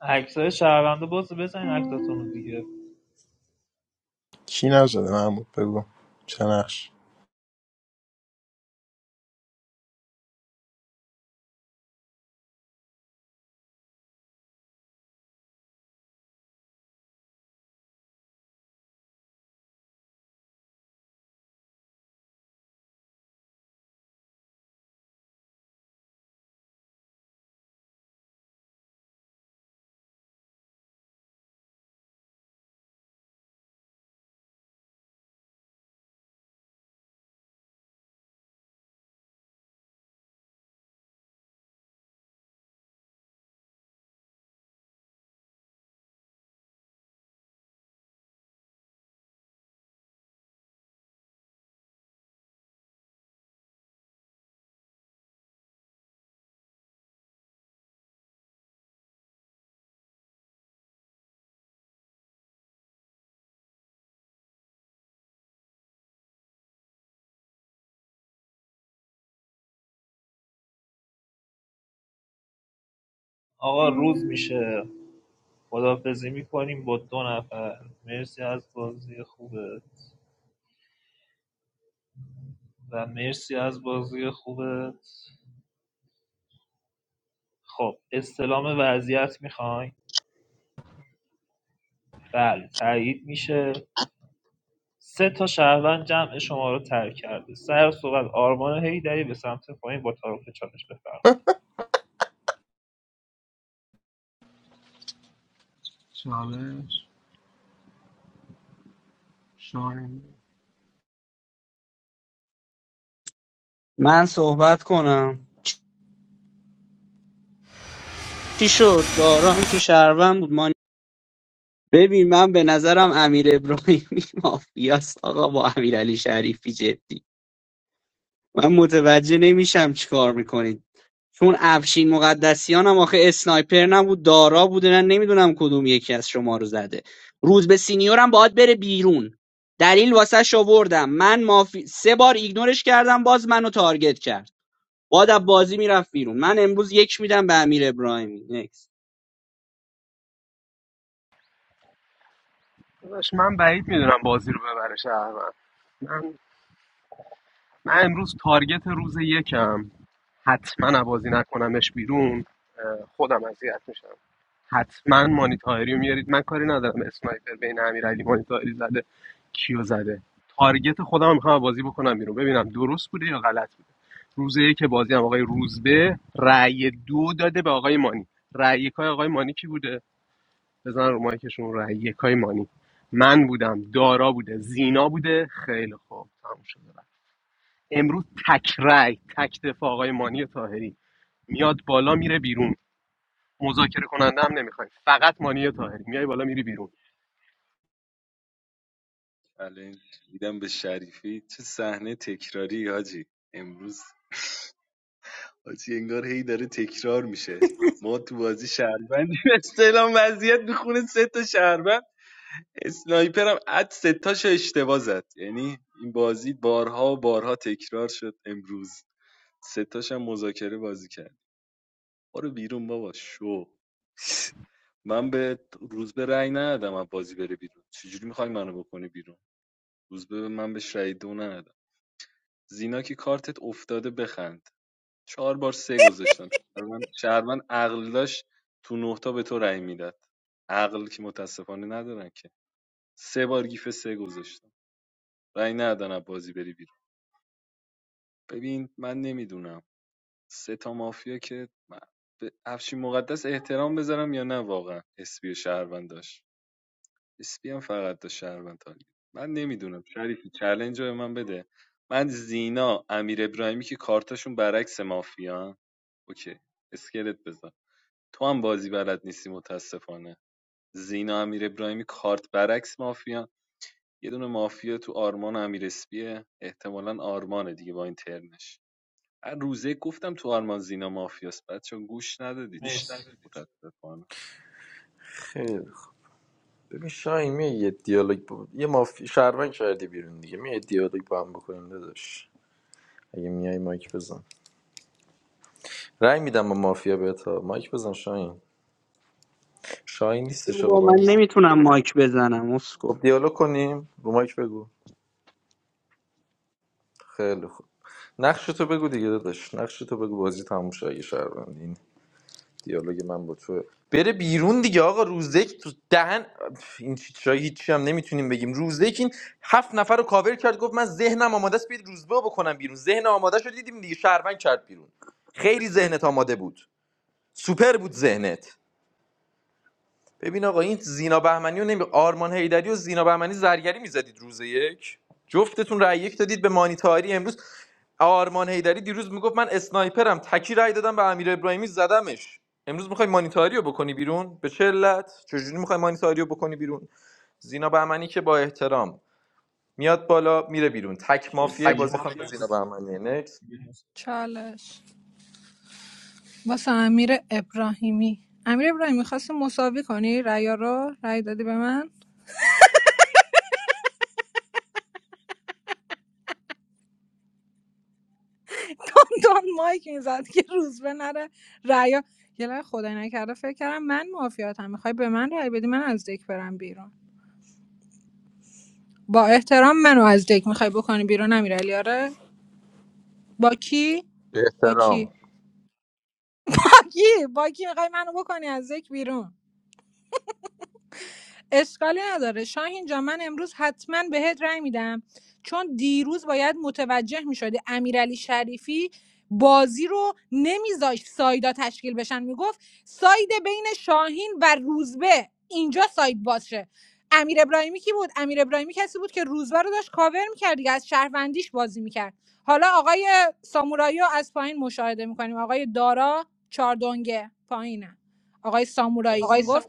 Speaker 4: اکتای شهروندا بازه بزنین اکتاتون رو دیگه
Speaker 14: Who is it? Mohammad, tell me. Who is it?
Speaker 4: آقا روز میشه خدافزی میکنیم با دو نفر مرسی از بازی خوبه و مرسی از بازی خوبه خب استلام وضعیت میخواین بله تایید میشه سه تا شهروند جمع شما رو ترک کرده سر صحبت آرمان هیدری به سمت پایین با تعارف چالش بفرم
Speaker 3: چالش شاهین
Speaker 9: من صحبت کنم چی شد دارام که شهروند بود ما ببین من به نظرم امیر ابراهیمی مافیاست آقا با امیر علی شریفی جدی من متوجه نمیشم چیکار میکنید چون افشین مقدسیان هم آخه اسنایپر نبود دارا بوده نه نمیدونم کدوم یکی از شما رو زده روز به سینیورم باید بره بیرون دلیل واسه آوردم من مافی... سه بار ایگنورش کردم باز منو تارگت کرد باید از بازی میرفت بیرون من امروز یک میدم به امیر ابراهیمی نکس
Speaker 3: داداش من بعید میدونم بازی رو ببره شهروند من من امروز تارگت روز یکم حتما بازی نکنمش بیرون اه، خودم اذیت میشم حتما مانیتاری رو میارید من کاری ندارم اسنایپر بین امیرعلی مانیتاری زده کیو زده تارگت خودم رو میخوام بازی بکنم بیرون ببینم درست بوده یا غلط بوده روزه که بازی هم آقای روزبه رأی دو داده به آقای مانی رأی یکای آقای مانی کی بوده بزن رو مایکشون رای یکای مانی من بودم دارا بوده زینا بوده خیلی خوب تموم شده رفت امروز تک رای تک دفاع آقای مانی تاهری میاد بالا میره بیرون مذاکره کننده هم نمیخوایم فقط مانی تاهری میای بالا میری بیرون
Speaker 5: بله دیدم به شریفی چه صحنه تکراری حاجی امروز حاجی انگار هی داره تکرار میشه ما تو بازی شهروندی استعلام وضعیت میخونه سه تا شهروند اسنایپرم اد سه تاشو اشتباه زد یعنی این بازی بارها و بارها تکرار شد امروز سه تاش هم مذاکره بازی کرد برو بیرون بابا شو من به روز به رأی ندادم از بازی بره بیرون چجوری میخوای منو بکنی بیرون روز به من بهش رأی دو ندادم زینا که کارتت افتاده بخند چهار بار سه گذاشتم شهروند شهروند عقل داشت تو نهتا به تو رأی میداد عقل که متاسفانه ندارن که سه بار گیف سه گذاشتم رأی ندادن از بازی بری بیرون ببین من نمیدونم سه تا مافیا که من به افشین مقدس احترام بذارم یا نه واقعا اسپی شهروند داشت اسپی هم فقط تا شهروند تارگت من نمیدونم شریفی چلنج رو به من بده من زینا امیر ابراهیمی که کارتاشون برعکس مافیا اوکی اسکلت بذار تو هم بازی بلد نیستی متاسفانه زینا امیر ابراهیمی کارت برعکس مافیا یه دونه مافیا تو آرمان و امیر اسپیه احتمالا آرمانه دیگه با این ترنش هر روزه گفتم تو آرمان زینا مافیاست بچه گوش ندادید
Speaker 4: مرسی
Speaker 5: شما متاسفانه
Speaker 13: خیلی خوب. ببین شاهین می یه دیالوگ با... یه مافی شهروند کردی بیرون دیگه می دیالوگ با هم بکنیم داداش اگه میای مایک بزن رأی میدم با مافیا بهت ها. مایک بزن شاهین شاهین نیستش
Speaker 9: بگو
Speaker 13: آقا
Speaker 9: با
Speaker 13: با
Speaker 9: من نمیتونم مایک بزنم اسکو
Speaker 13: خب دیالوگ کنیم رو مایک بگو خیلی خوب نقش تو بگو دیگه داداش نقش تو بگو بازی تموم شه اگه شهروندی دیالوگ من با تو بره بیرون دیگه آقا روزک تو دهن این چیزا هیچی هم نمیتونیم بگیم روزک این هفت نفر رو کاور کرد گفت من ذهنم آماده است بیاید روزبه رو بکنم بیرون ذهن آماده شد دیدیم دیگه شهروند کرد بیرون خیلی ذهنت آماده بود سوپر بود ذهنت ببین آقا این زینا بهمنی و نمی... آرمان هیدری و زینا بهمنی زرگری میزدید روز یک جفتتون رأی یک دادید به مانیتاری امروز آرمان هیدری دیروز میگفت من اسنایپرم تکی رأی دادم به امیر ابراهیمی زدمش امروز میخوای مانیتاری رو بکنی بیرون به چه علت چجوری میخوای مانیتاری رو بکنی بیرون زینا بهمنی که با احترام میاد بالا میره بیرون تک
Speaker 4: تک
Speaker 13: مافیه
Speaker 4: مرسی
Speaker 13: بازی خانم
Speaker 4: مافیا
Speaker 13: زینا
Speaker 4: بود
Speaker 13: بهمنی نکس
Speaker 6: چالش واسه امیر ابراهیمی امیر ابراهیمی خواستی مساوی کنی ریا رو رای دادی به من دان مایک میزد که روز به نره ریا یه لحظه خدای نکرده فکر کردم من معافیاتم میخوای به من رای بدی من از دک برم بیرون با احترام منو از دک میخوای بکنی بیرون امیر آره با کی
Speaker 13: به
Speaker 6: با کی
Speaker 13: احترام
Speaker 6: با کی با کی میخوای منو بکنی از دک بیرون اشکالی نداره شاهین جان من امروز حتما بهت رأی میدم چون دیروز باید متوجه میشدی امیرعلی شریفی بازی رو نمیذاشت سایدا تشکیل بشن میگفت ساید بین شاهین و روزبه اینجا ساید باشه امیر ابراهیمی کی بود امیر ابراهیمی کسی بود که روزبه رو داشت کاور میکرد دیگه از شهروندیش بازی میکرد حالا آقای سامورایی رو از پایین مشاهده میکنیم آقای دارا چاردونگه پایینه آقای سامورایی
Speaker 4: مرسی
Speaker 6: میگفت
Speaker 4: سام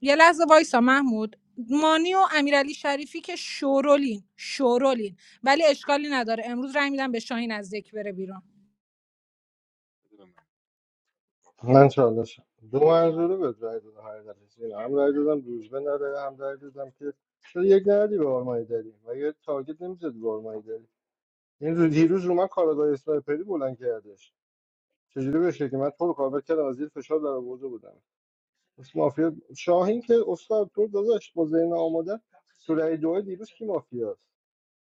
Speaker 6: یه لحظه وایسا محمود مانی و امیرعلی شریفی که شورولین شورولین ولی اشکالی نداره امروز رای میدم به شاهین از ذک بره بیرون
Speaker 1: من چالش دو منظوره بهت رای دادم حقیقتش اینه. هم رای دادم دوجبه نداره هم رای دادم که چرا یک ندی به آرمایی داری و یه تارگت نمیزد به این رو دیروز رو من کارگاه اسنایپری بلند کردش چجوری بهش که من تو رو کاور کردم از زیر فشار در آورده بودم اس مافیا شاهین که استاد تو داداش با ذهن آماده تو رای دو دیروز کی مافیاست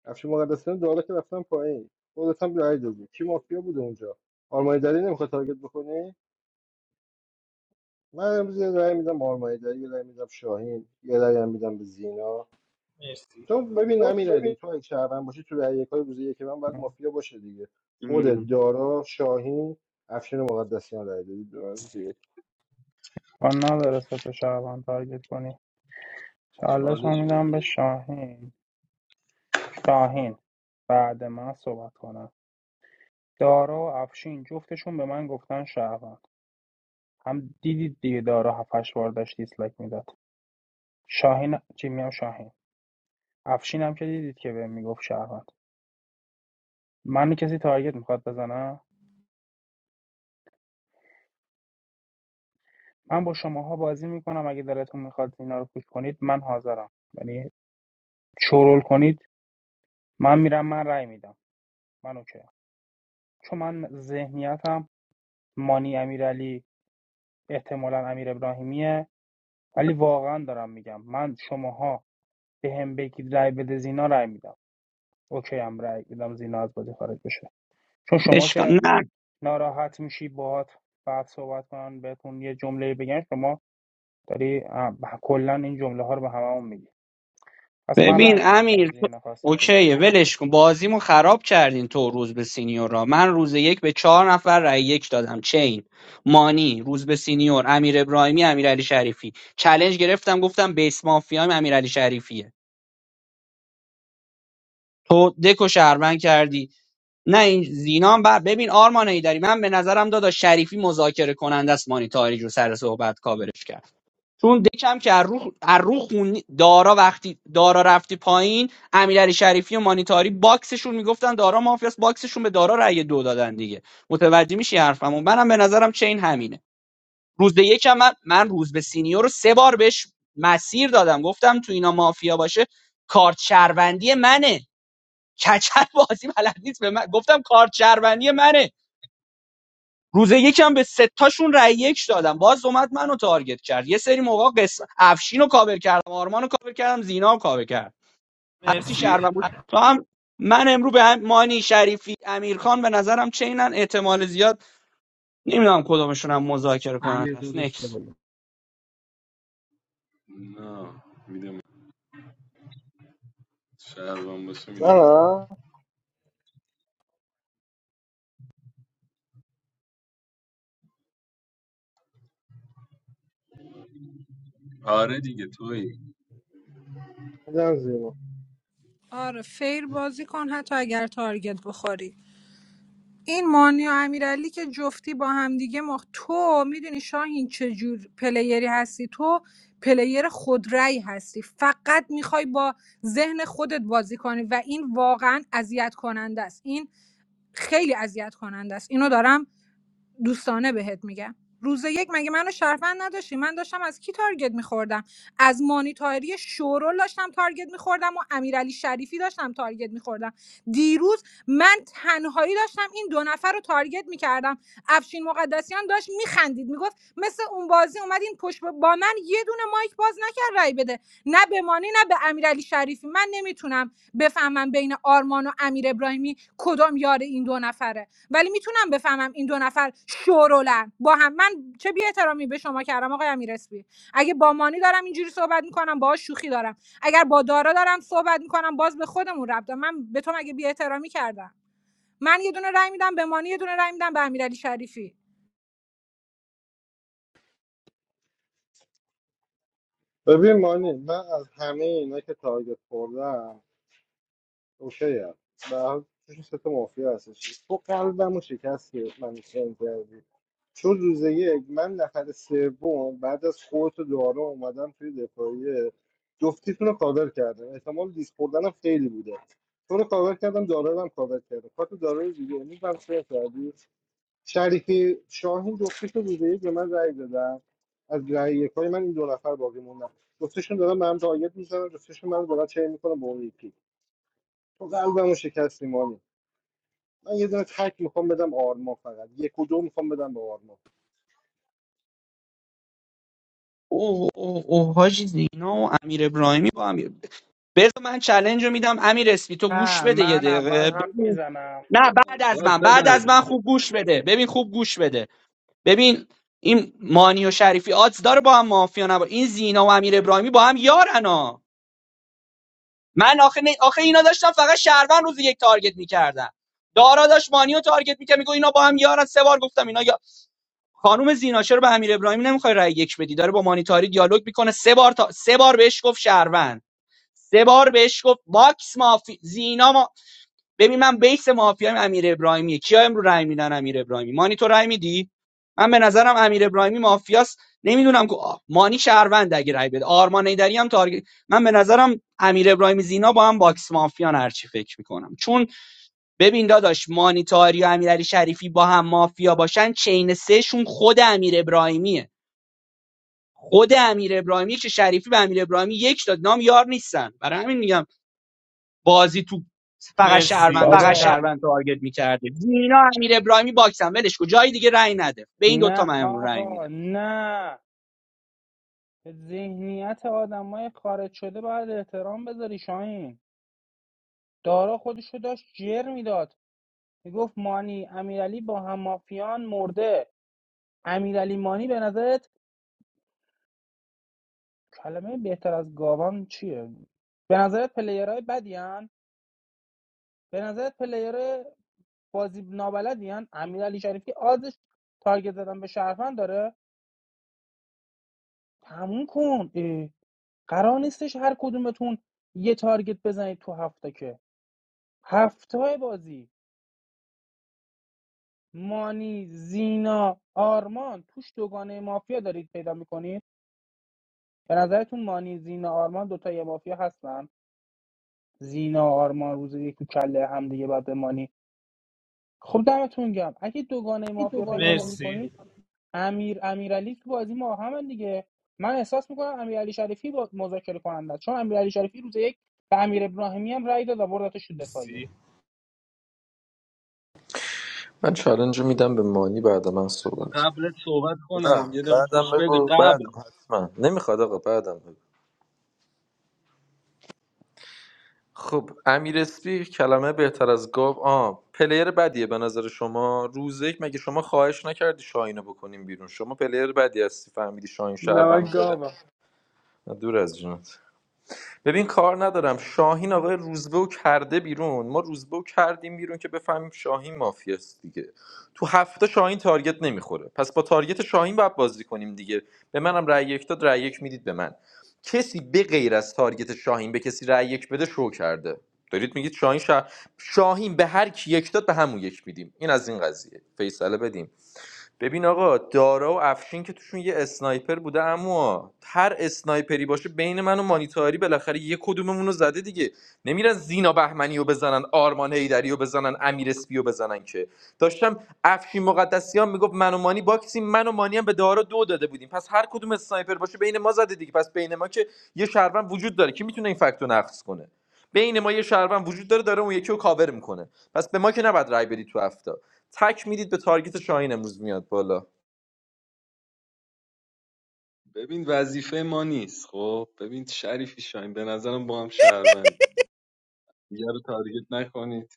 Speaker 1: افشین مقدسیان داره که رفتن پایین خودت هم رای دادی کی مافیا بوده اونجا آرمانی دری نمیخواد تارگت بکنی من امروز یه رای میدم آرمانی دری یه رای میدم شاهین یه رای هم میدم به زینا تو ببین امیرعلی تو اگه شهروند باشی تو رأی یکای روز یک من باید مافیا باشه دیگه خود دارا شاهین افشین مقدسیان رأی دادی به من دیگه.
Speaker 11: کار نداره سه تا شهروند تارگت کنی چالش رو
Speaker 5: چالش بده
Speaker 11: میدم به
Speaker 5: بابا.
Speaker 11: شاهین شاهین بعد من صحبت کنم دارا و افشین جفتشون به من گفتن شهروند هم دیدید دیگه دارا هفتش بار داشت دیسلایک میداد شاهین چی میام شاهین افشین هم که دیدید که بهم میگفت شهروند من کسی تارگت میخواد بزنم من با شماها بازی میکنم اگه دلتون میخواد اینا رو پوش کنید من حاضرم یعنی شورول کنید من میرم من رأی میدم منوچهر چون من ذهنیتم مانی امیرعلی احتمالاً امیر ابراهیمیه ولی واقعا دارم میگم من شماها به هم بگید رای بده زینا رای میدم اوکی هم رای میدم زینا از بازی خارج بشه چون شما
Speaker 9: اشکال
Speaker 11: که
Speaker 9: نه
Speaker 11: ناراحت میشی باهات بعد صحبت کنن بهتون یه جمله بگن شما داری اه، کلا این جمله ها رو به هممون میگی پس من رای
Speaker 9: ببین
Speaker 11: میدم به
Speaker 9: امیر تو...
Speaker 11: زینا خواستید بگید
Speaker 9: اوکیه ولش کن بازیمو خراب کردین تو روز به سینیورا من روز یک به چهار نفر رای یک دادم چین مانی روز به سینیور امیر ابراهیمی امیر علی شریفی چلنج گرفتم گفتم بیس مافیام امیر علی شریفیه تو دکو شهروند کردی نه این زینا هم بر ببین آرمان ایدری من به نظرم دادا شریفی مذاکره کننده است مانی تاریج رو سر صحبت کاورش کرد چون دکم که از رو از رو خون دارا وقتی دارا رفتی پایین امیرعلی شریفی و مانیتاری باکسشون میگفتن دارا مافیاس باکسشون به دارا رأی دو دادن دیگه متوجه میشی حرفمو منم به نظرم چین همینه روز به یکم من, من روز به سینیور رو سه بار بهش مسیر دادم گفتم تو اینا مافیا باشه کارت شهروندی منه کچل بازی بلد نیست به من گفتم کارت شهروندی منه روز یکم به ستاشون رای یک دادم باز اومد منو تارگت کرد یه سری موقع قسم افشین رو کاور کردم آرمان رو کاور کردم زینا رو کاور کرد هرچی
Speaker 4: مرسی
Speaker 9: شهرون بود تو هم من امرو به هم مانی شریفی امیرخان به نظرم چینن احتمال زیاد نمیدونم کدومشون هم مذاکره
Speaker 3: امیر
Speaker 9: کننده است
Speaker 3: دادش
Speaker 9: نکس
Speaker 3: بدم
Speaker 5: نه میدم شهروند باشه میده من
Speaker 1: نه
Speaker 5: آره دیگه توی
Speaker 1: میدم زیرا.
Speaker 6: آره فیر بازی کن حتی اگر تارگت بخوری این مانی و امیرعلی که جفتی با همدیگه مخ تو میدونی شاهین چه جور پلیری هستی تو پلیر خودرأی هستی فقط میخوای با ذهن خودت بازی کنی و این واقعا اذیت کننده است این خیلی اذیت کننده است اینو دارم دوستانه بهت میگم روز یک مگه منو شرفند نداشتی من داشتم از کی تارگت میخوردم از مانیتاری شورول داشتم تارگت میخوردم و امیرعلی شریفی داشتم تارگت میخوردم دیروز من تنهایی داشتم این دو نفر رو تارگت میکردم افشین مقدسیان داشت میخندید میگفت مثل اون بازی اومدین پشت با من یه دونه مایک باز نکرد رای بده نه به مانی نه به امیرعلی شریفی من نمیتونم بفهمم بین آرمان و امیر ابراهیمی کدام یار این دو نفره ولی میتونم بفهمم این دو نفر شورولن با هم من چه بی احترامی به شما کردم آقای امیرسپی اگه با مانی دارم اینجوری صحبت میکنم باهاش شوخی دارم اگر با دارا دارم صحبت میکنم باز به خودمون ربط دارم. من به تو مگه بی احترامی کردم من یه دونه رای میدم به مانی یه دونه رای میدم به امیرعلی شریفی
Speaker 1: ببین مانی من از همه اینا که تارگت خوردم اوکی هم به هر توش سه تا مافیا هستش تو قلبمو شکست که من سن کردی چون روز یک من نفر سوم بعد از خودت و دارا اومدم توی دفاعیه جفتیتون رو کاور کردم احتمال دیس خوردنم خیلی بوده تو رو کاور کردم دارا رو هم کاور کردم کارت دارا رو دیگه امروز هم سر کردی شریفی شاهین جفتیش رو روز یک به من رأی دادم از رأی یکای من این دو نفر باقی موندن جفتشون دارن به هم تارگت میزنن جفتشون من دارن چه میکنم به اون یکی تو قلبمو شکستی مانی من یه دونه تک میخوام بدم آرما فقط یک و دو میخوام بدم به آرما
Speaker 9: اوه اوه اوه حاجی زینا و امیر ابراهیمی با امیر بذار من چلنج رو میدم امیر اسپی تو گوش
Speaker 11: نه
Speaker 9: بده یه
Speaker 11: من اول
Speaker 9: دقیقه
Speaker 11: حرف
Speaker 9: ببین
Speaker 11: میزنم
Speaker 9: نه بعد از
Speaker 5: داد
Speaker 9: من
Speaker 5: به
Speaker 9: بعد
Speaker 5: من
Speaker 9: از من خوب گوش بده ببین خوب گوش بده ببین این مانی و شریفی آدز داره با هم مافیا نبا این زینا و امیر ابراهیمی با هم یارنا من آخه, نه- آخه اینا داشتم فقط شهروند روز یک تارگت میکردم دارا داشت مانی رو تارگت میکرد میگه اینا با هم یارن سه بار گفتم اینا یا خانم زینا چرا به امیر ابراهیمی نمیخوای رای یک بدی داره با مانیتاری دیالوگ میکنه سه بار تا... سه بار بهش گفت شهروند سه بار بهش گفت باکس مافی زینا ببین من بیس مافیایم امیر ابراهیمی کیا امرو رای میدن امیر ابراهیمی مانی تو رای میدی من به نظرم امیر ابراهیمی مافیاست نمیدونم که آه، مانی شهروند اگه رای بده آرمان ایدری هم تارگت من به نظرم امیر ابراهیمی زینا با هم باکس مافیان هرچی فکر میکنم چون ببین داداش مانی تاری و امیرعلی شریفی با هم مافیا باشن چین سه شون خود امیر ابراهیمیه خود امیر ابراهیمی که شریفی به امیر ابراهیمی یک داد نام یار نیستن برای همین میگم بازی تو
Speaker 4: مرسی
Speaker 9: فقط
Speaker 4: مرسی
Speaker 9: شهروند است و
Speaker 11: بابا
Speaker 9: شهروند تارگت میکرده زینا امیر ابراهیمی باکسن ولش کو جای دیگه رأی نده به این دوتا
Speaker 11: نه
Speaker 9: من امرو رأی
Speaker 11: آقا
Speaker 9: میدم
Speaker 11: نه به ذهنیت آدمای خارج شده باید احترام بذاری شاهین دارا خودشو داشت جر میداد میگفت مانی امیرعلی با هم مافیان مرده امیرعلی مانی به نظرت کلمه بهتر از گاوان چیه به نظرت پلیرهای بدیان، به نظرت پلیر بازی نابلدی هن؟ امیرعلی شریفی آزش تارگت زدن به شرفن داره تموم کن اه. قرار نیستش هر کدومتون یه تارگت بزنید تو هفته که هفته بازی مانی زینا آرمان توش دوگانه مافیا دارید پیدا میکنید به نظرتون مانی زینا آرمان دوتای مافیا هستن زینا آرمان روز یک تو کله هم دیگه بعد به مانی خب دمتون گم اگه دوگانه مافیا
Speaker 4: برو
Speaker 11: پیدا
Speaker 4: مرسی
Speaker 11: نمیکنید امیر امیرعلی تو بازی ما هم دیگه من احساس میکنم امیرعلی شریفی با مذاکره کننده است. چون امیرعلی شریفی روز یک به امیر ابراهیمی هم رای داد و بردتش تو دفاعیه
Speaker 4: مرسی
Speaker 13: من چالنج میدم به مانی بعد من
Speaker 5: بذار
Speaker 13: صحبت
Speaker 5: قبلت صحبت کنم
Speaker 13: نه
Speaker 5: یه دقیقه
Speaker 13: بعدم
Speaker 5: گوش بده
Speaker 13: بگو بعدم
Speaker 5: قبل
Speaker 13: حتما نمیخواد آقا بعدم بگو خب امیر اسپی کلمه بهتر از گاو آ پلیر بدیه به نظر شما روز یک مگه شما خواهش نکردی شاهینو بکنیم بیرون شما پلیر بدی هستی فهمیدی شاهین
Speaker 11: نمک
Speaker 13: شهرونده
Speaker 11: گاوم
Speaker 13: دور از جونت ببین کار ندارم شاهین آقای روزبه و کرده بیرون ما روزبه و کردیم بیرون که بفهمیم شاهین مافیاست دیگه تو هفته شاهین تارگت نمیخوره پس با تارگت شاهین باید بازی کنیم دیگه به منم رأی یک داد رأی یک میدید به من کسی به غیر از تارگت شاهین به کسی رأی یک بده شو کرده دارید میگید شاهین شا... شاهین به هر کی یک داد به همون یک میدیم این از این قضیه فیصله بدیم ببین آقا دارا و افشین که توشون یه اسنایپر بوده اما هر اسنایپری باشه بین من و مانیتاری بالاخره یه کدوممون رو زده دیگه نمیرن زینا بهمنی رو بزنن آرمان هیدری رو بزنن امیر اسپی رو بزنن که داشتم افشین مقدسیان میگفت من و مانی باکسیم من و مانی هم به دارا دو داده بودیم پس هر کدوم اسنایپر باشه بین ما زده دیگه پس بین ما که یه شهروند وجود داره که میتونه این فکت رو نقض کنه بین ما یه شهروند وجود داره داره اون یکی رو کاور میکنه پس به ما که نباید رای بدی تو هفته تک میدید به تارگت شاهین امروز میاد بالا
Speaker 5: ببین وظیفه ما نیست خب ببین شریفی شاین به نظرم با هم شهروند دیگه رو تارگت نکنید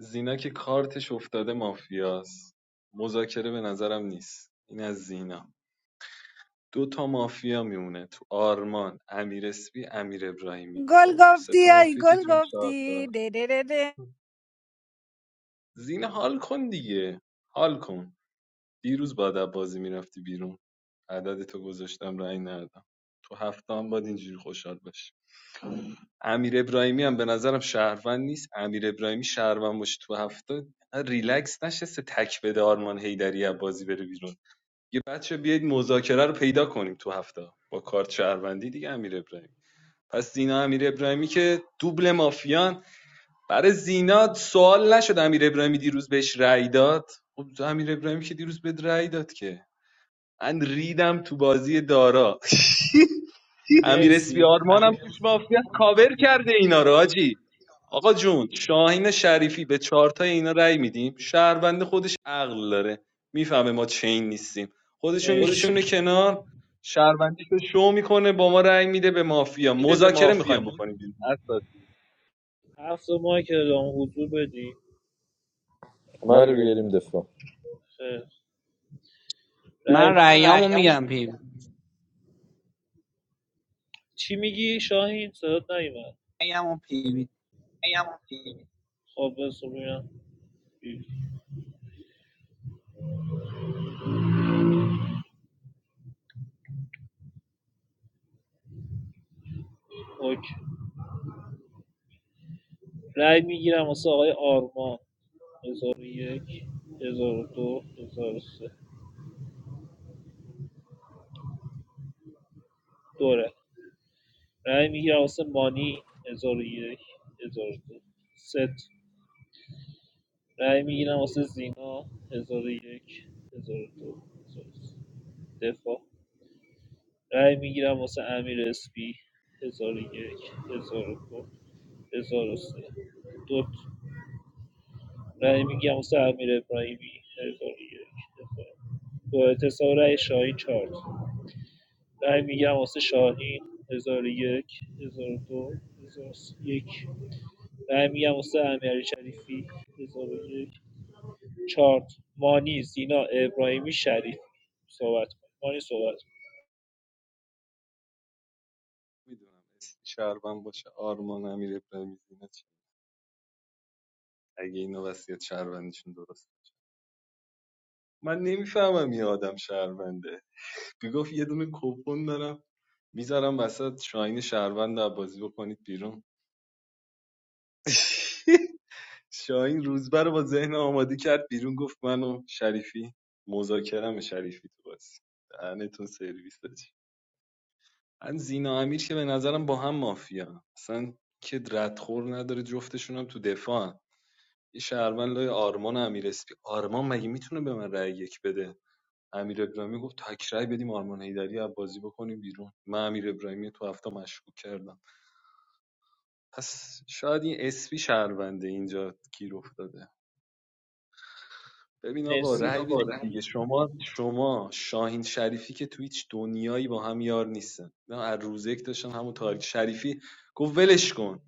Speaker 5: زینا که کارتش افتاده مافیاست مذاکره به نظرم نیست این از زینا دو تا مافیا میمونه تو آرمان امیر اسپی امیر ابراهیمی
Speaker 6: گل
Speaker 5: خب سه
Speaker 6: گفتی
Speaker 5: تا
Speaker 6: ای
Speaker 5: مافیا که
Speaker 6: گل
Speaker 5: تو این چهار
Speaker 6: گفتی
Speaker 5: تا
Speaker 6: ده ده ده ده.
Speaker 5: زینا حال کن دیگه حال کن دیروز با ادب بازی میرفتی بیرون عدد تو گذاشتم رأی ندادم تو هفته هم باید اینجوری خوشحال باشی امیر ابراهیمی هم به نظرم شهروند نیست امیر ابراهیمی شهروند باشه تو هفته ریلکس نشسته تک بده آرمان هیدری از بازی بره بیرون یه بچه بیاید مذاکره رو پیدا کنیم تو هفته با کارت شهروندی دیگه امیر ابراهیمی پس زینا امیر ابراهیمی که دوبل مافیان برای زینا سوال نشد امیر ابراهیمی دیروز بهش رأی داد خب امیر ابراهیمی که دیروز بهت رأی داد که من ریدم تو بازی دارا امیر اسپی
Speaker 4: مرسی
Speaker 5: آرمانم توش مافیا کاور کرده اینا رو حاجی آقا جون شاهین شریفی به چارتای اینا رأی میدیم شهروند خودش عقل داره میفهمه ما چین نیستیم خودشون
Speaker 4: خودشو
Speaker 5: میکشونه
Speaker 4: مرسی
Speaker 5: کنار شهروندی رو شو میکنه با ما رأی میده به مافیا مذاکره میخوایم بکنیم بیرون اصلا
Speaker 4: هفت ماه که اعلام حضور بدی
Speaker 13: همه رو بیاریم دفاع
Speaker 4: خیر رای-
Speaker 9: من رأیامو میگم پی وی
Speaker 4: چی میگی شاهین صدات نیومد
Speaker 9: رأیامو پی وی
Speaker 4: خب بس ببینم اوکی رای میگیرم واسه آقای آرمان هزار و یک هزار و دو هزار و سه دوره رای میگیرم واسه مانی هزار و یک هزار و دو ست رای میگیرم واسه زینا هزار و یک هزار و دو هزار و سه دفاع رای میگیرم واسه امیر اسپی هزار و یک هزار و دو هزار و سه دو رای میگیرم واسه امیر ابراهیمی هزار و یک هزار و دو. با اعتصاب رای شاهین چهار تا. رأی میگیرم واسه شاهین هزار و یک هزار و دو هزار و یک رأی میگیرم واسه امیرعلی شریفی هزار و یک چهار مانی زینا ابراهیمی شریف صحبت کن مانی صحبت کن.
Speaker 5: میدونم شهروند باشه آرمان امیر ابراهیمی اینا چی؟ اگه اینو وصیت شهروندیشون درست من نمیفهمم یه آدم شهرونده میگفت یه دونه کپون دارم میذارم وسط شاهین شهروند رو بازی بکنید بیرون شاهین روزبر رو با ذهن آماده کرد بیرون گفت منو شریفی مذاکرم شریفی تو بازی دهنتون سرویس داشت من زینا امیر که به نظرم با هم مافیا اصلا که ردخور نداره جفتشون هم تو دفاع یه شهروند لای آرمان امیر اسپی آرمان مگه میتونه به من رأی یک بده امیر ابراهیمی گفت تک رأی بدیم آرمان حیدری از بازی بکنیم بیرون من امیر ابراهیمی تو هفته مشکوک کردم پس شاید این اسپی شهرونده اینجا گیر افتاده ببین
Speaker 4: ببین
Speaker 5: آقا
Speaker 4: مرسی
Speaker 5: رأی
Speaker 4: آقا
Speaker 5: بدید دیگه شما شما شاهین شریفی که تو هیچ دنیایی با هم یار نیستن نه از روز یک داشتن همون تاریک شریفی گفت ولش کن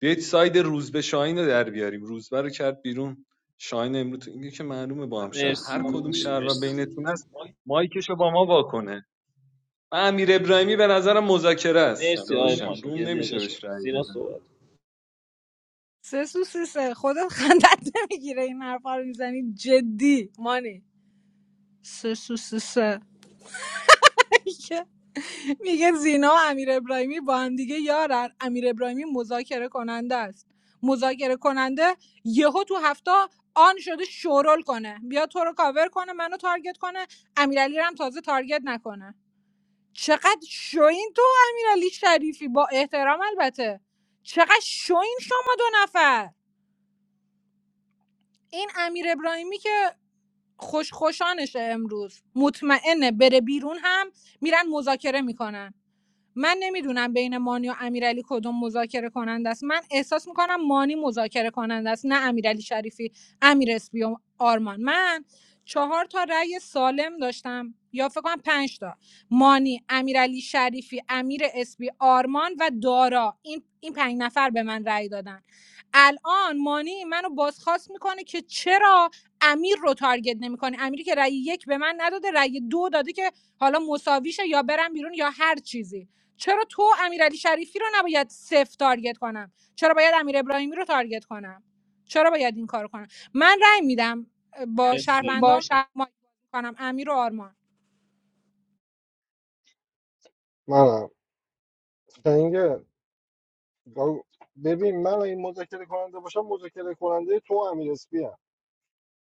Speaker 5: بیایید ساید روزبه شاهین رو در بیاریم روزبه رو کرد بیرون شاهین امروز اینه که معلومه با هم شهر
Speaker 4: مرسی
Speaker 5: هر کدوم
Speaker 4: مرسی
Speaker 5: شهر و
Speaker 4: مرسی
Speaker 5: بینتون هست مایکشو با ما واکنه من امیر ابراهیمی به نظرم مذاکره است
Speaker 4: آقای مانی
Speaker 5: داشتم روم
Speaker 4: یه دقیقه
Speaker 5: نمیشه
Speaker 4: شد
Speaker 5: بهش رأی
Speaker 4: زینا
Speaker 5: بدم
Speaker 4: صحبت کن.
Speaker 6: سه سو سه سه خودت خندت نمیگیره این حرفا رو میزنی جدی مانی سه سه سه سه. میگه زینا و امیر ابراهیمی با هم دیگه یارن امیر ابراهیمی مذاکره کننده است مذاکره کننده یهو تو هفته آن شده شورول کنه بیا تو رو کاور کنه منو تارگت کنه امیرعلی رو هم تازه تارگت نکنه چقدر شوین تو امیرعلی شریفی با احترام البته چقدر شوین شما دو نفر این امیر ابراهیمی که خوش خوشانشه امروز مطمئنه بره بیرون هم میرن مذاکره میکنن من نمیدونم بین مانی و امیرعلی کدوم مذاکره کننده است من احساس میکنم مانی مذاکره کننده است نه امیرعلی شریفی امیر اسپی و آرمان من چهار تا رأی سالم داشتم یا فکر کنم پنج تا مانی امیرعلی شریفی امیر اسپی آرمان و دارا این این پنج نفر به من رأی دادن الان مانی منو بازخواست میکنه که چرا امیر رو تارگت نمیکنه امیری که رأی یک به من نداده رأی دو داده که حالا مساویشه یا برم بیرون یا هر چیزی چرا تو امیرعلی شریفی رو نباید صفر تارگت کنم چرا باید امیر ابراهیمی رو تارگت کنم چرا باید این کار کنم من رأی میدم با
Speaker 4: مرسی با
Speaker 6: شهروندام
Speaker 4: شهر
Speaker 6: مایک بازی کنم امیر و آرمان
Speaker 1: منم شنگه گاو- ببین من اگه مذاکره کننده باشم مذاکره کننده تو و امیر اسپی هم.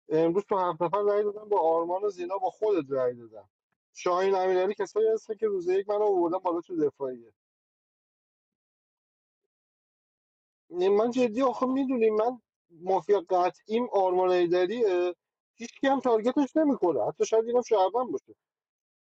Speaker 1: امروز تو هفت نفر رای دادم با آرمان و زینا با خودت رای دادم شاهین امیرعلی کسایی هستن که روز یک من آوردن بالا تو دفاعیه نه، من جدی آخه میدونی من مافیا قطعیم آرمان ایدریه هیچ کی هم تارگتش نمیکنه حتی شاید اینم شعبان باشه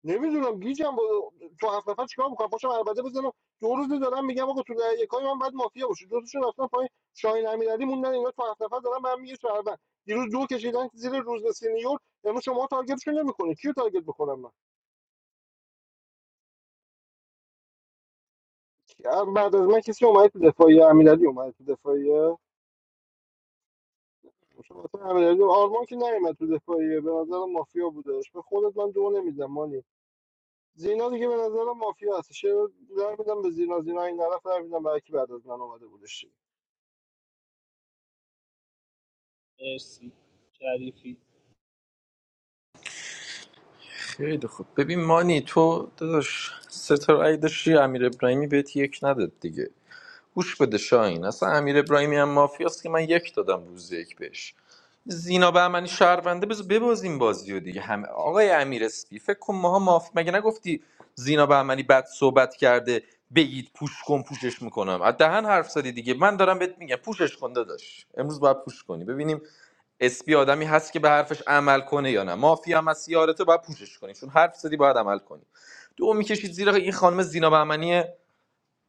Speaker 1: نمیدونم گیجم با تو هفت نفر چیکار میکنم پاشم عربده بزنم دو روز دارم میگم آقا تو دقیقه یکای من بعد مافیا باشه دو تاشون رفتن پای شاهین امیرعلی موندن اینا تو هفت نفر دارم من میگه شهروند دیروز دو کشیدن زیر روز به سینیور امروز شما تارگتشون نمیکنه کیو تارگت بکنم من کی- بعد از من کسی اومد تو دفاعیه امیرعلی اومد تو دفاعیه شما تو امیرعلی آرمان که نمیاد تو دفاعیه به نظرم مافیا بودش به خودت من دو نمیدم مانی زینا دیگه به نظرم مافیا هست شعر در میدم به زینا زینا این طرف در میدم برای کی بعد از من اومده بودش
Speaker 4: مرسی شریفی
Speaker 13: خیلی خوب ببین مانی تو داداش ستاره ای داشتی امیر ابراهیمی بهت یک نداد دیگه گوش بده شاین اصلا امیر ابراهیمی هم مافیاست که من یک دادم روز یک بهش زینا بهمنی شهرونده بذار ببازیم بازی دیگه هم آقای امیر اسپی فکر کن ماها مافی مگه نگفتی زینا بهمنی بد صحبت کرده بگید پوش کن پوشش میکنم از دهن حرف زدی دیگه من دارم بهت میگم پوشش کن داداش امروز باید پوش کنی ببینیم اسپی آدمی هست که به حرفش عمل کنه یا نه مافیا هم هست یارته باید پوشش کنی چون حرف زدی باید عمل کنی دو میکشید زیرا این خانم زینا بهمنی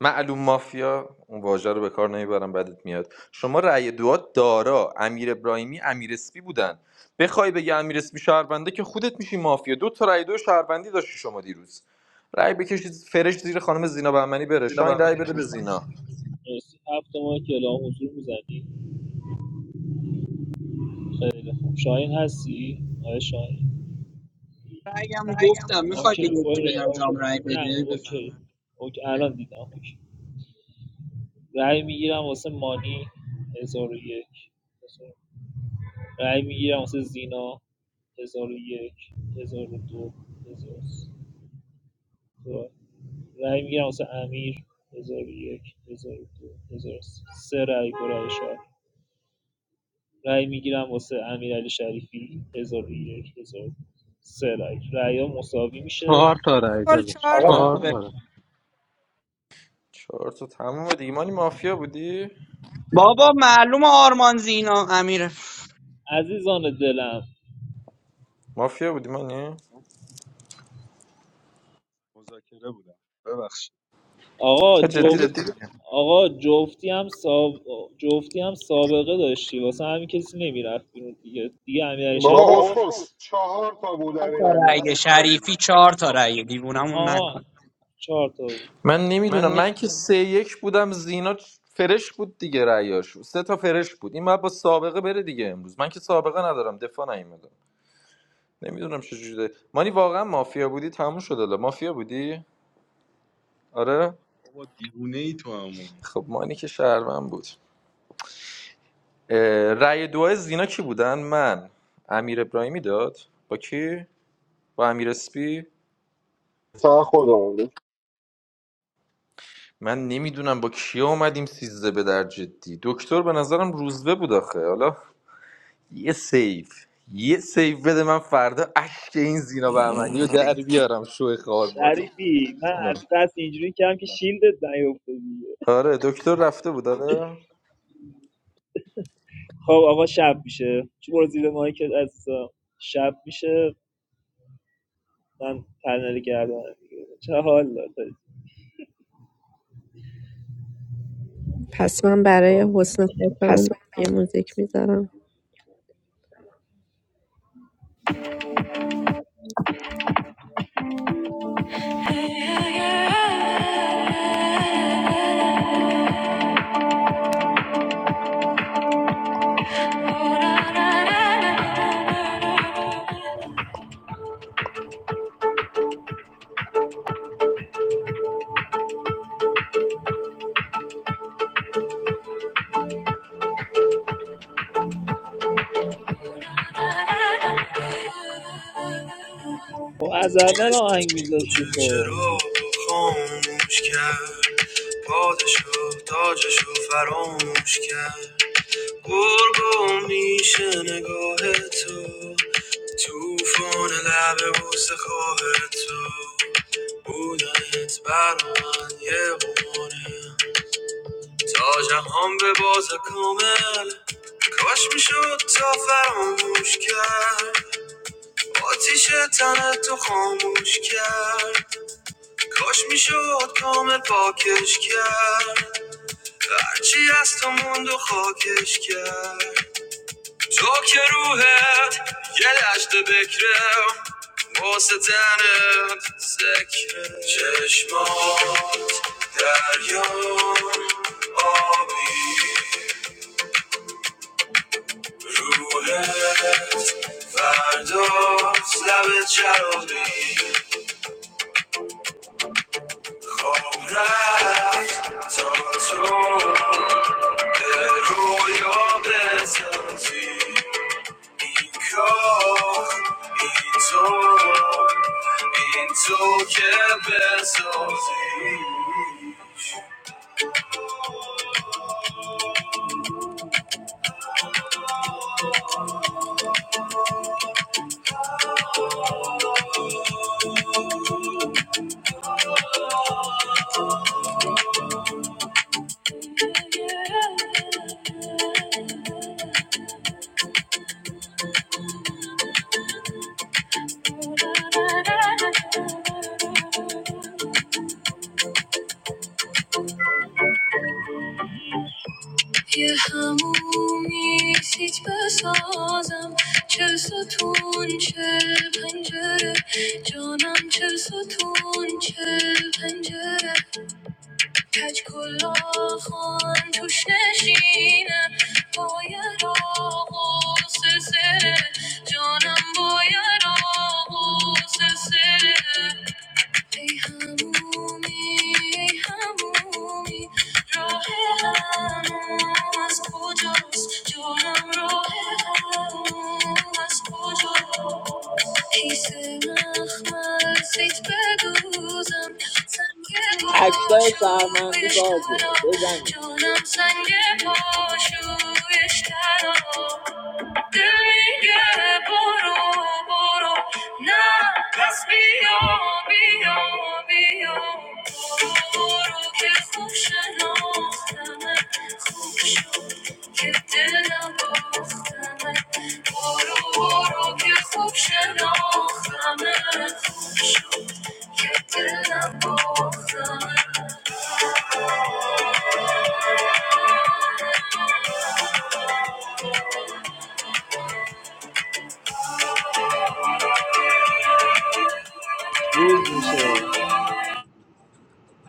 Speaker 13: معلوم مافیا اون واژه رو به کار نمیبرم بدت میاد شما رأی دعا دارا امیر ابراهیمی امیر اسپی بودن بخوای بگی امیر اسپی شهربنده که خودت میشی مافیا دو تا رأی دو شهربندی داشتی شما دیروز رأی بکشید فرش زیر خانم زینا بهمنی بره
Speaker 4: زینا
Speaker 13: شاین رأی
Speaker 4: بهمنی بره
Speaker 13: بده به زینا
Speaker 4: مرسی هفت ماه که اعلام حضور میزنی خیلی خوب شاهین هستی؟ آقای شاهین
Speaker 9: رأیامو گفتم میخوای
Speaker 4: اوکی
Speaker 9: به یکی
Speaker 4: برو
Speaker 9: بدم جام رأی
Speaker 4: نه
Speaker 9: بده
Speaker 4: اوکی
Speaker 9: بفهمم
Speaker 4: اوکی الان دیدم اوکی رأی میگیرم واسه مانی هزار و یک هزار. و- رأی میگیرم واسه زینا هزار و یک هزار و دو هزار و سه. دو. رأی میگیرم واسه امیر هزار و یک هزار و دو هزار و سه سه رأی برای شاهین رأی میگیرم واسه امیرعلی شریفی هزار و یک هزار و دو. سه رأی رأی‌ها مساوی میشه
Speaker 3: چهار تا رای
Speaker 6: گل
Speaker 3: دادش
Speaker 6: چهار
Speaker 4: آقا
Speaker 6: تا
Speaker 3: چهار
Speaker 9: خب،
Speaker 3: تا
Speaker 4: آه.
Speaker 3: رای.
Speaker 13: چهار تا تموم دیگه مانی مافیا بودی
Speaker 9: بابا معلوم آرمان زینا امیر
Speaker 4: عزیزان دلم
Speaker 13: مافیا بودی مانی
Speaker 5: مذاکره بودم ببخشید
Speaker 4: آقا آقا
Speaker 13: ها،
Speaker 4: جفت
Speaker 13: جدی
Speaker 4: جدی آقا جفتی هم ساب... جفتی هم سابقه داشتی واسه همین کسی نمیرفت بیرون دیگه دیگه امیر شریف بابا
Speaker 1: بابا
Speaker 4: شریفی
Speaker 1: اسکل چهار تا بود
Speaker 9: چهار تا
Speaker 1: امیرعلی من
Speaker 9: رأی
Speaker 1: سه تا
Speaker 9: شریفی
Speaker 1: بودم
Speaker 9: چهار تا رأی
Speaker 4: اون
Speaker 9: دیوونمون
Speaker 4: آها
Speaker 9: نکن
Speaker 4: چهار تا بود
Speaker 13: من
Speaker 4: من
Speaker 13: نمیدونم من
Speaker 4: نمیدونم
Speaker 13: که سه یک بودم زینا فرش بود دیگه رأیاش سه تا فرش بود این باید با سابقه بره دیگه امروز من که سابقه ندارم دفاع نیومدم نمیدونم چجوری مانی واقعا مافیا بودی تموم شد الا مافیا بودی آره
Speaker 5: بابا دیوونه ای تو اما
Speaker 13: خب مانی که شهروند بود اه، رأی دو زینا کی بودن من امیر ابراهیمی داد با کی با امیر اسپی
Speaker 1: فقط خودمون بود
Speaker 13: من نمیدونم با کیا اومدیم سیزده به در جدی دکتر به نظرم روزبه بود آخه حالا یه سیف یه سیف بده من فردا اشک این زینا بهمنی رو در بیارم شو خوار باد
Speaker 4: شریفی من
Speaker 13: نه.
Speaker 4: از قصد اینجوری کردم که شیلدت نیفته دیگه
Speaker 13: آره دکتر رفته بود آره
Speaker 4: خب آقا شب میشه چون برو زیر مایکت عزیزم شب میشه من پنل کردم دیگه. چه حال داد
Speaker 18: پس من برای
Speaker 4: خب
Speaker 18: حسن ختام یه موزیک میذارم
Speaker 4: خب از اول آهنگ میذاشتی خب
Speaker 18: چرا خاموش کرد پادشاه تاجشو فراموش کرد گرگو میشه نگاه تو توفان لب بوسه خواه تو بودنت برا من یه قماره تا جهان به باز کامل کاش میشد تا فراموش کرد آتیش تن تو خاموش کرد کاش میشد کامل پاکش کرد هرچی از تو موند و خاکش کرد تو که روحت یه دشت بکره واسه تنت سکره چشمات دریا آبی روحت فرداست لب چرابی خواب رفت تا تو به رویا بتازی این کار این تو این تو که بسازی یه همومی سیت بسازم چه ستون چه پنجره جانم چه ستون چه پنجره کج کلا خان توش نشینه باید آقا سسره جانم باید آقا سسره ای همومی ای همومی راه هنوز کجاست جانم راه هنوز کجاست حیث مخمل سیت بدوزم سنگ
Speaker 4: اکتای شهروندی
Speaker 18: پاشویش ترا
Speaker 4: بازه بزنید
Speaker 18: جانم سنگ پاشویش ترا دل میگه برو برو نه پس بیا بیا بیا برو برو که خوب شناختمه خوب شد که دلم باختمه برو برو که خوب شناختمه خوب شد که دلم باختمه
Speaker 4: روز میشه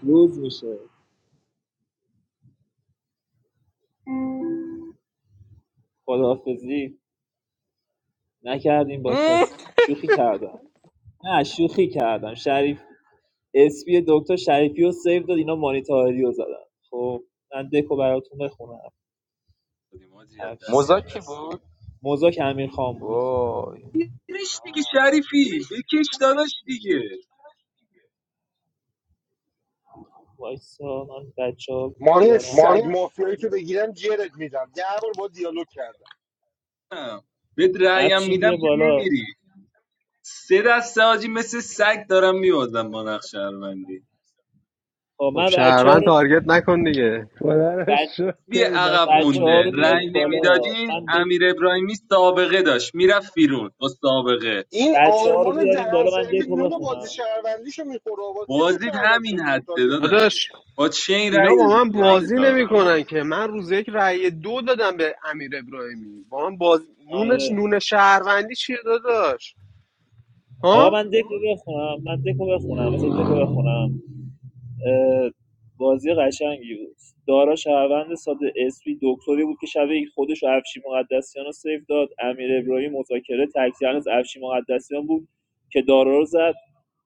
Speaker 4: روز میشه خداحافظی نکردیم با
Speaker 13: ام.
Speaker 4: کسی شوخی کردم نه شوخی کردم شریف اسپی دکتر شریفی رو سیو داد اینا مانیتاری رو زدن خب من دکو براتون بخونم
Speaker 5: ماجی از
Speaker 4: هرچی
Speaker 5: دسته
Speaker 4: مزاک کی هست
Speaker 5: ای
Speaker 4: بود موزاک امیر خان بود
Speaker 13: وای
Speaker 5: بیرش دیگه شریفی بکش داداش دیگه
Speaker 4: وایسا من بچه ها
Speaker 1: ماری
Speaker 4: بیارم مانی
Speaker 1: سگ مافیایی که بگیرم جرت میدم ده بار با دیالوگ کردم
Speaker 5: نه. بهت رأیم
Speaker 4: افشین
Speaker 5: میدم
Speaker 4: بیا
Speaker 5: که
Speaker 4: بالا
Speaker 5: نمیری سه دسته آجی مثل سگ دارم میوازم با نقش شهروندی
Speaker 4: خب
Speaker 3: خب
Speaker 4: من بچه ها
Speaker 3: شهروند
Speaker 4: رو
Speaker 3: تارگت نکن دیگه
Speaker 11: خدا رو شکر
Speaker 5: بی
Speaker 11: که این
Speaker 5: عقب
Speaker 11: نفس
Speaker 4: بچه
Speaker 11: خودت
Speaker 4: ها
Speaker 5: مونده
Speaker 4: رو
Speaker 11: دیدی
Speaker 5: رأی
Speaker 4: بیاریم بالا
Speaker 5: نمیدادی
Speaker 4: من دک
Speaker 5: امیر ابراهیمی سابقه داشت میرفت بیرون با سابقه
Speaker 1: این
Speaker 4: بچه ها رو
Speaker 1: آرمان
Speaker 4: بیاریم
Speaker 1: دهن
Speaker 4: بالا من
Speaker 1: سرویس
Speaker 4: دکو
Speaker 1: نون بازی
Speaker 4: بخونم
Speaker 1: شهروندیشو میخوره آقا چی تو
Speaker 5: بازید
Speaker 1: شهروند
Speaker 5: همین
Speaker 1: شدی ما
Speaker 5: حده
Speaker 1: تارگت میخوری
Speaker 5: داداش
Speaker 3: داداش
Speaker 5: با چین
Speaker 3: اینا
Speaker 5: رای
Speaker 3: با
Speaker 5: دادی
Speaker 3: من
Speaker 5: تو
Speaker 3: بازی
Speaker 5: هفته
Speaker 3: نمیکنن که من روز یک رأی دو دادم به امیر ابراهیمی با من باز نونش
Speaker 4: آره
Speaker 3: نون شهروندی چیه داداش
Speaker 4: آقا
Speaker 3: ها
Speaker 4: من دکو بخونم من دکو بخونم مثلا دکو بخونم اه، بازی قشنگی بود دارا شهروند ساده اسپی دکتری بود که شب یک خودش و افشی مقدسیان رو سیف داد امیر ابراهیم مذاکره تکزیان از افشی مقدسیان بود که دارا رو زد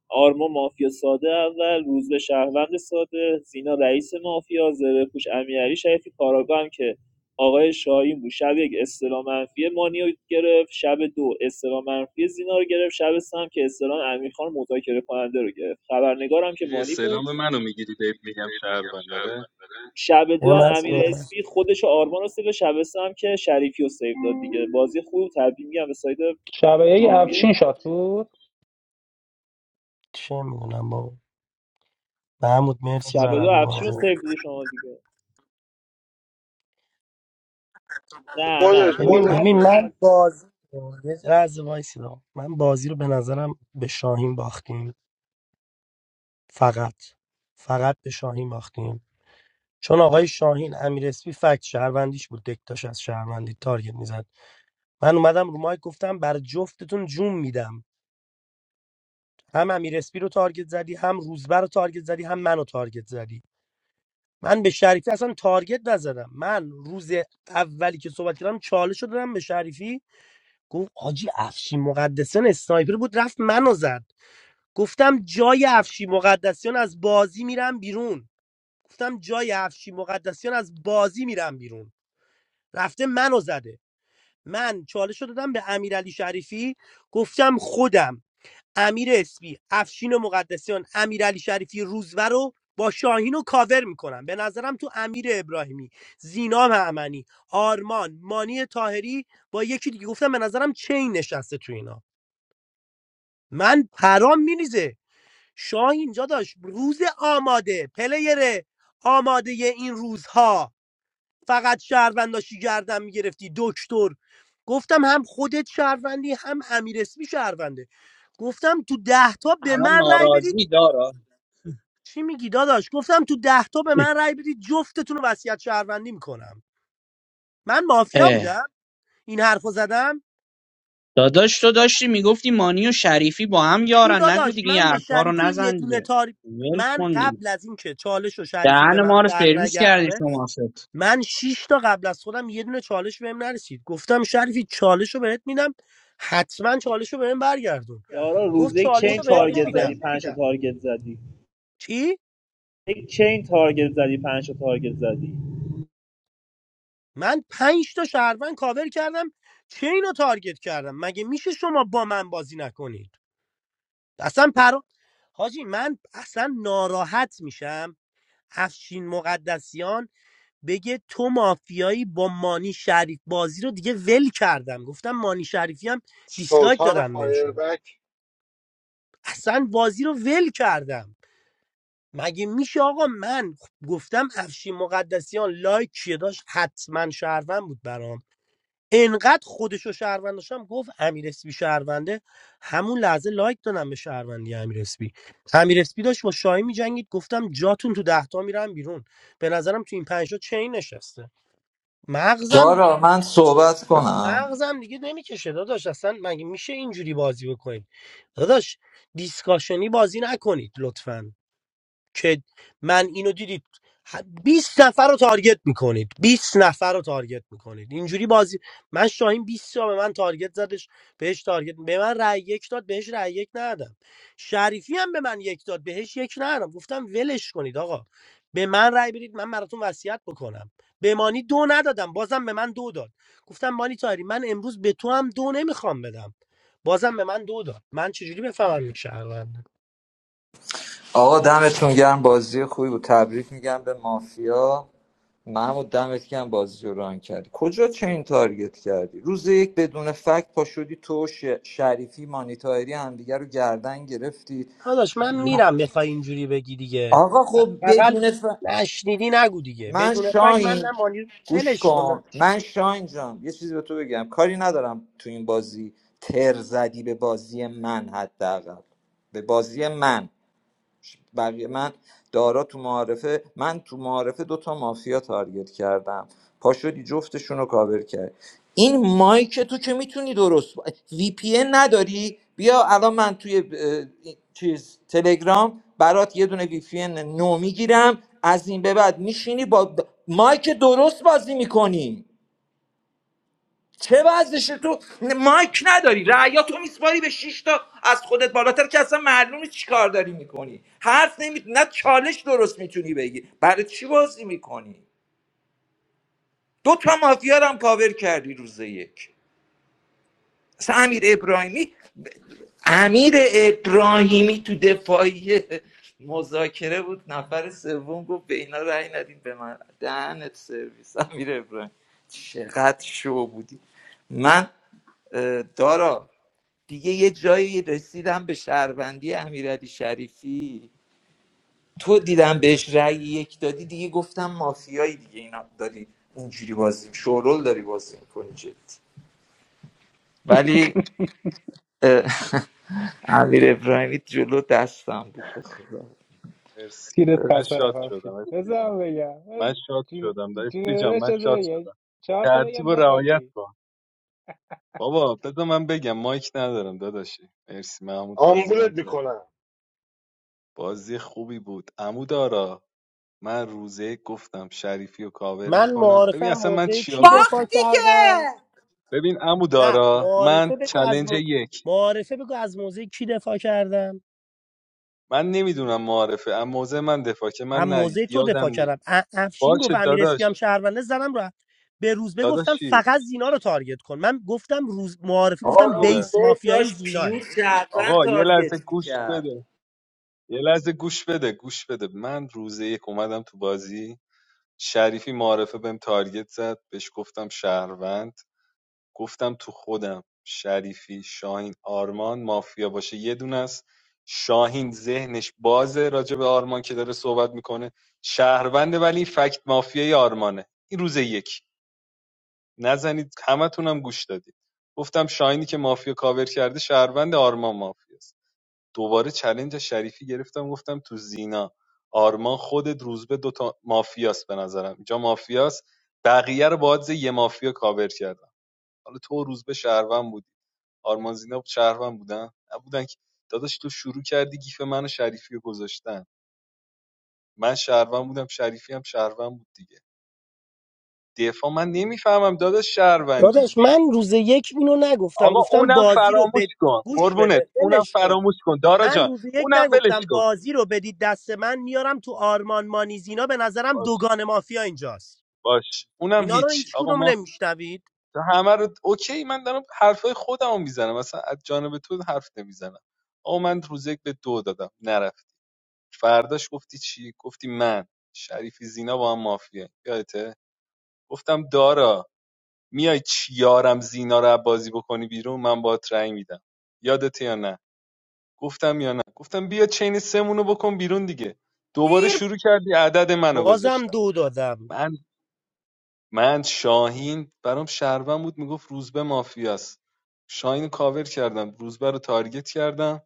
Speaker 4: آرما مافیا ساده اول روز شهروند ساده زینا رئیس مافیا زره پوش امیرعلی شریفی کاراگاه هم که آقای شاهین بود شب یک استلام منفی مانی رو گرفت شب دو استلام منفی زینا رو گرفت شب سه هم که استلام امیرخان مذاکره کننده رو گرفت خبرنگارم که
Speaker 5: میری
Speaker 4: مانی بود
Speaker 5: استعلام منو میگیری بهت میگم شهروند داره
Speaker 4: شب
Speaker 12: یه
Speaker 4: دو هم
Speaker 12: من
Speaker 4: امیر
Speaker 12: صحبت-
Speaker 4: اسپی خودش و آرمان رو سیو شب سه هم که شریفی رو سیو داد دیگه بازی خوب و تبدیل میگم به ساید
Speaker 11: شبیه
Speaker 4: مافیا
Speaker 11: افشین شاد بود
Speaker 12: چه میدونم بابا محمود مرسی
Speaker 4: شب دو
Speaker 12: برامون
Speaker 4: افشین رو
Speaker 12: بازی
Speaker 4: سیو دادی شما دیگه نه نه
Speaker 1: خودت بودی
Speaker 12: ببین من بازی رو- یه لحظه وایسی رو. من بازی رو به نظرم به شاهین باختیم فقط فقط به شاهین باختیم چون آقای شاهین امیر اسپی فکت شهروندیش بود دکتاش از شهروندی تارگت میزد من اومدم رو مایک گفتم بر جفتتون جون میدم هم امیر اسپی رو تارگت زدی هم روزبر رو تارگت زدی هم منو تارگت زدی من به شریفی اصلا تارگت نزدم من روز اولی که صحبت کردم چالش رو دادم به شریفی گفت آجی افشین مقدسیان اسنایپر بود رفت منو زد گفتم جای افشین مقدسیان از بازی میرم بیرون گفتم جای افشین مقدسیان از بازی میرم بیرون رفته منو زده من چالش رو دادم به امیرعلی شریفی گفتم خودم امیر اسپی افشین و مقدسیان امیرعلی شریفی روزور رو با شاهین و کاور میکنم به نظرم تو امیر ابراهیمی زینا معمنی آرمان مانی تاهری با یکی دیگه گفتم به نظرم چین نشسته تو اینا من پرام میریزه شاه اینجا داشت روز آماده پلیر آماده این روزها فقط شهرونداشی گردم میگرفتی دکتر گفتم هم خودت شهروندی هم امیر اسمی شهرونده گفتم تو ده تا به
Speaker 9: الان
Speaker 12: من رأی بدید
Speaker 9: ناراضی دارا
Speaker 12: چی میگی داداش گفتم تو ده تا به من رأی بدید جفتتون رو وصیت شهروندی میکنم من مافیا بودم این حرفو زدم
Speaker 9: داداش تو داشتی میگفتی مانی و شریفی با هم
Speaker 12: چی
Speaker 9: یارن نگو
Speaker 12: داداش
Speaker 9: دیگه این
Speaker 12: من به
Speaker 9: حرفا رو
Speaker 12: شریفی یه
Speaker 9: نزن
Speaker 12: دونه
Speaker 9: دیگه
Speaker 12: تاری
Speaker 9: ول
Speaker 12: من
Speaker 9: کن دیگه
Speaker 12: قبل از این که چالش و شریفی به
Speaker 9: دهن
Speaker 12: من
Speaker 9: ما رو
Speaker 12: در
Speaker 9: سرویس کردی
Speaker 12: نگردونه
Speaker 9: شما ست
Speaker 12: من شیش تا قبل از خودم یه دونه چالش بهم نرسید گفتم شریفی چالش رو بهت میدم حتما چالش رو بهم برگردون
Speaker 4: یارا
Speaker 12: گفت
Speaker 4: روز یک چین
Speaker 12: چالش رو بهت
Speaker 4: تارگت زدی
Speaker 12: نمیدم
Speaker 4: پنج تا تارگت زدی
Speaker 12: چی
Speaker 4: یک چین تارگت زدی پنج تا تارگت زدی
Speaker 12: من پنج تا شهروند کاور کردم چه اینو تارگت کردم مگه میشه شما با من بازی نکنید اصلا پر حاجی من اصلا ناراحت میشم افشین مقدسیان بگه تو مافیایی با مانی شریف بازی رو دیگه ول کردم گفتم مانی شریفی هم دیسلایک
Speaker 1: سلطان
Speaker 12: دادم بهشون
Speaker 1: فایربک
Speaker 12: اصلا بازی رو ول کردم مگه میشه آقا من گفتم افشین مقدسیان لایک چیه داشت حتما شهروند بود برام انقدر خودشو شهروند داشتم گفت امیر اسپی شهرونده همون لحظه لایک دادم به شهروندی امیر اسپی امیر اسپی داشت با شاهی میجنگید گفتم جاتون تو دهتا میرم بیرون به نظرم تو این پنجتا چین نشسته مغزم
Speaker 10: دارا من صحبت کنم
Speaker 12: مغزم دیگه نمیکشه داداش اصلا مگه میشه اینجوری بازی بکنید داداش دیسکاشنی بازی نکنید لطفا که من اینو دیدید بیست نفر رو تارگت میکنید بیست نفر رو تارگت میکنید اینجوری بازی من شاهین 20 تا به من تارگت زدش بهش تارگت به من رأی یک داد بهش رأی یک ندادم شریفی هم به من یک داد بهش یک ندادم گفتم ولش کنید آقا به من رأی برید من براتون وصیت بکنم به مانی دو ندادم بازم به من دو داد گفتم مانی تاری من امروز به تو هم دو نمیخوام بدم بازم به من دو داد من چجوری بفهمم این شهروند
Speaker 10: آقا دمتون گرم بازی خوبی بود تبریک میگم به مافیا محمود دمت گرم بازی رو ران کردی کجا چین تارگت کردی روز یک بدون فکت پا شدی تو و ش... شریفی مانیتایری همدیگه رو گردن گرفتی
Speaker 12: داداش من میرم بخوای اینجوری بگی دیگه
Speaker 10: آقا خب
Speaker 12: اقل
Speaker 10: بدون ف...
Speaker 12: نشنیدی نگو دیگه
Speaker 10: من
Speaker 12: بدون فکر من نه
Speaker 10: شاهین
Speaker 12: مانی
Speaker 10: گوش
Speaker 12: ولش کن
Speaker 10: کن من شاهین جان یه چیزی به تو بگم کاری ندارم تو این بازی تر زدی به بازی من حداقل به بازی من بقیه من دارا تو معارفه من تو معارفه دوتا مافیا تارگت کردم پا شدی جفتشون رو کاور کرد این مایک تو که میتونی درست با- وی پی ان نداری بیا الان من توی اه، چیز تلگرام برات یه دونه وی پی ان نو میگیرم از این به بعد میشینی با مایک درست بازی میکنی چه وضعشه تو مایک نداری رعیا تو میسپاری به 6 تا از خودت بالاتر که اصلا معلوم نیست چی کار داری میکنی حرف نمی نه چالش درست میتونی بگی برای چی بازی میکنی دو تا مافیا رو هم کاور کردی روز یک مثلا امیر ابراهیمی امیر ابراهیمی تو دفاعی مذاکره بود نفر سوم گفت به اینا رأی ندین به من دهنت سرویس امیر ابراهیمی چقدر شو بودی من اه، دارا دیگه یه جایی رسیدم به شهروندی امیرعلی شریفی تو دیدم بهش رأی یک دادی دیگه گفتم مافیایی دیگه اینا داری اینجوری بازی شورول داری بازی میکنی جدی ولی اه، امیر ابراهیمی جلو دستم بود به خدا.
Speaker 5: مرسی
Speaker 11: تیرت
Speaker 5: من
Speaker 11: خطر
Speaker 5: شاد شدم
Speaker 11: افشی
Speaker 5: افتی
Speaker 11: بذار
Speaker 5: جان
Speaker 11: من بگم
Speaker 5: من
Speaker 11: من
Speaker 5: شاد
Speaker 11: جون
Speaker 5: شدم داری
Speaker 11: جون
Speaker 5: افتی جان
Speaker 11: داداش
Speaker 5: من شاد
Speaker 11: بذار بگم
Speaker 5: شدم
Speaker 11: چهار تا
Speaker 5: ترتیب
Speaker 11: بگم
Speaker 5: و رعایت
Speaker 11: بخندی
Speaker 5: کن بابا بذار من بگم مایک ندارم داداشی مرسی محمود بازی
Speaker 1: آمبولت
Speaker 5: رنگ کردی
Speaker 1: میکنم
Speaker 5: بازی خوبی بود عمود آرا من روزه گفتم شریفی و کاور
Speaker 12: من
Speaker 5: میکنم
Speaker 12: معارفه
Speaker 5: ببین
Speaker 12: هم
Speaker 5: اصلا من
Speaker 12: موضع
Speaker 5: چیا
Speaker 12: کی دفاع
Speaker 5: گفتم
Speaker 6: باختی که
Speaker 12: کردم
Speaker 5: ببین عمود
Speaker 12: نه
Speaker 5: آرا من
Speaker 12: معارفه بگو از
Speaker 5: چلنج
Speaker 12: مو...
Speaker 5: یک
Speaker 12: معارفه بگو از موضع کی دفاع کردم
Speaker 5: من نمیدونم معارفه اما موضع من دفاع که من
Speaker 12: هم
Speaker 5: نه
Speaker 12: موضع تو
Speaker 5: یادم
Speaker 12: دفاع
Speaker 5: نیست
Speaker 12: کردم ا- افشین گفت
Speaker 5: باشه
Speaker 12: امیر اسپی
Speaker 5: داداش
Speaker 12: هم شهرونده زدم رو به روز
Speaker 5: داداش
Speaker 12: بگفتم
Speaker 5: چی
Speaker 12: فقط زینا رو تارگت کن من گفتم روز معارفه
Speaker 10: آقا
Speaker 12: گفتم
Speaker 5: آره
Speaker 12: بیس
Speaker 10: روسیه
Speaker 12: مافیاییم
Speaker 10: داشت
Speaker 12: زیناه
Speaker 10: پیور شهروند
Speaker 5: آقا یه لحظه
Speaker 10: تارگت
Speaker 5: گوش
Speaker 10: میکرد
Speaker 5: بده یه لحظه گوش بده گوش بده من روزه یک اومدم تو بازی شریفی معارفه بهم تارگت زد بهش گفتم شهروند گفتم تو خودم شریفی شاهین آرمان مافیا باشه یه دونه است شاهین ذهنش بازه راجع به آرمان که داره صحبت میکنه شهرونده ولی فکت مافیای آرمانه این روز یک نزنید همتونم گوش دادید گفتم شاینی که مافیا کاور کرده شهروند آرمان مافیاست دوباره چلنج شریفی گرفتم گفتم تو زینا آرمان خودت روزبه دوتا مافیاست به نظرم اینجا مافیاست بقیه رو باید یه مافیا کاور کردم حالا تو روزبه شهروند بودی آرمان زینا شهروند بودن نبودن که داداش تو شروع کردی گیف منو شریفی رو گذاشتن من شهروند بودم شریفی هم شهروند بود دیگه دفاع من نمیفهمم داداش شهروندی
Speaker 12: داداش من روز یک اینو نگفتم
Speaker 5: آقا
Speaker 12: گفتم
Speaker 5: اونم
Speaker 12: بازی رو
Speaker 5: فراموش
Speaker 12: به
Speaker 5: کن
Speaker 12: گوش
Speaker 5: قربونت
Speaker 12: بده
Speaker 5: اونم
Speaker 12: ولش کن
Speaker 5: فراموش کن دارا
Speaker 12: من
Speaker 5: جان
Speaker 12: روز یک
Speaker 5: اونم ولش
Speaker 12: نگفتم
Speaker 5: کن
Speaker 12: بازی رو بدید دست من میارم تو آرمان مانیزینا به نظرم
Speaker 5: باش
Speaker 12: دوگان مافیا اینجاست
Speaker 5: باش اونم
Speaker 12: اینا رو
Speaker 5: هیچ
Speaker 12: هیچ
Speaker 5: آقا
Speaker 12: کدوم
Speaker 5: ما
Speaker 12: نمیشنوید
Speaker 5: همه رو اوکی من دارم حرفای خودم رو میزنم مثلا از جانب تو حرف نمیزنم آقا من روز یک به دو دادم نرفت فرداش گفتی چی گفتی من شریفی زینا با هم مافیه یادته گفتم دارا میای چیارم زینا رو بازی بکنی بیرون من باهات رأی میدم یادته یا نه گفتم یا نه گفتم بیا چین سمونو بکن بیرون دیگه دوباره
Speaker 6: دیر
Speaker 5: شروع کردی عدد منو
Speaker 12: بازم
Speaker 5: گذاشتم
Speaker 12: دو دادم
Speaker 5: من من شاهین برام شهروند بود میگفت روزبه مافیاست شاهین رو کاور کردم روزبه رو تارگت کردم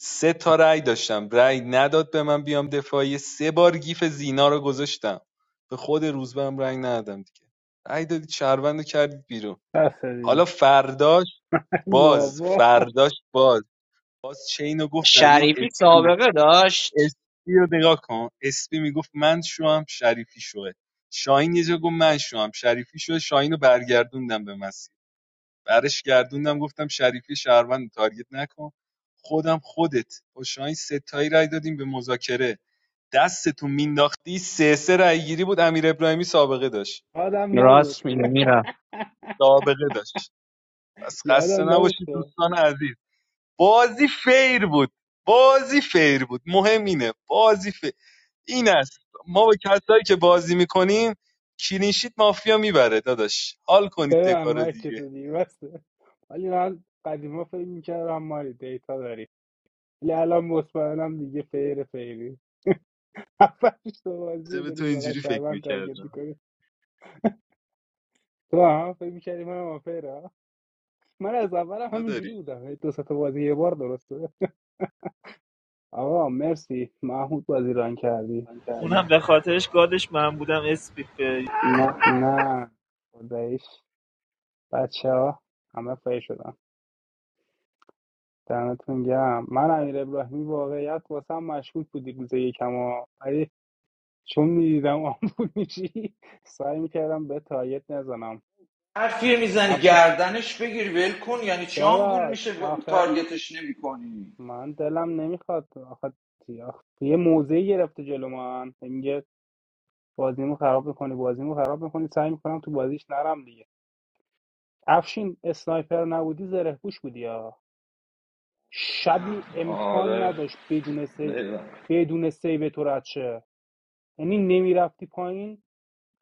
Speaker 5: سه تا رأی داشتم رأی نداد به من بیام دفاعی سه بار گیف زینا رو گذاشتم به خود روزبه هم رأی ندادم دیگه رأی دادید شهروند رو کردید بیرون
Speaker 11: بس
Speaker 5: حالا
Speaker 11: دیگه
Speaker 5: فرداش باز
Speaker 11: بابا
Speaker 5: فرداش باز باز چین گفتم
Speaker 9: شریفی
Speaker 5: این
Speaker 9: سابقه داشت
Speaker 5: اسپی رو نگاه کن اسپی میگفت من شوام شریفی شوه شاهین یه جا گفت من شوام شریفی شوه شاهین رو برگردوندم به مسیر برش گردوندم گفتم شریفی شهروند رو تارگت نکن خودم خودت با شاهین ستایی رای دادیم به مذاکره دستتو مینداختی سه سه رای گیری بود امیر ابراهیمی سابقه داشت
Speaker 11: آدم نبود
Speaker 9: راست میگه میرفت
Speaker 5: سابقه داشت پس خسته
Speaker 11: یادم نبود
Speaker 5: نباشید
Speaker 11: خب
Speaker 5: دوستان عزیز بازی فیر بود بازی فیر بود مهم اینه بازی فیر این است ما با کسایی که بازی میکنیم کلینشیت مافیا میبره داداش حال کنید
Speaker 11: ببن
Speaker 5: دکارو
Speaker 11: مایک
Speaker 5: دیگه
Speaker 11: تو دیگه بسه ولی من قدیما فکر میکردم ماری دیتا داری ولی الان مطمئنم دیگه فیر فیری هفتش تو
Speaker 5: چه
Speaker 11: بازی
Speaker 5: به تو
Speaker 11: داری فقط
Speaker 5: اینجوری فکر
Speaker 11: شهروند تارگت
Speaker 5: میکردم
Speaker 11: میکنی تو هم فکر میکردی من هم فیرم من از اول همینجوری
Speaker 5: نداری
Speaker 11: بودم هی دو سه تا بازی یه بار درسته آقا مرسی محمود بازی ران کردی
Speaker 4: اونم به خاطرش گادش من بودم اسپیفه
Speaker 11: نه خداییش بچه ها همه فیر شدن دمتون گم من امیر ابراهیمی واقعیت واسم مشکوک بودی روز یکم ها. ولی چون میدیدم آمبول میشی سعی میکردم به تایید نزنم
Speaker 10: حرفی میزنی
Speaker 11: افشی
Speaker 10: گردنش بگیر ول کن یعنی چی هم بول
Speaker 11: داداش
Speaker 10: میشه ب-
Speaker 11: آخه
Speaker 10: تارگتش نمی
Speaker 11: من دلم نمیخواد آخه آخه یه موزه گرفته جلو من میگه بازیمو خراب میکنی بازیمو خراب میکنی سعی میکنم تو بازیش نرم دیگه. افشین اسنایپر نبودی زره پوش بودی یا شبی امکان
Speaker 10: آره
Speaker 11: نداشت بدون سیو
Speaker 10: نمی‌دونم.
Speaker 11: بدون سیو تو رد شه یعنی نمیرفتی پایین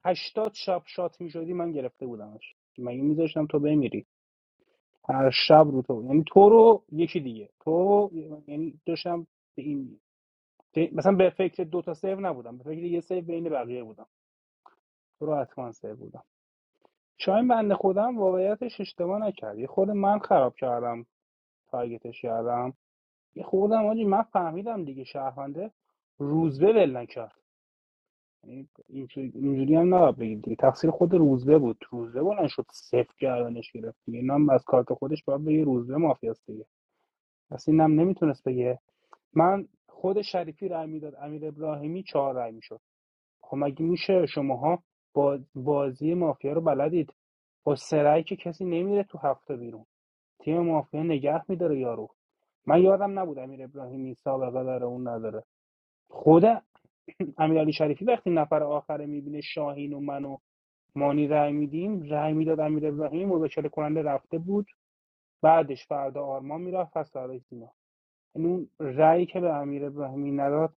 Speaker 11: هشتاد شب شات میشدی من گرفته بودمش مگه میذاشتم تو بمیری هر شب رو تو یعنی تو رو یکی دیگه تو یعنی داشتم به این به- مثلا به فکر دو تا سیو نبودم به فکر یه سیو بین بقیه بودم تو رو حتما سیو بودم شاید بنده خودم واقعیتش اشتباه نکرد یه خود من خراب کردم تارگتش کردم یه خوردم آجی من فهمیدم دیگه شهرونده روزبه ول نکرد یعنی اینجوری اینجوری هم نباید بگید دیگه تقصیر خود روزبه بود روزبه بلند شد صفر گردنش گرفت دیگه این از کارت خودش باید بگه روزبه مافیاست دیگه پس اینم نمیتونست بگه من خود شریفی رای میداد امیر ابراهیمی چهار رای میشد خب مگه میشه شماها با بازی مافیا رو بلدید با سرعی که کسی نمیره تو هفته بیرون تیم مافیا نگه میداره یارو من یادم نبود امیر ابراهیمی سابقه داره اون نداره خود امیرعلی شریفی وقتی نفر آخره میبینه شاهین و من و مانی رأی میدیم رای میداد امیر ابراهیمی مذاکره کننده رفته بود بعدش فردا آرمان میرفت پس فردا سینا یعنی اون رأیی که به امیر نداد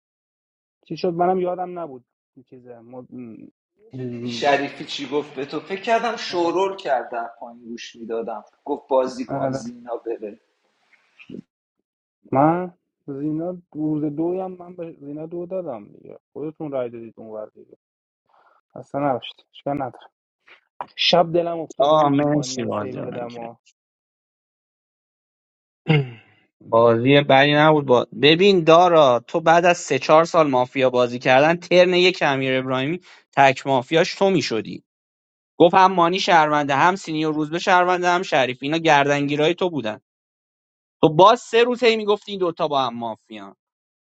Speaker 11: چی شد منم یادم نبود این چیزه مد...
Speaker 10: یه جا دیدی شریفی چی گفت به تو فکر کردم
Speaker 11: آره.
Speaker 10: شورول کرد در پایین گوش میدادم گفت بازی کن
Speaker 11: آره.
Speaker 10: زینا بره
Speaker 11: من زینا روز دوی هم من به زینا دو دادم دیگه خودتون رای دادید اون ور دیگه اصلا نباشت اشکال نداره شب دلم افتاده
Speaker 9: آه
Speaker 11: بود این مانی
Speaker 9: مرسی
Speaker 11: رو سیو
Speaker 9: بازی رو من
Speaker 11: بدم
Speaker 9: کرد بازی بدی نبود با... ببین دارا تو بعد از سه چهار سال مافیا بازی کردن ترن یک امیر ابراهیمی تک مافیاش تو میشدی گفت هم مانی شهرونده هم سینیور روزبه شهرونده هم شریفی اینا گردنگیرای تو بودن تو باز سه روز هی میگفتی این دوتا با هم مافیا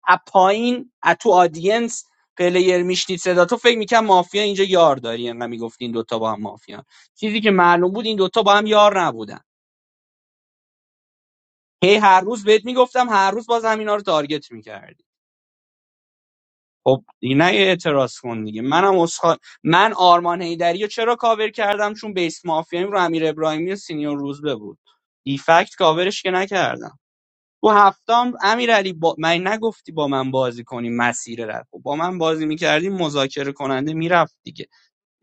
Speaker 9: از پایین از تو آدینس پلیر میشنید صدا تو فکر میکنم مافیا اینجا یار داری انقدر میگفتی این دوتا با هم مافیا چیزی که معلوم بود این دوتا با هم یار نبودن هی هر روز بهت میگفتم هر روز باز همینا رو تارگت میکردی خب دیگه نه یه اعتراض کن دیگه منم اسخا... من آرمان هیدری رو چرا کاور کردم چون بیس مافیایم رو امیر ابراهیمی و سینیور روزبه بود دیفکت کاورش که نکردم تو هفتم امیرعلی با من نگفتی با من بازی کنی مسیر رفت. با من بازی میکردی مذاکره کننده میرفت دیگه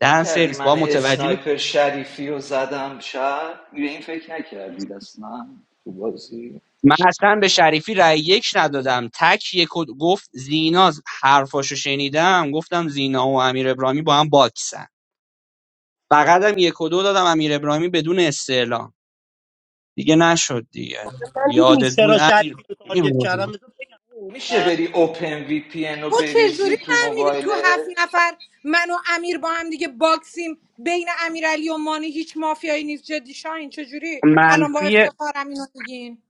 Speaker 10: اون کردی
Speaker 9: سرویس
Speaker 10: من
Speaker 9: با متوجه نیست.
Speaker 10: اسنایپر شریفی رو زدم شب به این فکر نکردید اصلا تو بازی
Speaker 9: من اصلا به شریفی رأی یک ندادم تک یک و- گفت زینا حرفاشو شنیدم گفتم زینا و امیر ابراهیمی با هم باکسن فقط هم یک و دو دادم امیر ابراهیمی بدون استعلام دیگه نشد دیگه
Speaker 12: من میدونی
Speaker 9: یادت بود
Speaker 12: چرا
Speaker 9: امیر
Speaker 12: شریفی رو
Speaker 9: این
Speaker 12: تارگت
Speaker 9: موضوع.
Speaker 12: کردم بذار بگم.
Speaker 10: میشه بری اوپن وی پی ان رو
Speaker 6: تو
Speaker 10: بریزی
Speaker 6: چجوری
Speaker 10: تو
Speaker 6: فهمیدی تو هفت
Speaker 10: موبایلت
Speaker 6: نفر من و امیر با هم دیگه باکسیم بین امیرعلی و مانی هیچ مافیایی نیست جدی شاهین چجوری الان با
Speaker 9: منفی
Speaker 6: افتخارم اینو میگین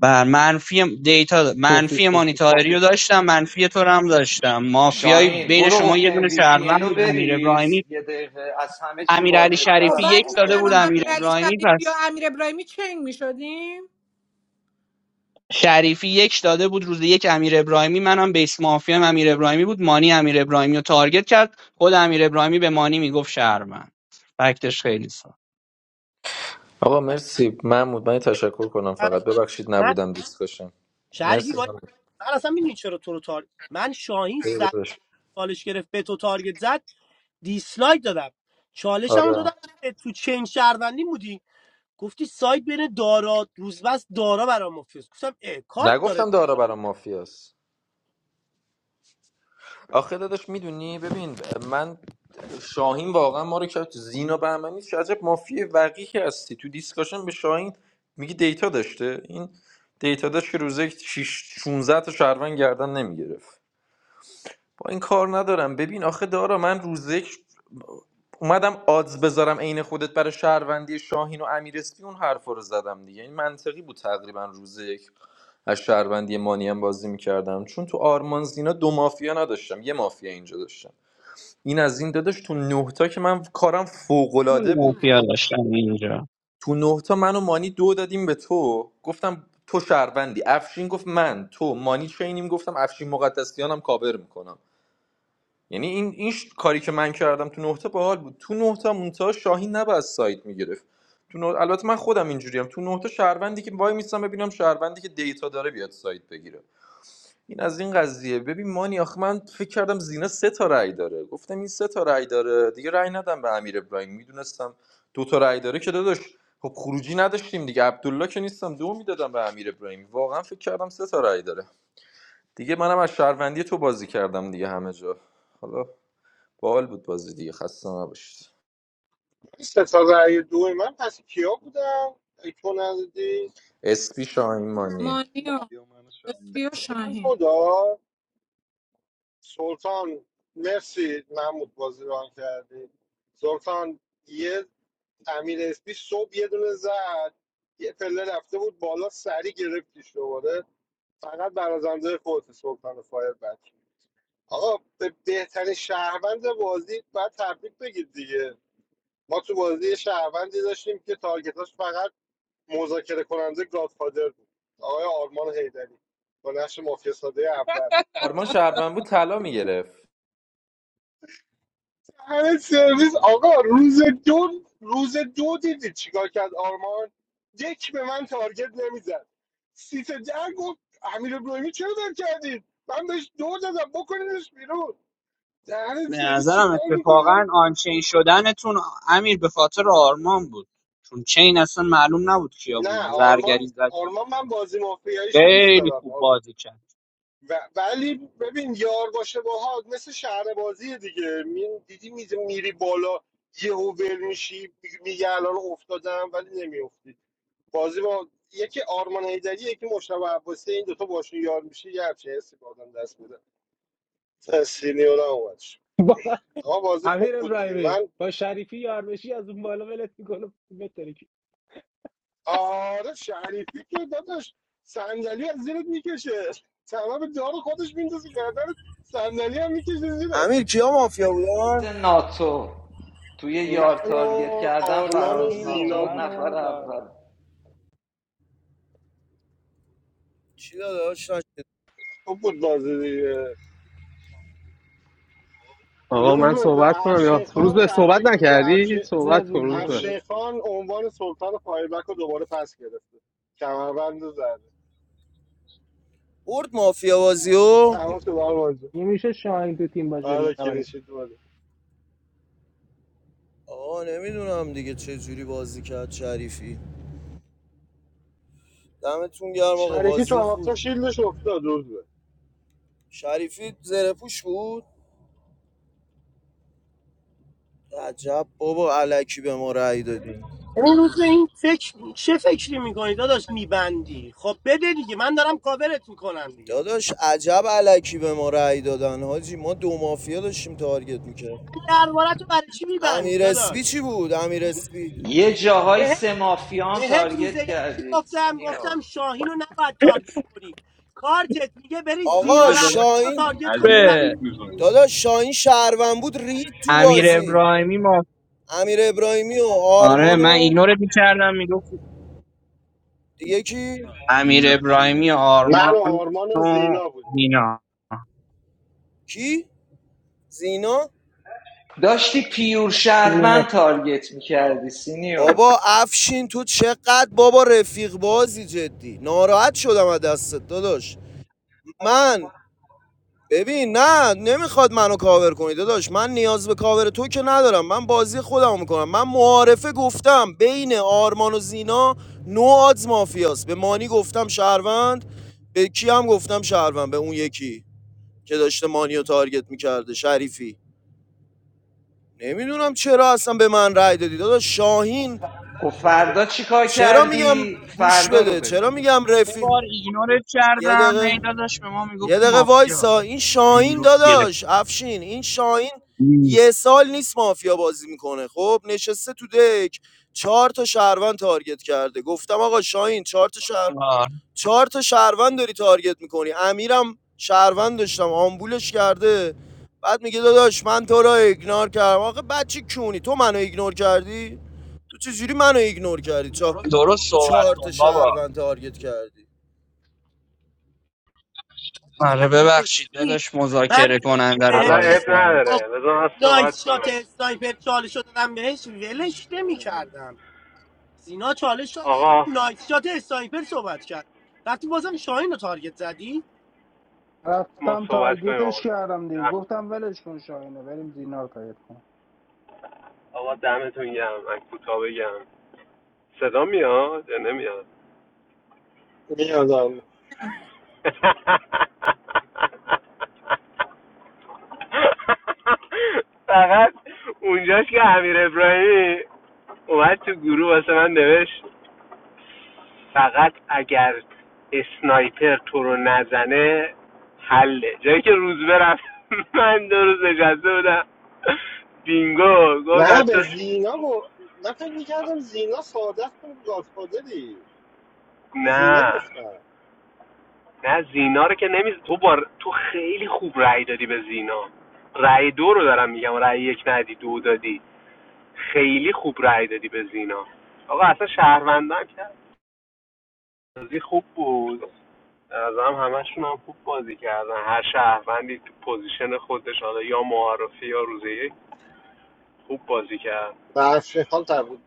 Speaker 9: بر منفی دیتا منفی
Speaker 11: و
Speaker 9: مانیتاری رو داشتم منفی تو رو هم داشتم مافیای
Speaker 10: شاهین
Speaker 9: بین
Speaker 10: برو
Speaker 9: شما یه
Speaker 10: اوپن
Speaker 9: دونه
Speaker 10: وی پی ان
Speaker 9: شهروند
Speaker 10: رو
Speaker 9: بود امیر
Speaker 10: بریز
Speaker 9: ابراهیمی
Speaker 10: یه دقیقه از همه چی
Speaker 9: امیر علی
Speaker 10: واجبتر
Speaker 6: خب
Speaker 9: شریفی
Speaker 10: الان
Speaker 6: بعد
Speaker 9: یک داده
Speaker 10: اوپن
Speaker 6: من و
Speaker 9: بود
Speaker 10: وی
Speaker 9: امیر
Speaker 10: پی ان.
Speaker 6: امیرعلی
Speaker 9: ابراهیمی
Speaker 6: شریفی و
Speaker 9: پس
Speaker 6: امیر ابراهیمی چنگ میشدیم
Speaker 9: شریفی یک داده بود روز یک امیر ابراهیمی منم بیس مافیا امیر ابراهیمی بود مانی امیر ابراهیمی رو تارگت کرد خود امیر ابراهیمی به مانی میگفت شهروند فکتش خیلی سخت
Speaker 13: آقا مرسی محمود من یه تشکر کنم فقط
Speaker 12: اه،
Speaker 13: ببخشید
Speaker 12: من
Speaker 13: نبودم دیسکشن
Speaker 12: شریفی با
Speaker 13: مرسی محمود
Speaker 12: من اصلا میدونی چرا تو رو تارگت من شاهین
Speaker 13: خیلی داداش.
Speaker 12: چالش گرفت به تو تارگت زد دیسلایک دادم چالشمو
Speaker 13: آره
Speaker 12: دادم تو چین شهروندی بودی گفتی سایت بین دارا روزبست دارا برام مفیز گفتم اه کارت داره
Speaker 13: نگفتم دارا برام مافیاست آخه داداش میدونی ببین من شاهین واقعا ما رو کرد تو زینا بهمنی نیست چه عجب مافی وقیحی هستی تو دیسکاشن به شاهین میگی دیتا داشته این دیتا داشت که روزه 16 تا شهروند گردن نمیگرفت با این کار ندارم ببین آخه دارا من روزه یک اومدم آدز بذارم عین خودت برای شهروندی شاهین و امیر اسپی اون حرفا رو زدم دیگه این منطقی بود تقریبا روز یک از شهروندی مانی هم بازی میکردم چون تو آرمان زینا دو مافیا نداشتم یه مافیا اینجا داشتم این از این داداش تو نه تا که من کارم
Speaker 9: دونه
Speaker 13: فوق‌العاده بود
Speaker 9: مافیا داشتم اینجا
Speaker 13: تو نه تا من و مانی دو دادیم به تو گفتم تو شهروندی افشین گفت من تو مانی چینیم گفتم افشین مقدسیانم کاور میکنم یعنی این این ش- کاری که من کردم تو نه تا باحال بود تو نه تا مونتا شاهین نباید سایت میگرفت تو نه... البته من خودم اینجوریم تو نه تا شهروندی که وای میستم ببینم شهروندی که دیتا داره بیاد سایت بگیره این از این قضیه ببین مانی آخه من فکر کردم زینا سه تا رأی داره گفتم این سه تا رأی داره دیگه رأی ندم به امیر ابراهیم میدونستم دو تا رأی داره که داداش خب خروجی نداشتیم دیگه عبدالله که نیستم دو میدادم به امیر ابراهیم واقعا فکر کردم سه تا رأی داره دیگه منم از شهروندی تو بازی کردم دیگه همه جا حالا باحال بود بازی دیگه خسته نباشید
Speaker 1: سه تا رأی دو من پس کیا بودم ای تو ندادی
Speaker 13: اسپی شاهین مانی
Speaker 1: ما
Speaker 6: مانیا
Speaker 5: یا منو شاهین.
Speaker 6: اسپی و
Speaker 1: اسمی هم تو
Speaker 6: شاهین
Speaker 1: داد؟ سلطان مرسی محمود بازی ران کردی سلطان یه امیر اسپی صبح یه دونه زد یه پله رفته بود بالا سری گرفتیش دوباره فقط برازنده خودت سلطان فایر بچه آقا به بهترین شهروند بازی باید تبریک بگید دیگه ما تو بازی یه شهروندی داشتیم که تارگتاش فقط مذاکره کننده گادفادر بود آقای آرمان هیدری با نقش مافیا ساده اول
Speaker 13: آرمان شهروند بود طلا میگرفت
Speaker 1: همه سرویس آقا روز دو روز دو دیدی چیکار کرد آرمان یک به من تارگت نمیزد سیت در گفت امیر ابراهیمی چرا در کردید من بهش دو دادم بکنیدش بیرون دهن
Speaker 9: به
Speaker 1: سرویس
Speaker 9: نظرم
Speaker 1: چیکار
Speaker 9: اتفاقا
Speaker 1: میکنم
Speaker 9: آنچین شدنتون امیر به خاطر آرمان بود چون چین اصلا معلوم نبود کیا
Speaker 1: نه
Speaker 9: بودن زرگری
Speaker 1: آرمان
Speaker 9: زد
Speaker 1: آرمان من بازی مافیاییشو دوست
Speaker 9: خیلی
Speaker 1: دارم
Speaker 9: خوب
Speaker 1: آ-
Speaker 9: بازی کرد
Speaker 1: و ولی ببین یار باشه باهات مثل شهر بازی دیگه می- دیدی می- میری بالا یهو ول میشی میگه الان افتادم ولی نمیافتی بازی با یکی آرمان هیدری یکی مشتبه عباسی این دوتا باشون یار میشه یه همچین حسی به آدم دست میده سینیورا اومدش
Speaker 11: با
Speaker 1: آقا بازی خوب
Speaker 11: امیر
Speaker 1: بود دیگه
Speaker 11: ابراهیمی
Speaker 1: من
Speaker 11: با شریفی یار بشی از اون بالا ولت میکنه بتره که
Speaker 1: آره شریفی که داداش صندلی از زیرت میکشه تمام دار خودش میندازه گردن صندلی هم میکشه زیره
Speaker 16: امیر کیا مافیا بودن
Speaker 10: ناتو توی یار
Speaker 1: من و
Speaker 10: تارگت کردن
Speaker 1: آرمان و
Speaker 10: فراز
Speaker 11: شاهین و
Speaker 1: زینا
Speaker 10: ناتو
Speaker 11: من
Speaker 1: بودیم
Speaker 10: نفر
Speaker 11: و
Speaker 1: روز به
Speaker 10: اول
Speaker 11: دارا
Speaker 16: چی داداش
Speaker 1: خوب بود بازی دیگه
Speaker 3: آقا
Speaker 1: روز
Speaker 3: من
Speaker 1: به
Speaker 3: صحبت
Speaker 1: به
Speaker 3: کنم یا
Speaker 1: افشین
Speaker 3: روز
Speaker 1: خان
Speaker 3: به صحبت
Speaker 1: تبریک بگو
Speaker 3: نکردی
Speaker 1: افشین
Speaker 11: ز
Speaker 3: صحبت کن
Speaker 11: روزه
Speaker 3: روز به
Speaker 11: یه
Speaker 1: افشین خان عنوان سلطان پایبک رو دوباره پس گرفته کمربند رو زده
Speaker 16: برد مافیا بازی
Speaker 1: تمام شد آرمان جون
Speaker 11: یه میشه شاهین تو تیم باشه
Speaker 1: آره
Speaker 11: نبریم
Speaker 1: کلینشیت بوده
Speaker 16: آقا نمیدونم دیگه چه جوری بازی کرد شریفی دمتون گرم آقا
Speaker 1: شریفی
Speaker 16: بازی
Speaker 1: تو
Speaker 16: خوب
Speaker 1: هفته شیلدش افتاد روز به
Speaker 16: شریفی زره پوش بود عجب بابا علکی به ما رأی دادی
Speaker 12: این روز به این فکر چه فکری میکنی داداش میبندی خب بده دیگه من دارم کاورت میکنم دیگه
Speaker 16: داداش عجب علکی به ما رأی دادن حاجی ما دو مافیا داشتیم تارگت میکرد
Speaker 12: من درباره تو برای چی میبندی
Speaker 16: امیر اسپی چی
Speaker 12: داداش
Speaker 16: بود امیر اسپی
Speaker 10: یه جاهای
Speaker 12: بهت
Speaker 10: سه مافیا
Speaker 12: بهت روز
Speaker 10: تارگت
Speaker 12: یک چی
Speaker 10: کردی
Speaker 12: گفتم
Speaker 10: سینیور
Speaker 12: گفتم شاهین رو نباید تارگت کنی کارتت میگه بری
Speaker 5: روز
Speaker 16: آقا
Speaker 12: زینا
Speaker 5: به دارم
Speaker 12: بهمنی رو
Speaker 16: شاین
Speaker 12: تارگت کنی
Speaker 9: به
Speaker 12: تکلیف
Speaker 5: اذیتت
Speaker 12: کنی.
Speaker 5: میکنم
Speaker 16: داداش شاین شهروند بود رید تو
Speaker 9: امیر
Speaker 16: بازی
Speaker 9: ابراهیمی ما
Speaker 16: امیر ابراهیمی و
Speaker 9: آره
Speaker 16: آرمان
Speaker 9: من
Speaker 16: و
Speaker 9: ایگنورت میکردم میگفت
Speaker 16: دیگه کی
Speaker 5: آه،
Speaker 9: امیر
Speaker 5: زینا زینا
Speaker 9: ابراهیمی
Speaker 1: من و
Speaker 9: آرمان
Speaker 1: آرمان
Speaker 9: و
Speaker 1: و زینا بودیم
Speaker 9: مینا
Speaker 16: کی زینا
Speaker 10: داشتی پیور شهروند
Speaker 11: زینه
Speaker 10: تارگت
Speaker 1: آه،
Speaker 10: میکردی سینیور
Speaker 16: بابا افشین تو چقدر بابا رفیق بازی جدی ناراحت شدم از دستت داداش من ببین نه نمیخواد منو کاور کنی داداش من نیاز به کاور تو که ندارم من بازی خودمو میکنم من معارفه گفتم بین آرمان و زینا نو آدز مافیاست به مانی گفتم شهروند به کی هم گفتم شهروند به اون یکی که داشته مانی رو تارگت میکرده شریفی نمیدونم چرا اصلا به من رأی دادی داداش شاهین
Speaker 10: خب فردا چیکار
Speaker 16: چرا میگم
Speaker 10: کردی
Speaker 16: گوش
Speaker 10: فردا رو
Speaker 16: بده چرا
Speaker 10: بگو
Speaker 16: میگم
Speaker 9: یه
Speaker 16: رفی
Speaker 9: بار ایگنورت
Speaker 16: یه
Speaker 9: کردم هی
Speaker 16: دقیقه
Speaker 9: داداش به ما
Speaker 16: یه
Speaker 9: میگفتی
Speaker 16: دقیقه
Speaker 9: مافیا
Speaker 16: وایسا این
Speaker 9: هی
Speaker 16: شاهین
Speaker 9: میگفتی گرفتی
Speaker 16: داداش افشین این شاهین یه سال نیست مافیا بازی میکنه خب نشسته تو دک چهار تا شهروند تارگت کرده گفتم آقا شاهین چهار تا شهروند
Speaker 9: آه،
Speaker 16: چهار تا شهروند داری تارگت میکنی امیرم شهروند داشتم آمبولش کرده بعد میگه داداش من تو را ایگنور کردم آخه بچه کونی تو منو ایگنور کردی تو چجوری منو ایگنور کردی چهار,
Speaker 9: درست صحبت
Speaker 16: چهار تا
Speaker 9: کن بابا
Speaker 16: شهروند تارگت کردی
Speaker 9: آره ببخشید
Speaker 12: اسمی
Speaker 9: داداش
Speaker 12: من
Speaker 9: مذاکره
Speaker 12: یک
Speaker 9: کننده رو
Speaker 12: بهم
Speaker 3: حالا عیب
Speaker 9: تارگت
Speaker 12: اسم
Speaker 9: کرد
Speaker 12: با
Speaker 3: نداره بذار من صحبت
Speaker 12: نایت شات
Speaker 3: کنم
Speaker 12: اسنایپر چالش رو دادم بهش ولش نمی کردم سینا چالش شات بدون
Speaker 3: آقا
Speaker 12: نایت شات اسنایپر صحبت کرد وقتی بازم شاهین رو تارگت زدی
Speaker 3: ما
Speaker 11: رفتم
Speaker 3: صحبت کنیم آقا
Speaker 11: تارگیتش کردم دیگه
Speaker 3: دم-
Speaker 11: گفتم ولش کن شاهینو بریم زینا رو تایید کن.
Speaker 3: آقا دمتون گرم من کوتاه بگم صدا میاد یا نمیاد
Speaker 1: میادم
Speaker 3: فقط اونجاش که امیر ابراهیمی اومد تو گروه واسه من نوشت فقط اگر اسنایپر تو رو نزنه حله جایی که روز برفت من دو روز نشسته بودم بینگو گفت
Speaker 1: نه به
Speaker 3: تو
Speaker 1: زینا گو... من فکر میکردم زینا ساده است تو گادفادری به زینا
Speaker 3: نه
Speaker 1: گفتم
Speaker 3: نه زینا رو که نمی تو بار تو خیلی خوب رأی دادی به زینا رأی دو رو دارم میگم رأی یک ندی دو دادی خیلی خوب رای دادی به زینا آقا اصلا شهروندم که بازی خوب بود از هم همشون هم خوب بازی کردن هر شهروندی تو پوزیشن خودش حالا یا معرفی یا روزی خوب بازی کرد
Speaker 1: به افشین خان تبود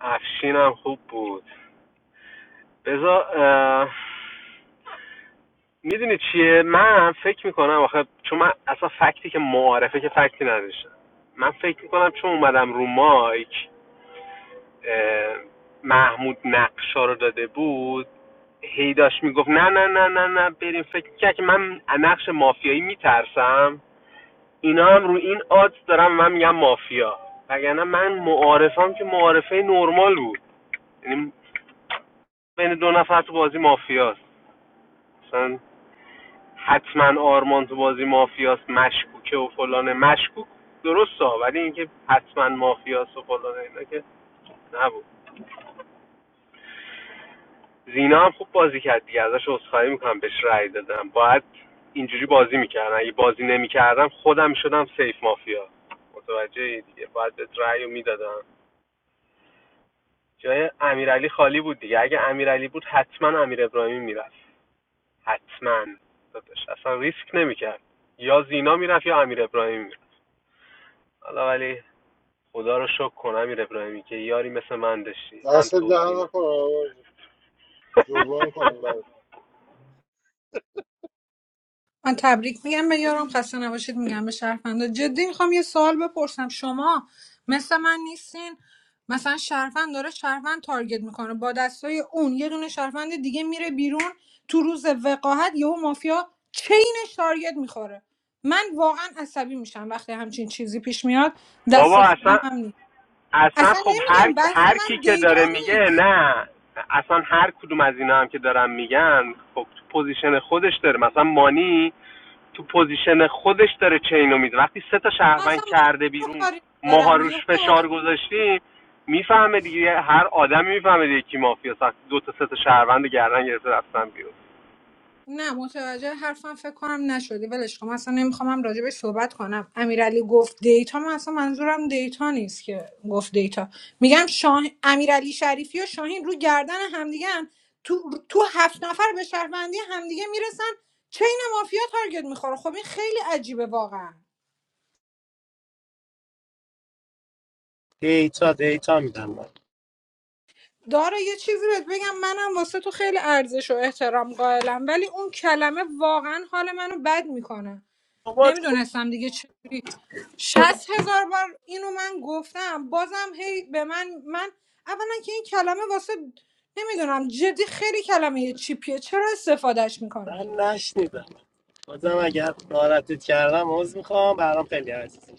Speaker 3: افشین هم خوب بود بذار اه... میدونی چیه من فکر میکنم آخه چون من اصلا فکتی که معارفه که فکتی نداشتم من فکر میکنم چون اومدم رو مایک اه، محمود نقشا رو داده بود هی داشت میگفت نه نه نه نه نه بریم فکر کرد که من از نقش مافیایی میترسم اینا هم رو این آدز دارم من میگم مافیا وگرنه من معارفم که معارفه نرمال بود یعنی بین دو نفر تو بازی مافیاست مثلا حتما آرمان تو بازی مافیاست مشکوکه و فلانه مشکوک درسته ولی اینکه حتما مافیاست و فلانه اینا که نبود زینا هم خوب بازی کرد دیگه ازش عذرخواهی میکنم بهش رأی دادم باید اینجوری بازی میکردم اگه بازی نمیکردم خودم میشدم سیف مافیا متوجه دیگه باید بهت رأی رو میدادم جای امیرعلی خالی بود دیگه اگه امیرعلی بود حتما امیر ابراهیمی میرفت حتما داداش اصلا ریسک نمیکرد یا زینا میرفت یا امیر ابراهیمی میرفت حالا ولی خدا رو شکر کن امیر ابراهیمی که یاری مثل من داشتی هم
Speaker 1: دست
Speaker 3: تو و
Speaker 1: دهن
Speaker 3: زینا
Speaker 1: نکن آرمان جون. جبران کنیم برات
Speaker 6: من تبریک میگم به یارم خسته نباشید میگم به شهروندا جدی میخوام یه سوال بپرسم شما مثل من نیستین مثلا شهروند داره شهروند تارگت میکنه با دستای اون یه دونه شهروند دیگه میره بیرون تو روز وقاحت یهو مافیا چینش تارگت میخوره من واقعا عصبی میشم وقتی همچین چیزی پیش میاد
Speaker 3: بابا
Speaker 6: دست خودم
Speaker 3: اصلا
Speaker 6: هم نیست
Speaker 3: اصلا
Speaker 6: اصلا
Speaker 3: خب هر
Speaker 6: نمیگم بحث
Speaker 3: هر کی
Speaker 6: من
Speaker 3: که
Speaker 6: دیتا
Speaker 3: داره میگه
Speaker 6: نیست
Speaker 3: نه اصلا هر کدوم از اینا هم که دارن میگن خب تو پوزیشن خودش داره مثلا مانی تو پوزیشن خودش داره چینو میده وقتی سه تا
Speaker 6: من
Speaker 3: شهروند
Speaker 6: اصلا مانیا
Speaker 3: کرده
Speaker 6: رو
Speaker 3: بیرون
Speaker 6: کاری
Speaker 3: ماها
Speaker 6: ندارم
Speaker 3: روش
Speaker 6: یهو
Speaker 3: فشار گذاشتیم میفهمه دیگه هر آدمی میفهمه دیگه کی مافیا دو تا سه تا شهروند رو گردن گرفته رفتن بیرون
Speaker 6: نه متوجه حرفم فکر کنم نشدی ولش کن من اصلا نمیخوام هم راجبش صحبت کنم امیرعلی گفت دیتا من اصلا منظورم دیتا نیست که گفت دیتا میگم شاه امیرعلی شریفی و شاهین رو گردن همدیگه هم تو تو هفت نفر به شهروندی همدیگه میرسن چین مافیا تارگت میخوره خب این خیلی عجیبه واقعا
Speaker 12: دیتا دیتا میدم من
Speaker 6: داره یه چیزی بهت بگم منم واسه تو خیلی ارزش و احترام قائلم ولی اون کلمه واقعا حال منو بد میکنه
Speaker 12: بابا تو
Speaker 6: نمیدونستم دیگه چجوری
Speaker 12: خدا
Speaker 6: شست هزار بار اینو من گفتم بازم هی به من من اولا که این کلمه واسه نمیدونم جدی خیلی کلمه چیپیه چرا استفادهش میکنی
Speaker 12: من نشنیدم بازم اگر ناراحتت کردم عذر میخوام برام خیلی عزیزی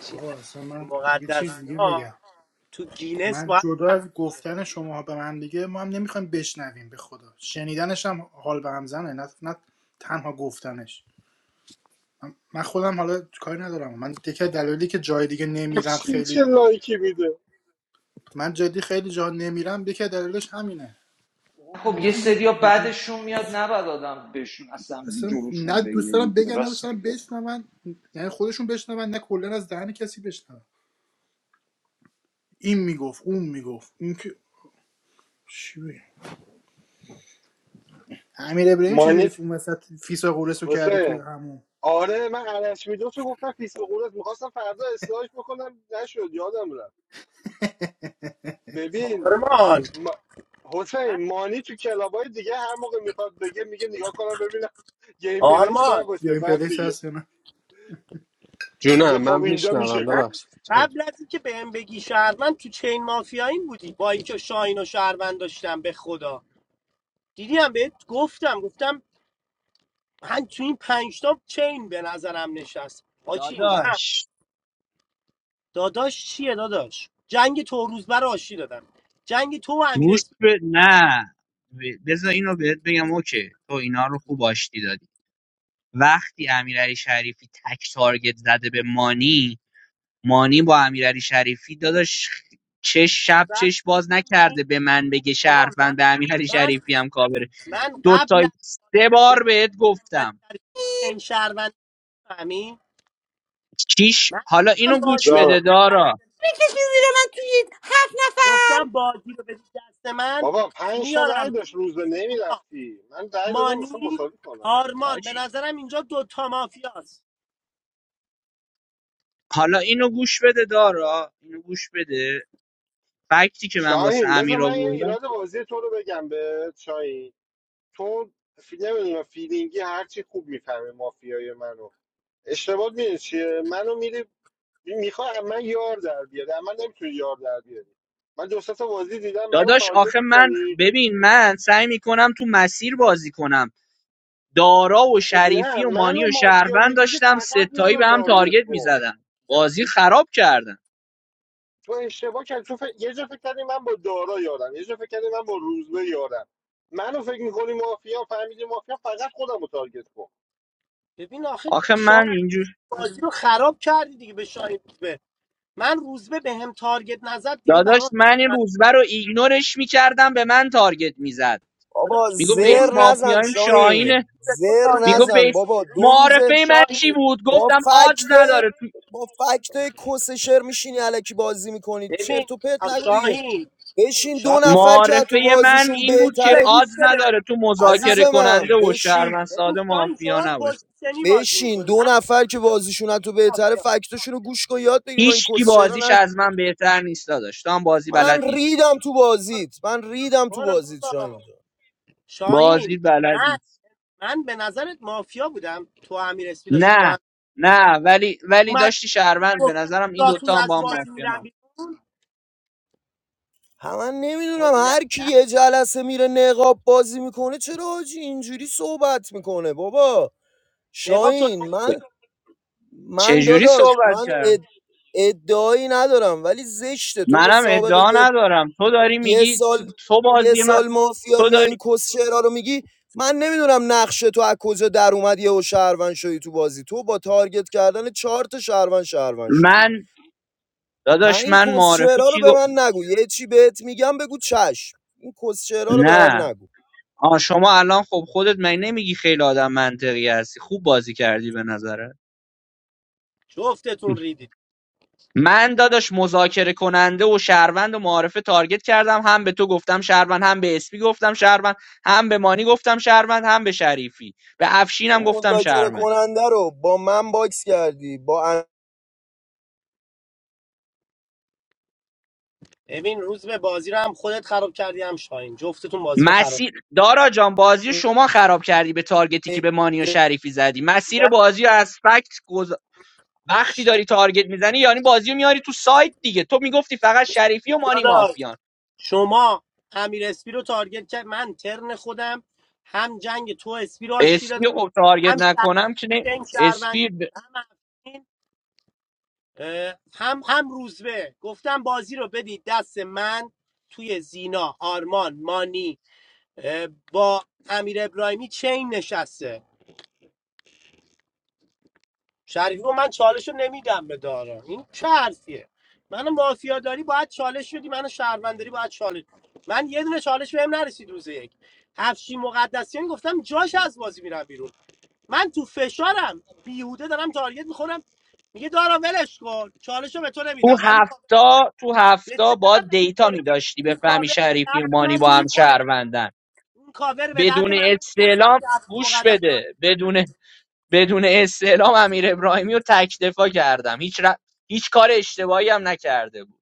Speaker 12: چی
Speaker 2: بابا اصلا من یه چیز دیگه
Speaker 12: مقدسیان
Speaker 2: بگم
Speaker 12: تو گینس
Speaker 2: من
Speaker 12: باید
Speaker 2: جدا
Speaker 12: ثبت
Speaker 2: از
Speaker 12: شه.
Speaker 2: گفتن شما به من دیگه ما هم نمیخوایم بشنویم به خدا شنیدنش هم حال به هم زنه نه, نه تنها گفتنش من خودم حالا کاری ندارم من دیگه از دلایلی که جای دیگه نمیرم
Speaker 1: افشین چه
Speaker 2: خیلی
Speaker 1: لایکی میده
Speaker 2: من جدی خیلی جا نمیرم دیگه دلیلش همینه
Speaker 10: خب
Speaker 2: نه
Speaker 10: یه سری ها
Speaker 2: دیگه
Speaker 10: بعدشون میاد نباید آدم بهشون اصلا
Speaker 2: اصلا
Speaker 10: جلوشون
Speaker 2: نه دوست
Speaker 10: بگیری
Speaker 2: دارم
Speaker 10: دیگه.
Speaker 2: بگن نه دوست
Speaker 10: راست
Speaker 2: دارم
Speaker 10: میگه
Speaker 2: بشنون یعنی خودشون بشنون نه کلا از دهن کسی بشنون این میگفت اون میگفت این که چی بگم؟ امیر ابراهیم چجوری
Speaker 1: مانیت
Speaker 2: اون وسط فیسا قورس رو کردی
Speaker 1: حسین
Speaker 2: توی همون
Speaker 1: آره من عرش میدوس رو گفتم فیس به قولت میخواستم فردا اصلاحش بکنم نشد یادم رفت ببین
Speaker 12: آرمان
Speaker 1: ما... حسین مانی تو کلابای دیگه هر موقع میخواد بگه میگه نگاه کنم ببینم گیم پلیس
Speaker 12: آرمان
Speaker 1: نباشه
Speaker 2: گیم
Speaker 1: بعد
Speaker 2: پلیس
Speaker 1: میگه
Speaker 2: هست یا نه؟
Speaker 1: میگه
Speaker 3: جونم من
Speaker 1: خب اینجا میشه
Speaker 3: میشنوم
Speaker 1: گفت
Speaker 12: من
Speaker 3: ببخشید جان
Speaker 12: قبل از اینکه بهم بگی شهروند تو چین مافیا این بودی با اینکه شاهین و شهروند داشتم به خدا دیدیم بهت گفتم گفتم من تو این پنج تا چین به نظرم نشست حاجی من
Speaker 9: داداش
Speaker 12: داداش چیه داداش جنگ تو روز بر آشی دادم جنگ تو و امیر
Speaker 9: گوش به نه ب- بذار اینو بهت بگم اوکی تو اینا رو خوب آشتی دادی وقتی امیرعلی شریفی تک تارگت زده به مانی مانی با امیرعلی شریفی داداش چه شب
Speaker 12: اسپیکر
Speaker 9: چش باز نکرده به من بگه
Speaker 12: آقا من
Speaker 9: شرفن به امیرعلی
Speaker 12: من
Speaker 9: شریفی هم کابره
Speaker 12: من
Speaker 9: دو
Speaker 12: قبل
Speaker 9: تا
Speaker 12: از
Speaker 9: سه
Speaker 12: امیر
Speaker 9: بار بهت گفتم
Speaker 12: اسپیکر چین شهروند فهمی
Speaker 9: چیش
Speaker 12: من
Speaker 9: حالا
Speaker 12: گفتم
Speaker 9: اینو گوش
Speaker 12: بازی رو
Speaker 9: بده
Speaker 1: دارم
Speaker 9: دارا
Speaker 12: بده.
Speaker 6: میکشی زیر من توی هفت نفر
Speaker 12: گفتم بازی رو بدی دست من
Speaker 1: بابا پنج تا رای
Speaker 12: میارم تو
Speaker 1: داشت روز به
Speaker 12: اینا
Speaker 1: نمیرفتی من رای دادم مثلا
Speaker 12: مانی
Speaker 1: مساوی کنم
Speaker 12: آرمان به
Speaker 9: حاجی
Speaker 12: نظرم اینجا دوتا مافیاست
Speaker 9: حالا اینو گوش بده دارا اینو گوش بده فکتی که من واسه
Speaker 1: شاهین بذار
Speaker 9: امیر
Speaker 1: من یه
Speaker 9: آوردم
Speaker 1: ایراد بازی تو رو بگم به شاهین تو فی... نمیدونم فیلینگی هرچی خوب میفهمه مافیای منو اشتباه میدونی چیه منو میری میخوای من یار در بیاری من نمیتونی یار در بیاری من دو سه تا بازی دیدم منو
Speaker 9: داداش
Speaker 1: تارگت
Speaker 9: آخه من
Speaker 1: میکنی
Speaker 9: ببین من سعی میکنم تو مسیر بازی کنم دارا و
Speaker 1: خب نه
Speaker 9: شریفی و مانی
Speaker 1: منو
Speaker 9: و
Speaker 1: مافیا
Speaker 9: شهروند
Speaker 1: میگیری
Speaker 9: داشتم
Speaker 1: فقط
Speaker 9: ستایی
Speaker 1: منو
Speaker 9: به هم
Speaker 1: تارگت
Speaker 9: تارگت
Speaker 1: کن
Speaker 9: میزدم بازی خراب کردم
Speaker 1: تو اشتباه کردی تو فکر- یه جا فکر کردی من با دارا یارم یه جا فکر کردی من با روزبه یارم منو فکر میکنی مافیا فهمیدی مافیا فقط خودم رو تارگت کن
Speaker 12: ببین آخه
Speaker 9: آخه من
Speaker 12: شاهین
Speaker 9: اینجور
Speaker 12: بازی رو خراب کردی دیگه به شاهین روزبه من روزبه به هم تارگت نزد دیگه
Speaker 9: داداش
Speaker 12: برام
Speaker 9: من این روزبه رو ایگنورش میکردم به من تارگت میزد
Speaker 12: داداش
Speaker 16: بابا
Speaker 9: میگو
Speaker 12: مهم
Speaker 16: زر
Speaker 9: بیس
Speaker 16: نزن
Speaker 9: مافیایم
Speaker 16: شاین
Speaker 12: نیست.
Speaker 9: شاهینه
Speaker 12: به تو
Speaker 16: زر
Speaker 9: میگو
Speaker 12: تارگت
Speaker 16: نزن
Speaker 9: بیس
Speaker 16: بابا دو روزه
Speaker 12: این
Speaker 9: معارفه من چی
Speaker 12: شاهین
Speaker 9: بود
Speaker 16: با
Speaker 9: گفتم آدز
Speaker 16: فکتای
Speaker 9: نداره تو
Speaker 16: با فکتای کس شر میشینی علکی بازی میکنید
Speaker 12: ببین
Speaker 16: چرت و پرت
Speaker 12: آ،
Speaker 16: نگو دیگه
Speaker 12: شاهین
Speaker 16: بشین دو
Speaker 12: شاهین
Speaker 16: نفر که
Speaker 9: معارفه
Speaker 16: تو
Speaker 9: من
Speaker 16: بازیشون
Speaker 9: این بود که
Speaker 16: بهتره
Speaker 12: به گوش
Speaker 9: آدز
Speaker 12: بده
Speaker 9: نداره تو
Speaker 12: بعد
Speaker 9: مذاکره
Speaker 12: وایسا.
Speaker 16: عزیزمم
Speaker 9: کننده و
Speaker 16: بشین
Speaker 9: شهروند
Speaker 12: ببین
Speaker 9: ساده
Speaker 12: شاهین
Speaker 9: مافیا
Speaker 12: شما
Speaker 9: نباشه
Speaker 12: پوزیشنی بازی
Speaker 16: بشین
Speaker 12: میکنید
Speaker 16: دو
Speaker 12: هر کی
Speaker 16: نفر
Speaker 12: به
Speaker 16: که بازیشون از تو بهتره
Speaker 12: مافیا
Speaker 16: فکتاشون رو گوش کن یاد بگیر با این
Speaker 9: هیچ کی
Speaker 16: کسچرا
Speaker 9: بازیش
Speaker 16: نه
Speaker 9: از من بهتر نیست داداش تو هم بازی بلد
Speaker 16: من
Speaker 9: نیست
Speaker 16: ریدم تو
Speaker 12: برو
Speaker 16: بازیت من ریدم تو
Speaker 12: برو
Speaker 16: بازیت شاهین
Speaker 12: بابا
Speaker 16: جان
Speaker 12: شاهین
Speaker 9: بازی بلد
Speaker 12: من
Speaker 9: نیست
Speaker 12: من به نظرت مافیا بودم تو و امیر اسپی داشتید با هم
Speaker 9: نه نه ولی ولی
Speaker 12: اومد
Speaker 9: داشتی شهروند به
Speaker 12: گفتم
Speaker 9: نظرم این
Speaker 12: جاتون
Speaker 9: دوتا هم
Speaker 12: از
Speaker 9: با هم
Speaker 12: بازی
Speaker 9: مافیا
Speaker 12: میرم
Speaker 9: نباشه
Speaker 12: بیرون
Speaker 16: هم من
Speaker 12: خب
Speaker 16: نمیدونم
Speaker 12: نه
Speaker 16: هر کی
Speaker 12: نه
Speaker 16: یه جلسه میره نقاب بازی میکنه چرا حاجی اینجوری صحبت میکنه بابا
Speaker 12: نقاب تو
Speaker 16: شاهین
Speaker 12: نمایی
Speaker 16: من
Speaker 12: میدم
Speaker 16: من
Speaker 9: چجوری
Speaker 16: داداش
Speaker 9: صحبت
Speaker 16: من
Speaker 9: کرد
Speaker 16: اد... ادعایی ندارم ولی زشته تو با
Speaker 9: منم
Speaker 16: سابقه
Speaker 9: ادعا
Speaker 16: یه
Speaker 9: ندارم تو داری
Speaker 16: یه
Speaker 9: میگی تو,
Speaker 16: سال
Speaker 9: تو
Speaker 16: یه
Speaker 9: بازی من
Speaker 16: سال مافیا
Speaker 9: تو
Speaker 16: میای این
Speaker 9: داری
Speaker 16: کس شعرا رو میگی من نمیدونم نقش تو از کجا در اومد یهو شهروند شدی تو بازی تو با تارگت کردن چهار تا شهروند شهروند شدی
Speaker 9: من
Speaker 16: پ
Speaker 9: داداش
Speaker 16: این
Speaker 9: من
Speaker 16: کس
Speaker 9: معارفه
Speaker 16: شعرا رو
Speaker 9: چی
Speaker 16: به
Speaker 9: گفت
Speaker 16: من نگو یه چی بهت میگم بگو چشم این کس شعرا رو به
Speaker 9: نه
Speaker 16: من نگو
Speaker 9: آه شما الان خب خودت من نمیگی خیلی آدم منطقی هستی خوب بازی کردی به نظره
Speaker 12: جفتتون ریدید
Speaker 9: من داداش مذاکره کننده و شهروند و معارفه تارگت کردم هم به تو گفتم شهروند هم به اسپی گفتم شهروند هم به مانی گفتم شهروند هم به شریفی به
Speaker 16: تو
Speaker 9: افشینم گفتم
Speaker 16: مذاکره
Speaker 9: شهروند
Speaker 16: کننده رو با من باکس کردی با
Speaker 12: ببین روز به بازی رو هم خودت خراب کردی هم شاهین جفتتون بازی رو خراب
Speaker 9: مسیر
Speaker 12: کردی.
Speaker 9: دارا جان بازی رو شما خراب کردی به تارگتی که به مانی و
Speaker 16: امیر
Speaker 9: شریفی زدی مسیر
Speaker 12: نه
Speaker 9: بازی رو از فکت گز... وقتی داری تارگت میزنی یعنی بازی رو میاری تو سایت دیگه تو میگفتی فقط شریفی و مانی
Speaker 12: داداش
Speaker 9: مافیان
Speaker 12: شما امیر اسپی رو تارگت کرد من ترن خودم هم جنگ تو اسپی رو آشتی
Speaker 9: اسپی
Speaker 12: دادم
Speaker 9: رو خب تارگت
Speaker 12: هم شهر
Speaker 9: نکنم که نه
Speaker 12: هم شهروند
Speaker 9: اسپی ب-
Speaker 12: هم افشین. اه، هم هم روزبه گفتم بازی رو بدید دست من توی زینا آرمان مانی اه، با امیر ابراهیمی چین نشسته شریفی گفت من چالش رو نمیدم به دارا این چه حرفیه منو مافیا داری باید چالش بدی منو شهروند داری باید چالش من یه دونه چالش بهم نرسید روز یک هفشی مقدسیان گفتم جاش از بازی میرم بیرون من تو فشارم بیهوده دارم تارگت میخورم میگه دارا ولش کن چالش رو به تو
Speaker 9: تو
Speaker 12: نمیدم ولی
Speaker 9: هفتا تو
Speaker 12: به
Speaker 9: هفتا
Speaker 12: چه
Speaker 9: با
Speaker 12: دردم
Speaker 9: دیتا
Speaker 12: میخوره
Speaker 9: میداشتی
Speaker 12: این کاور
Speaker 9: بفهمی
Speaker 12: به
Speaker 9: شریفی
Speaker 12: درد
Speaker 9: و
Speaker 12: من
Speaker 9: مانی با هم
Speaker 12: نمیخوره
Speaker 9: شهروندن
Speaker 12: این کاور به درد
Speaker 9: بدون
Speaker 12: من نمیخوره
Speaker 9: استعلام
Speaker 12: وقتی عبد
Speaker 9: گوش
Speaker 12: مقدسیان
Speaker 9: بده بدون بدون استعلام امیر ابراهیمی رو تکدفا کردم هیچ ر... هیچ کار اشتباهی هم نکرده بود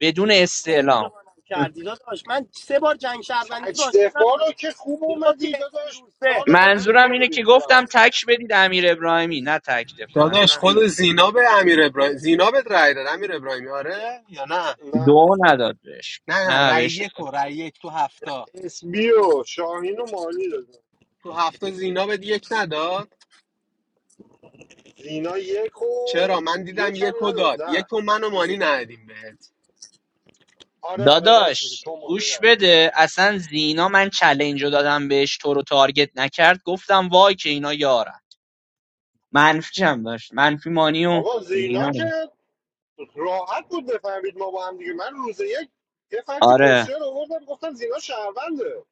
Speaker 9: بدون
Speaker 12: چجوری من
Speaker 9: استعلام
Speaker 12: اشتباه نکردی داداش من سه بار جنگ شهروندی تو
Speaker 1: تک
Speaker 12: راش شدم
Speaker 1: دفاع رو که خوب
Speaker 12: میگفتی
Speaker 1: اومدی
Speaker 12: اسکی
Speaker 1: داداش
Speaker 12: روسه
Speaker 1: چهار نفر
Speaker 12: نه
Speaker 1: تو
Speaker 9: منظورم
Speaker 1: دفاع
Speaker 9: اینه که
Speaker 1: بودیم تو هفت
Speaker 9: گفتم
Speaker 1: نفر.
Speaker 9: تک بدید امیر ابراهیمی نه تک دفاع
Speaker 3: داداش
Speaker 9: منظورم
Speaker 3: خود
Speaker 9: این بود
Speaker 3: زینا به امیر ابراهیم زینا به رای داد امیر ابراهیمی آره یا نه
Speaker 1: نه
Speaker 9: دو نداد بهش
Speaker 3: نه نه
Speaker 9: نه
Speaker 3: رای
Speaker 9: بهش
Speaker 3: یک و رای یک تو هفتا
Speaker 1: اسبی و شاهین و مانی
Speaker 3: تو هفتا زینا بهت یک نداد
Speaker 1: زینا یک
Speaker 3: چرا
Speaker 1: و
Speaker 3: من دیدم
Speaker 1: یک هم
Speaker 3: یک و داد
Speaker 1: نداد نه
Speaker 3: یک و من و مانی ندادیم بهت
Speaker 1: آره آره راست میگه
Speaker 9: داداش
Speaker 1: تو مالی
Speaker 9: گوش
Speaker 1: نه
Speaker 9: بده اصلا زینا من چلنج رو دادم بهش تو رو تارگت نکرد گفتم وای که اینا یارن منفی هم داشت منفی مانی و
Speaker 1: آقا زینا
Speaker 9: زینا رو.
Speaker 1: که راحت بود بفهمید ما با هم دیگه من روز یک یه فکت
Speaker 9: آره
Speaker 1: کوشر رو آوردم گفتم زینا شهرونده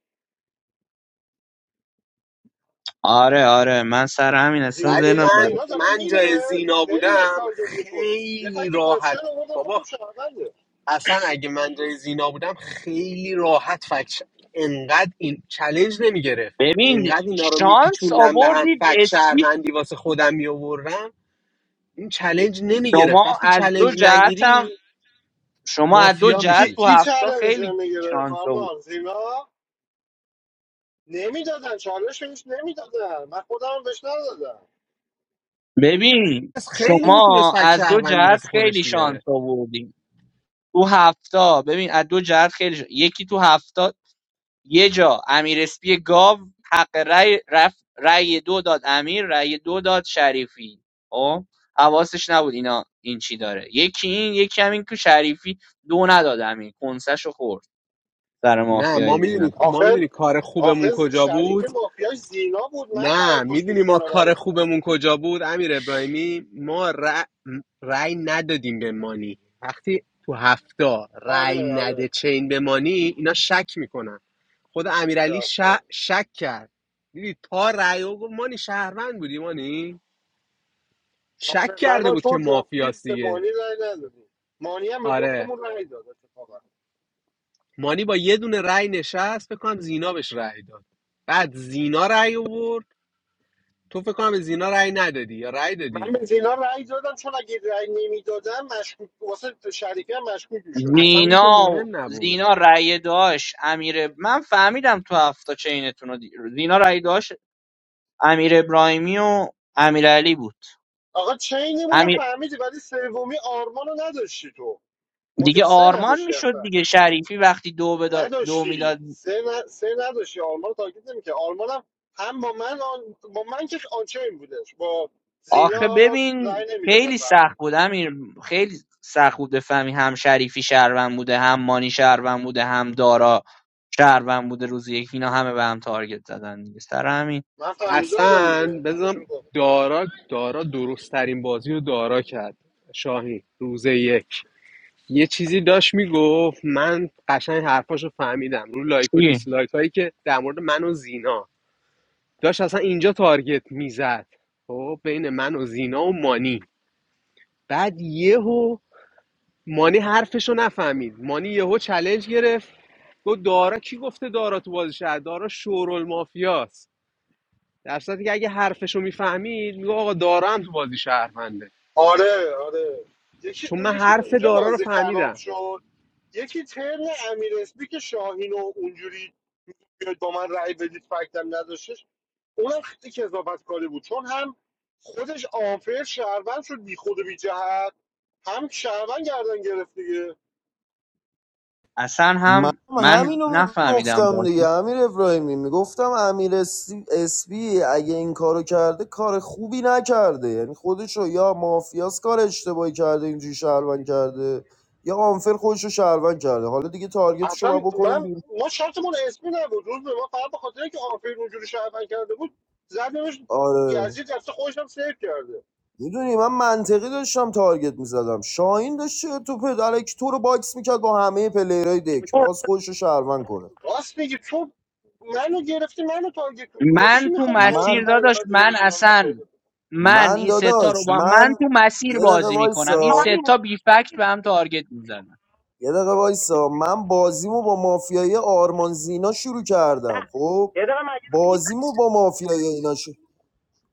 Speaker 9: آره آره من سر همین اصلا
Speaker 1: زینا
Speaker 3: ولی
Speaker 9: ذهنم
Speaker 1: دیدم
Speaker 9: بر
Speaker 3: من
Speaker 1: زینا داره
Speaker 3: من
Speaker 1: میره
Speaker 3: جای زینا
Speaker 1: خیلی داشت
Speaker 3: بودم
Speaker 1: تارگت میخورد یه
Speaker 3: خیلی
Speaker 1: فکت کوشر
Speaker 3: راحت
Speaker 1: رو آوردم گفتم
Speaker 3: بابا
Speaker 1: شهرونده
Speaker 3: اصلا اگه من جای زینا بودم خیلی راحت فکش انقدر این چالش نمیگرفت
Speaker 9: ببین
Speaker 3: انقدر اینا رو
Speaker 9: شانس
Speaker 3: میپیچوندم به هم
Speaker 9: آوردید
Speaker 3: فکت
Speaker 9: اسمی
Speaker 3: شهروندی واسه خودم میآوردم این چلنج نمیگرفت
Speaker 9: شما
Speaker 3: وقتی
Speaker 9: از دو
Speaker 3: چلنج
Speaker 9: جهت
Speaker 3: نگیری
Speaker 9: هم شما از دو
Speaker 3: مافیا میشی
Speaker 9: جهت
Speaker 1: کی
Speaker 9: تو
Speaker 1: کی
Speaker 9: هفته
Speaker 1: چالش
Speaker 9: خیلی
Speaker 1: میگیره
Speaker 9: شانس آورد
Speaker 1: فرمان زینا نمیدادن چالش بهش نمیدادن من خودم بهش ندادم
Speaker 9: ببین
Speaker 3: پس خیلی میتونست
Speaker 9: شما
Speaker 3: فکر
Speaker 9: از دو
Speaker 3: شهروندی
Speaker 9: جهت
Speaker 3: واسه خودش
Speaker 9: خیلی شانس
Speaker 3: بیاره
Speaker 9: آوردین تو هفتا ببین از دو جهت خیلی شد. یکی تو هفتا یه جا امیر اسپی گاو حق رأی رفت رأی دو داد امیر رأی دو داد شریفی خب حواسش نبود اینا این چی داره یکی این یکی همین که شریفی دو نداد امیر کنسش خورد سر
Speaker 3: نه ما
Speaker 9: مافیای
Speaker 3: میدونی
Speaker 9: اینا
Speaker 3: ما
Speaker 1: آخر
Speaker 3: میدونی کار
Speaker 1: آخر
Speaker 3: خوبمون کجا بود
Speaker 1: شریفی مافیاش زینا بود من فقط
Speaker 3: نه
Speaker 1: باش به
Speaker 3: میدونی ما
Speaker 1: زینا رای
Speaker 3: کار
Speaker 1: دادم
Speaker 3: خوبمون کجا بود امیر ابراهیمی ما ر- رأی ندادیم به مانی وقتی تو هفته رأی
Speaker 1: آره
Speaker 3: نده
Speaker 1: آره
Speaker 3: چین به مانی اینا شک میکنن خود
Speaker 1: آره
Speaker 3: امیرعلی ش...
Speaker 1: آفرین.
Speaker 3: شک کرد دیدی تا رأی و گفت مانی شهروند بودی مانی شک
Speaker 1: آره من
Speaker 3: کرده
Speaker 1: و
Speaker 3: بود که
Speaker 1: تو جفتی
Speaker 3: مافیاست
Speaker 1: به
Speaker 3: دیگه
Speaker 1: مانی رای ندادیم مانی هم به
Speaker 3: آره
Speaker 1: جفتمون رای داد اتفاقا
Speaker 3: مانی با یه دونه رأی نشست فکر کنم زینا بهش رأی داد بعد زینا رأی آورد تو فکر کنم به زینا رأی ندادی یا رأی
Speaker 1: من
Speaker 3: دادی
Speaker 1: به زینا رای دادم چون اگه رای نمیدادم مشکوک واسه شریفی هم مشکوک میشدم
Speaker 3: اصلا اون که
Speaker 9: زینا
Speaker 3: مهم نبود
Speaker 9: زینا رأی داشت امیر من فهمیدم تو هفته چینتون رو دی... زینا رأی داشت امیر ابراهیمی و امیر بود
Speaker 1: آقا چینمون رو
Speaker 9: امیر
Speaker 1: فهمیدی ولی سومی آرمان رو نداشتی تو مافیا
Speaker 9: دیگه
Speaker 1: سه
Speaker 9: آرمان
Speaker 1: نداشتی اصلا
Speaker 9: میشد دیگه شریفی وقتی دو, بدا... دو
Speaker 1: نداشتی
Speaker 9: میداد
Speaker 1: سه, ن... سه نداشتی آلمان رو تارگت نمی‌کرد آلمان هم, هم با من آن... با من که آنچین بودش با زینا
Speaker 9: آخه
Speaker 1: حالا رأی
Speaker 9: ببین
Speaker 1: نمیدادم
Speaker 9: خیلی
Speaker 1: به هم
Speaker 9: سخت
Speaker 1: دیگه.
Speaker 9: بود امیر خیلی سخت بود بفهمی هم شریفی شهروند بوده هم مانی شهروند بوده هم دارا شهروند بوده روز یک اینا همه به هم تارگت زدن دیگه سر همین
Speaker 1: من فهمیده بودم دیگه
Speaker 3: اصلا
Speaker 1: همشون
Speaker 3: بذارم
Speaker 1: رو کافی کرد
Speaker 3: دارا دارا درست ترین بازی رو دارا کرد شاهی روز یک یه چیزی داشت میگفت من قشنگ حرفاشو فهمیدم رو لایک و
Speaker 9: چی؟
Speaker 3: دیسلایک هایی که در مورد من و زینا داشت اصلا اینجا تارگت میزد خب بین من و زینا و مانی بعد یهو مانی حرفشو نفهمید مانی یهو چالش گرفت گفت دارا کی گفته دارا تو بازی شهر دارا شورول مافیاست در صورتی که اگه حرفشو میفهمید میگه آقا دارا هم تو بازی شهرمنده
Speaker 1: آره آره یکی
Speaker 3: چون
Speaker 1: اون
Speaker 3: من
Speaker 1: یکی
Speaker 3: حرف
Speaker 1: اونجا
Speaker 3: دارا رو
Speaker 1: بازی
Speaker 3: فهمیدم
Speaker 1: خراب شد یکی ترن امیر اسپی که شاهین و اونجوری بیاد با من رأی بدید فکتم نداشتش اونم خیلی کذابت کاری بود چون هم خودش آنفر شهروند شد بی خود و بی جهت هم شهروند گردن گرفت دیگه
Speaker 9: اصلا
Speaker 16: من
Speaker 9: هم من
Speaker 16: همینو
Speaker 9: نفهمیدم
Speaker 16: میگفتم دیگه
Speaker 9: بازی
Speaker 16: امیر ابراهیمی میگفتم امیر اسپی اسپی اگه این کارو کرده کار خوبی نکرده یعنی خودشو یا مافیاس کار اشتباهی کرده اینجوری شهروند کرده یا آنفر خودشو شهروند کرده حالا دیگه تارگتشو باید
Speaker 1: اصلا
Speaker 16: بکنیم
Speaker 1: من
Speaker 16: بیرون
Speaker 1: ما شرطمون اسمی نبود روز به ما فقط به خاطر اینکه آفرین اونجوری شعبن کرده بود زدمش
Speaker 16: آره
Speaker 1: یزید رفته خودش هم سیف کرده
Speaker 16: میدونی من منطقی داشتم تارگت میزدم شاهین داشت چه تو پدرک تو رو باکس میکرد با همه پلیرای دک میخواست خودشو شهروند کنه
Speaker 1: راست میگی تو منو گرفتی منو تارگت کردی. تو واسه چی
Speaker 9: من تو
Speaker 1: میخوای پنج تا
Speaker 16: من
Speaker 9: مسیر
Speaker 1: پنج
Speaker 9: داداش
Speaker 1: نفر دیگه هم
Speaker 9: من
Speaker 1: کنار من تارگت
Speaker 9: اصلا
Speaker 1: کنی؟
Speaker 9: من
Speaker 16: من
Speaker 9: این ستا رو
Speaker 16: داداش
Speaker 9: با من
Speaker 16: من
Speaker 9: تو مسیر
Speaker 16: یه دقیقه
Speaker 9: بازی میکنم این
Speaker 12: آره،
Speaker 16: وایسا
Speaker 12: نه.
Speaker 9: ستا بی فکت به هم تارگت میزنن
Speaker 16: یه دقیقه وایسا من بازیمو با مافیای آرمان زینا شروع کردم خب
Speaker 12: یه دقیقه مگه نگی
Speaker 16: بازیمو با مافیای اینا شروع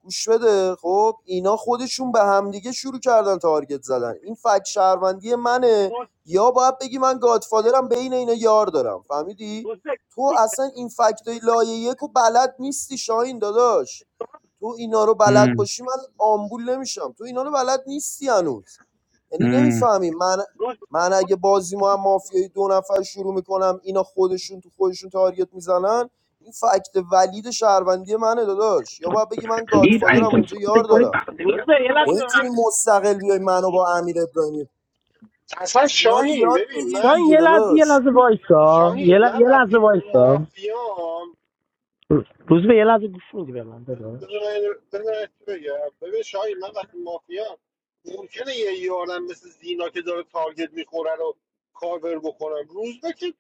Speaker 16: گوش بده خب اینا خودشون به همدیگه شروع کردن تارگت زدن این فکت شهروندی منه
Speaker 12: روز
Speaker 16: یا باید بگی من گادفادرم بین اینا یار دارم فهمیدی
Speaker 12: روز
Speaker 16: تو اصلا این فکتای لایه یک و بلد نیستی شاهین داداش تو اینا رو بلد باشی من آمبول نمیشم تو اینا رو بلد نیستی هنوز یعنی نمیفهمی من
Speaker 12: روز
Speaker 16: من اگه بازی ما هم مافیای دو نفر شروع میکنم اینا خودشون تو خودشون تارگت میزنن این فکت ولید شهروندی منه داداش یا باید بگی من
Speaker 12: Please, I am
Speaker 16: گادفادرم اونجا یار
Speaker 12: consulted quite
Speaker 16: دارم
Speaker 12: روز یه لحظه
Speaker 16: نمیتونی مستقل بیای منو با امیر ابراهیمی
Speaker 1: اصلا
Speaker 16: اینا رو
Speaker 1: شاهین
Speaker 16: یاد
Speaker 1: ببین
Speaker 16: بگیر
Speaker 1: من
Speaker 12: شاین
Speaker 16: دیگه
Speaker 12: یه لحظه یه
Speaker 16: داداش
Speaker 12: لحظه وایسا یه,
Speaker 1: شاهین
Speaker 12: ل...
Speaker 1: من
Speaker 12: یه لحظه
Speaker 1: وقتی
Speaker 12: وایسا
Speaker 1: مافیام
Speaker 12: روز به یه لحظه گوش میدی به من داداش
Speaker 1: بذار من- بذار من چی بگم ببین شاهین من وقتی مافیام ممکنه یه یارم مثل زینا که داره تارگت میخوره رو کاور بکنم روز که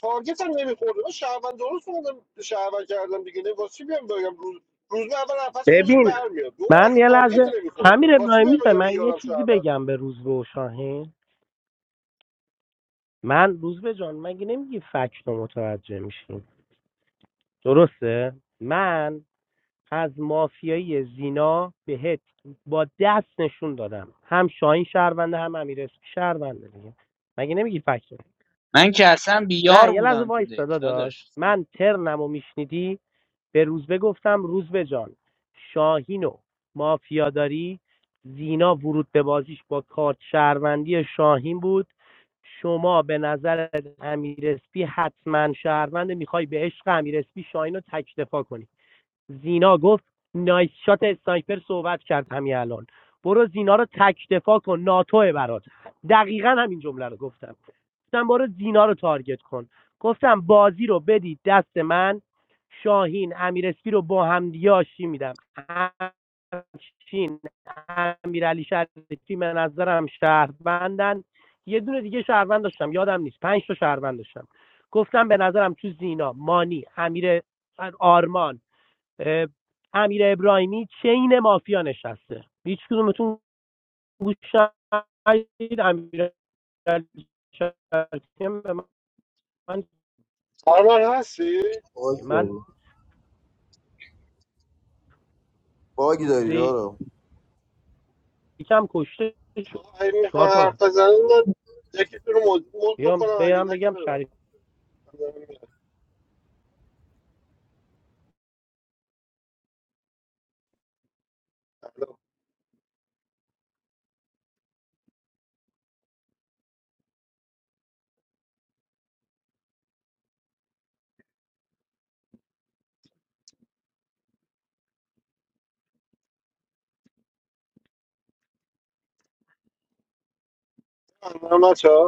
Speaker 1: تارگت هم نمیخورده من شهروند درست اومدم شهروند کردم دیگه نه واسه بیام بگم روز روز به اول نفس خودش
Speaker 12: ببین
Speaker 1: برمیاد دوم
Speaker 12: من
Speaker 1: اصلا
Speaker 12: یه
Speaker 1: تارگت
Speaker 12: لحظه
Speaker 1: نمیخوره
Speaker 12: امیر
Speaker 1: واسه
Speaker 12: ابراهیمی
Speaker 1: بیام
Speaker 12: زه،
Speaker 1: بگم این
Speaker 12: من یه
Speaker 1: یارم
Speaker 12: چیزی
Speaker 1: شهرونده
Speaker 12: بگم به روزبه و شاهین من روزبه جان مگه نمیگی فکت رو متوجه میشین درسته من از مافیای زینا بهت با دست نشون دادم هم شاهین شهرونده هم امیر اسمی شهرونده دیگه مگه نمیگی فکت رو؟
Speaker 9: من که اصلا
Speaker 12: نه
Speaker 9: بیار
Speaker 12: یه لحظه
Speaker 9: بودم تو
Speaker 12: وایس
Speaker 9: دک
Speaker 12: داداش
Speaker 9: داداش
Speaker 12: من ترنم و میشنیدی به روزبه گفتم روزبه جان شاهین و مافیا داری زینا ورود به بازیش با کارت شهروندی شاهین بود شما به نظر امیرسپی حتما شهروند میخوای به عشق امیرسپی شاهین رو تک دفاع کنی زینا گفت نایس شات اسنایپر صحبت کرد همین الان برو زینا رو تک دفاع کن ناتوه برات دقیقا همین جمله رو گفتم گفتن برو زینا رو تارگت کن گفتم بازی رو بدید دست من شاهین امیرسپی رو با هم دیگه آشتی میدم همچین امیرعلی شریفی به نظرم شهروندن یه دونه دیگه شهروند داشتم یادم نیست پنج تا شهروند داشتم گفتم به نظرم تو زینا مانی امیر آرمان اه، امیر ابراهیمی چین مافیا نشسته هیچ کدومتون گوش ندید امیر شریفی به من
Speaker 1: آرمان هستی
Speaker 16: باگی داری
Speaker 12: من
Speaker 16: باگی داری
Speaker 12: روزه
Speaker 16: دارم
Speaker 12: یکم کشته شد
Speaker 1: آقا این
Speaker 12: چیکار کنم
Speaker 1: حرف بزنه من یکی تو رو مد مد
Speaker 12: بیام
Speaker 1: بکنم اگه
Speaker 12: بیام
Speaker 1: نه که
Speaker 12: بگم
Speaker 1: ببرم
Speaker 12: شریف
Speaker 1: الو. الو، بچه‌ها؟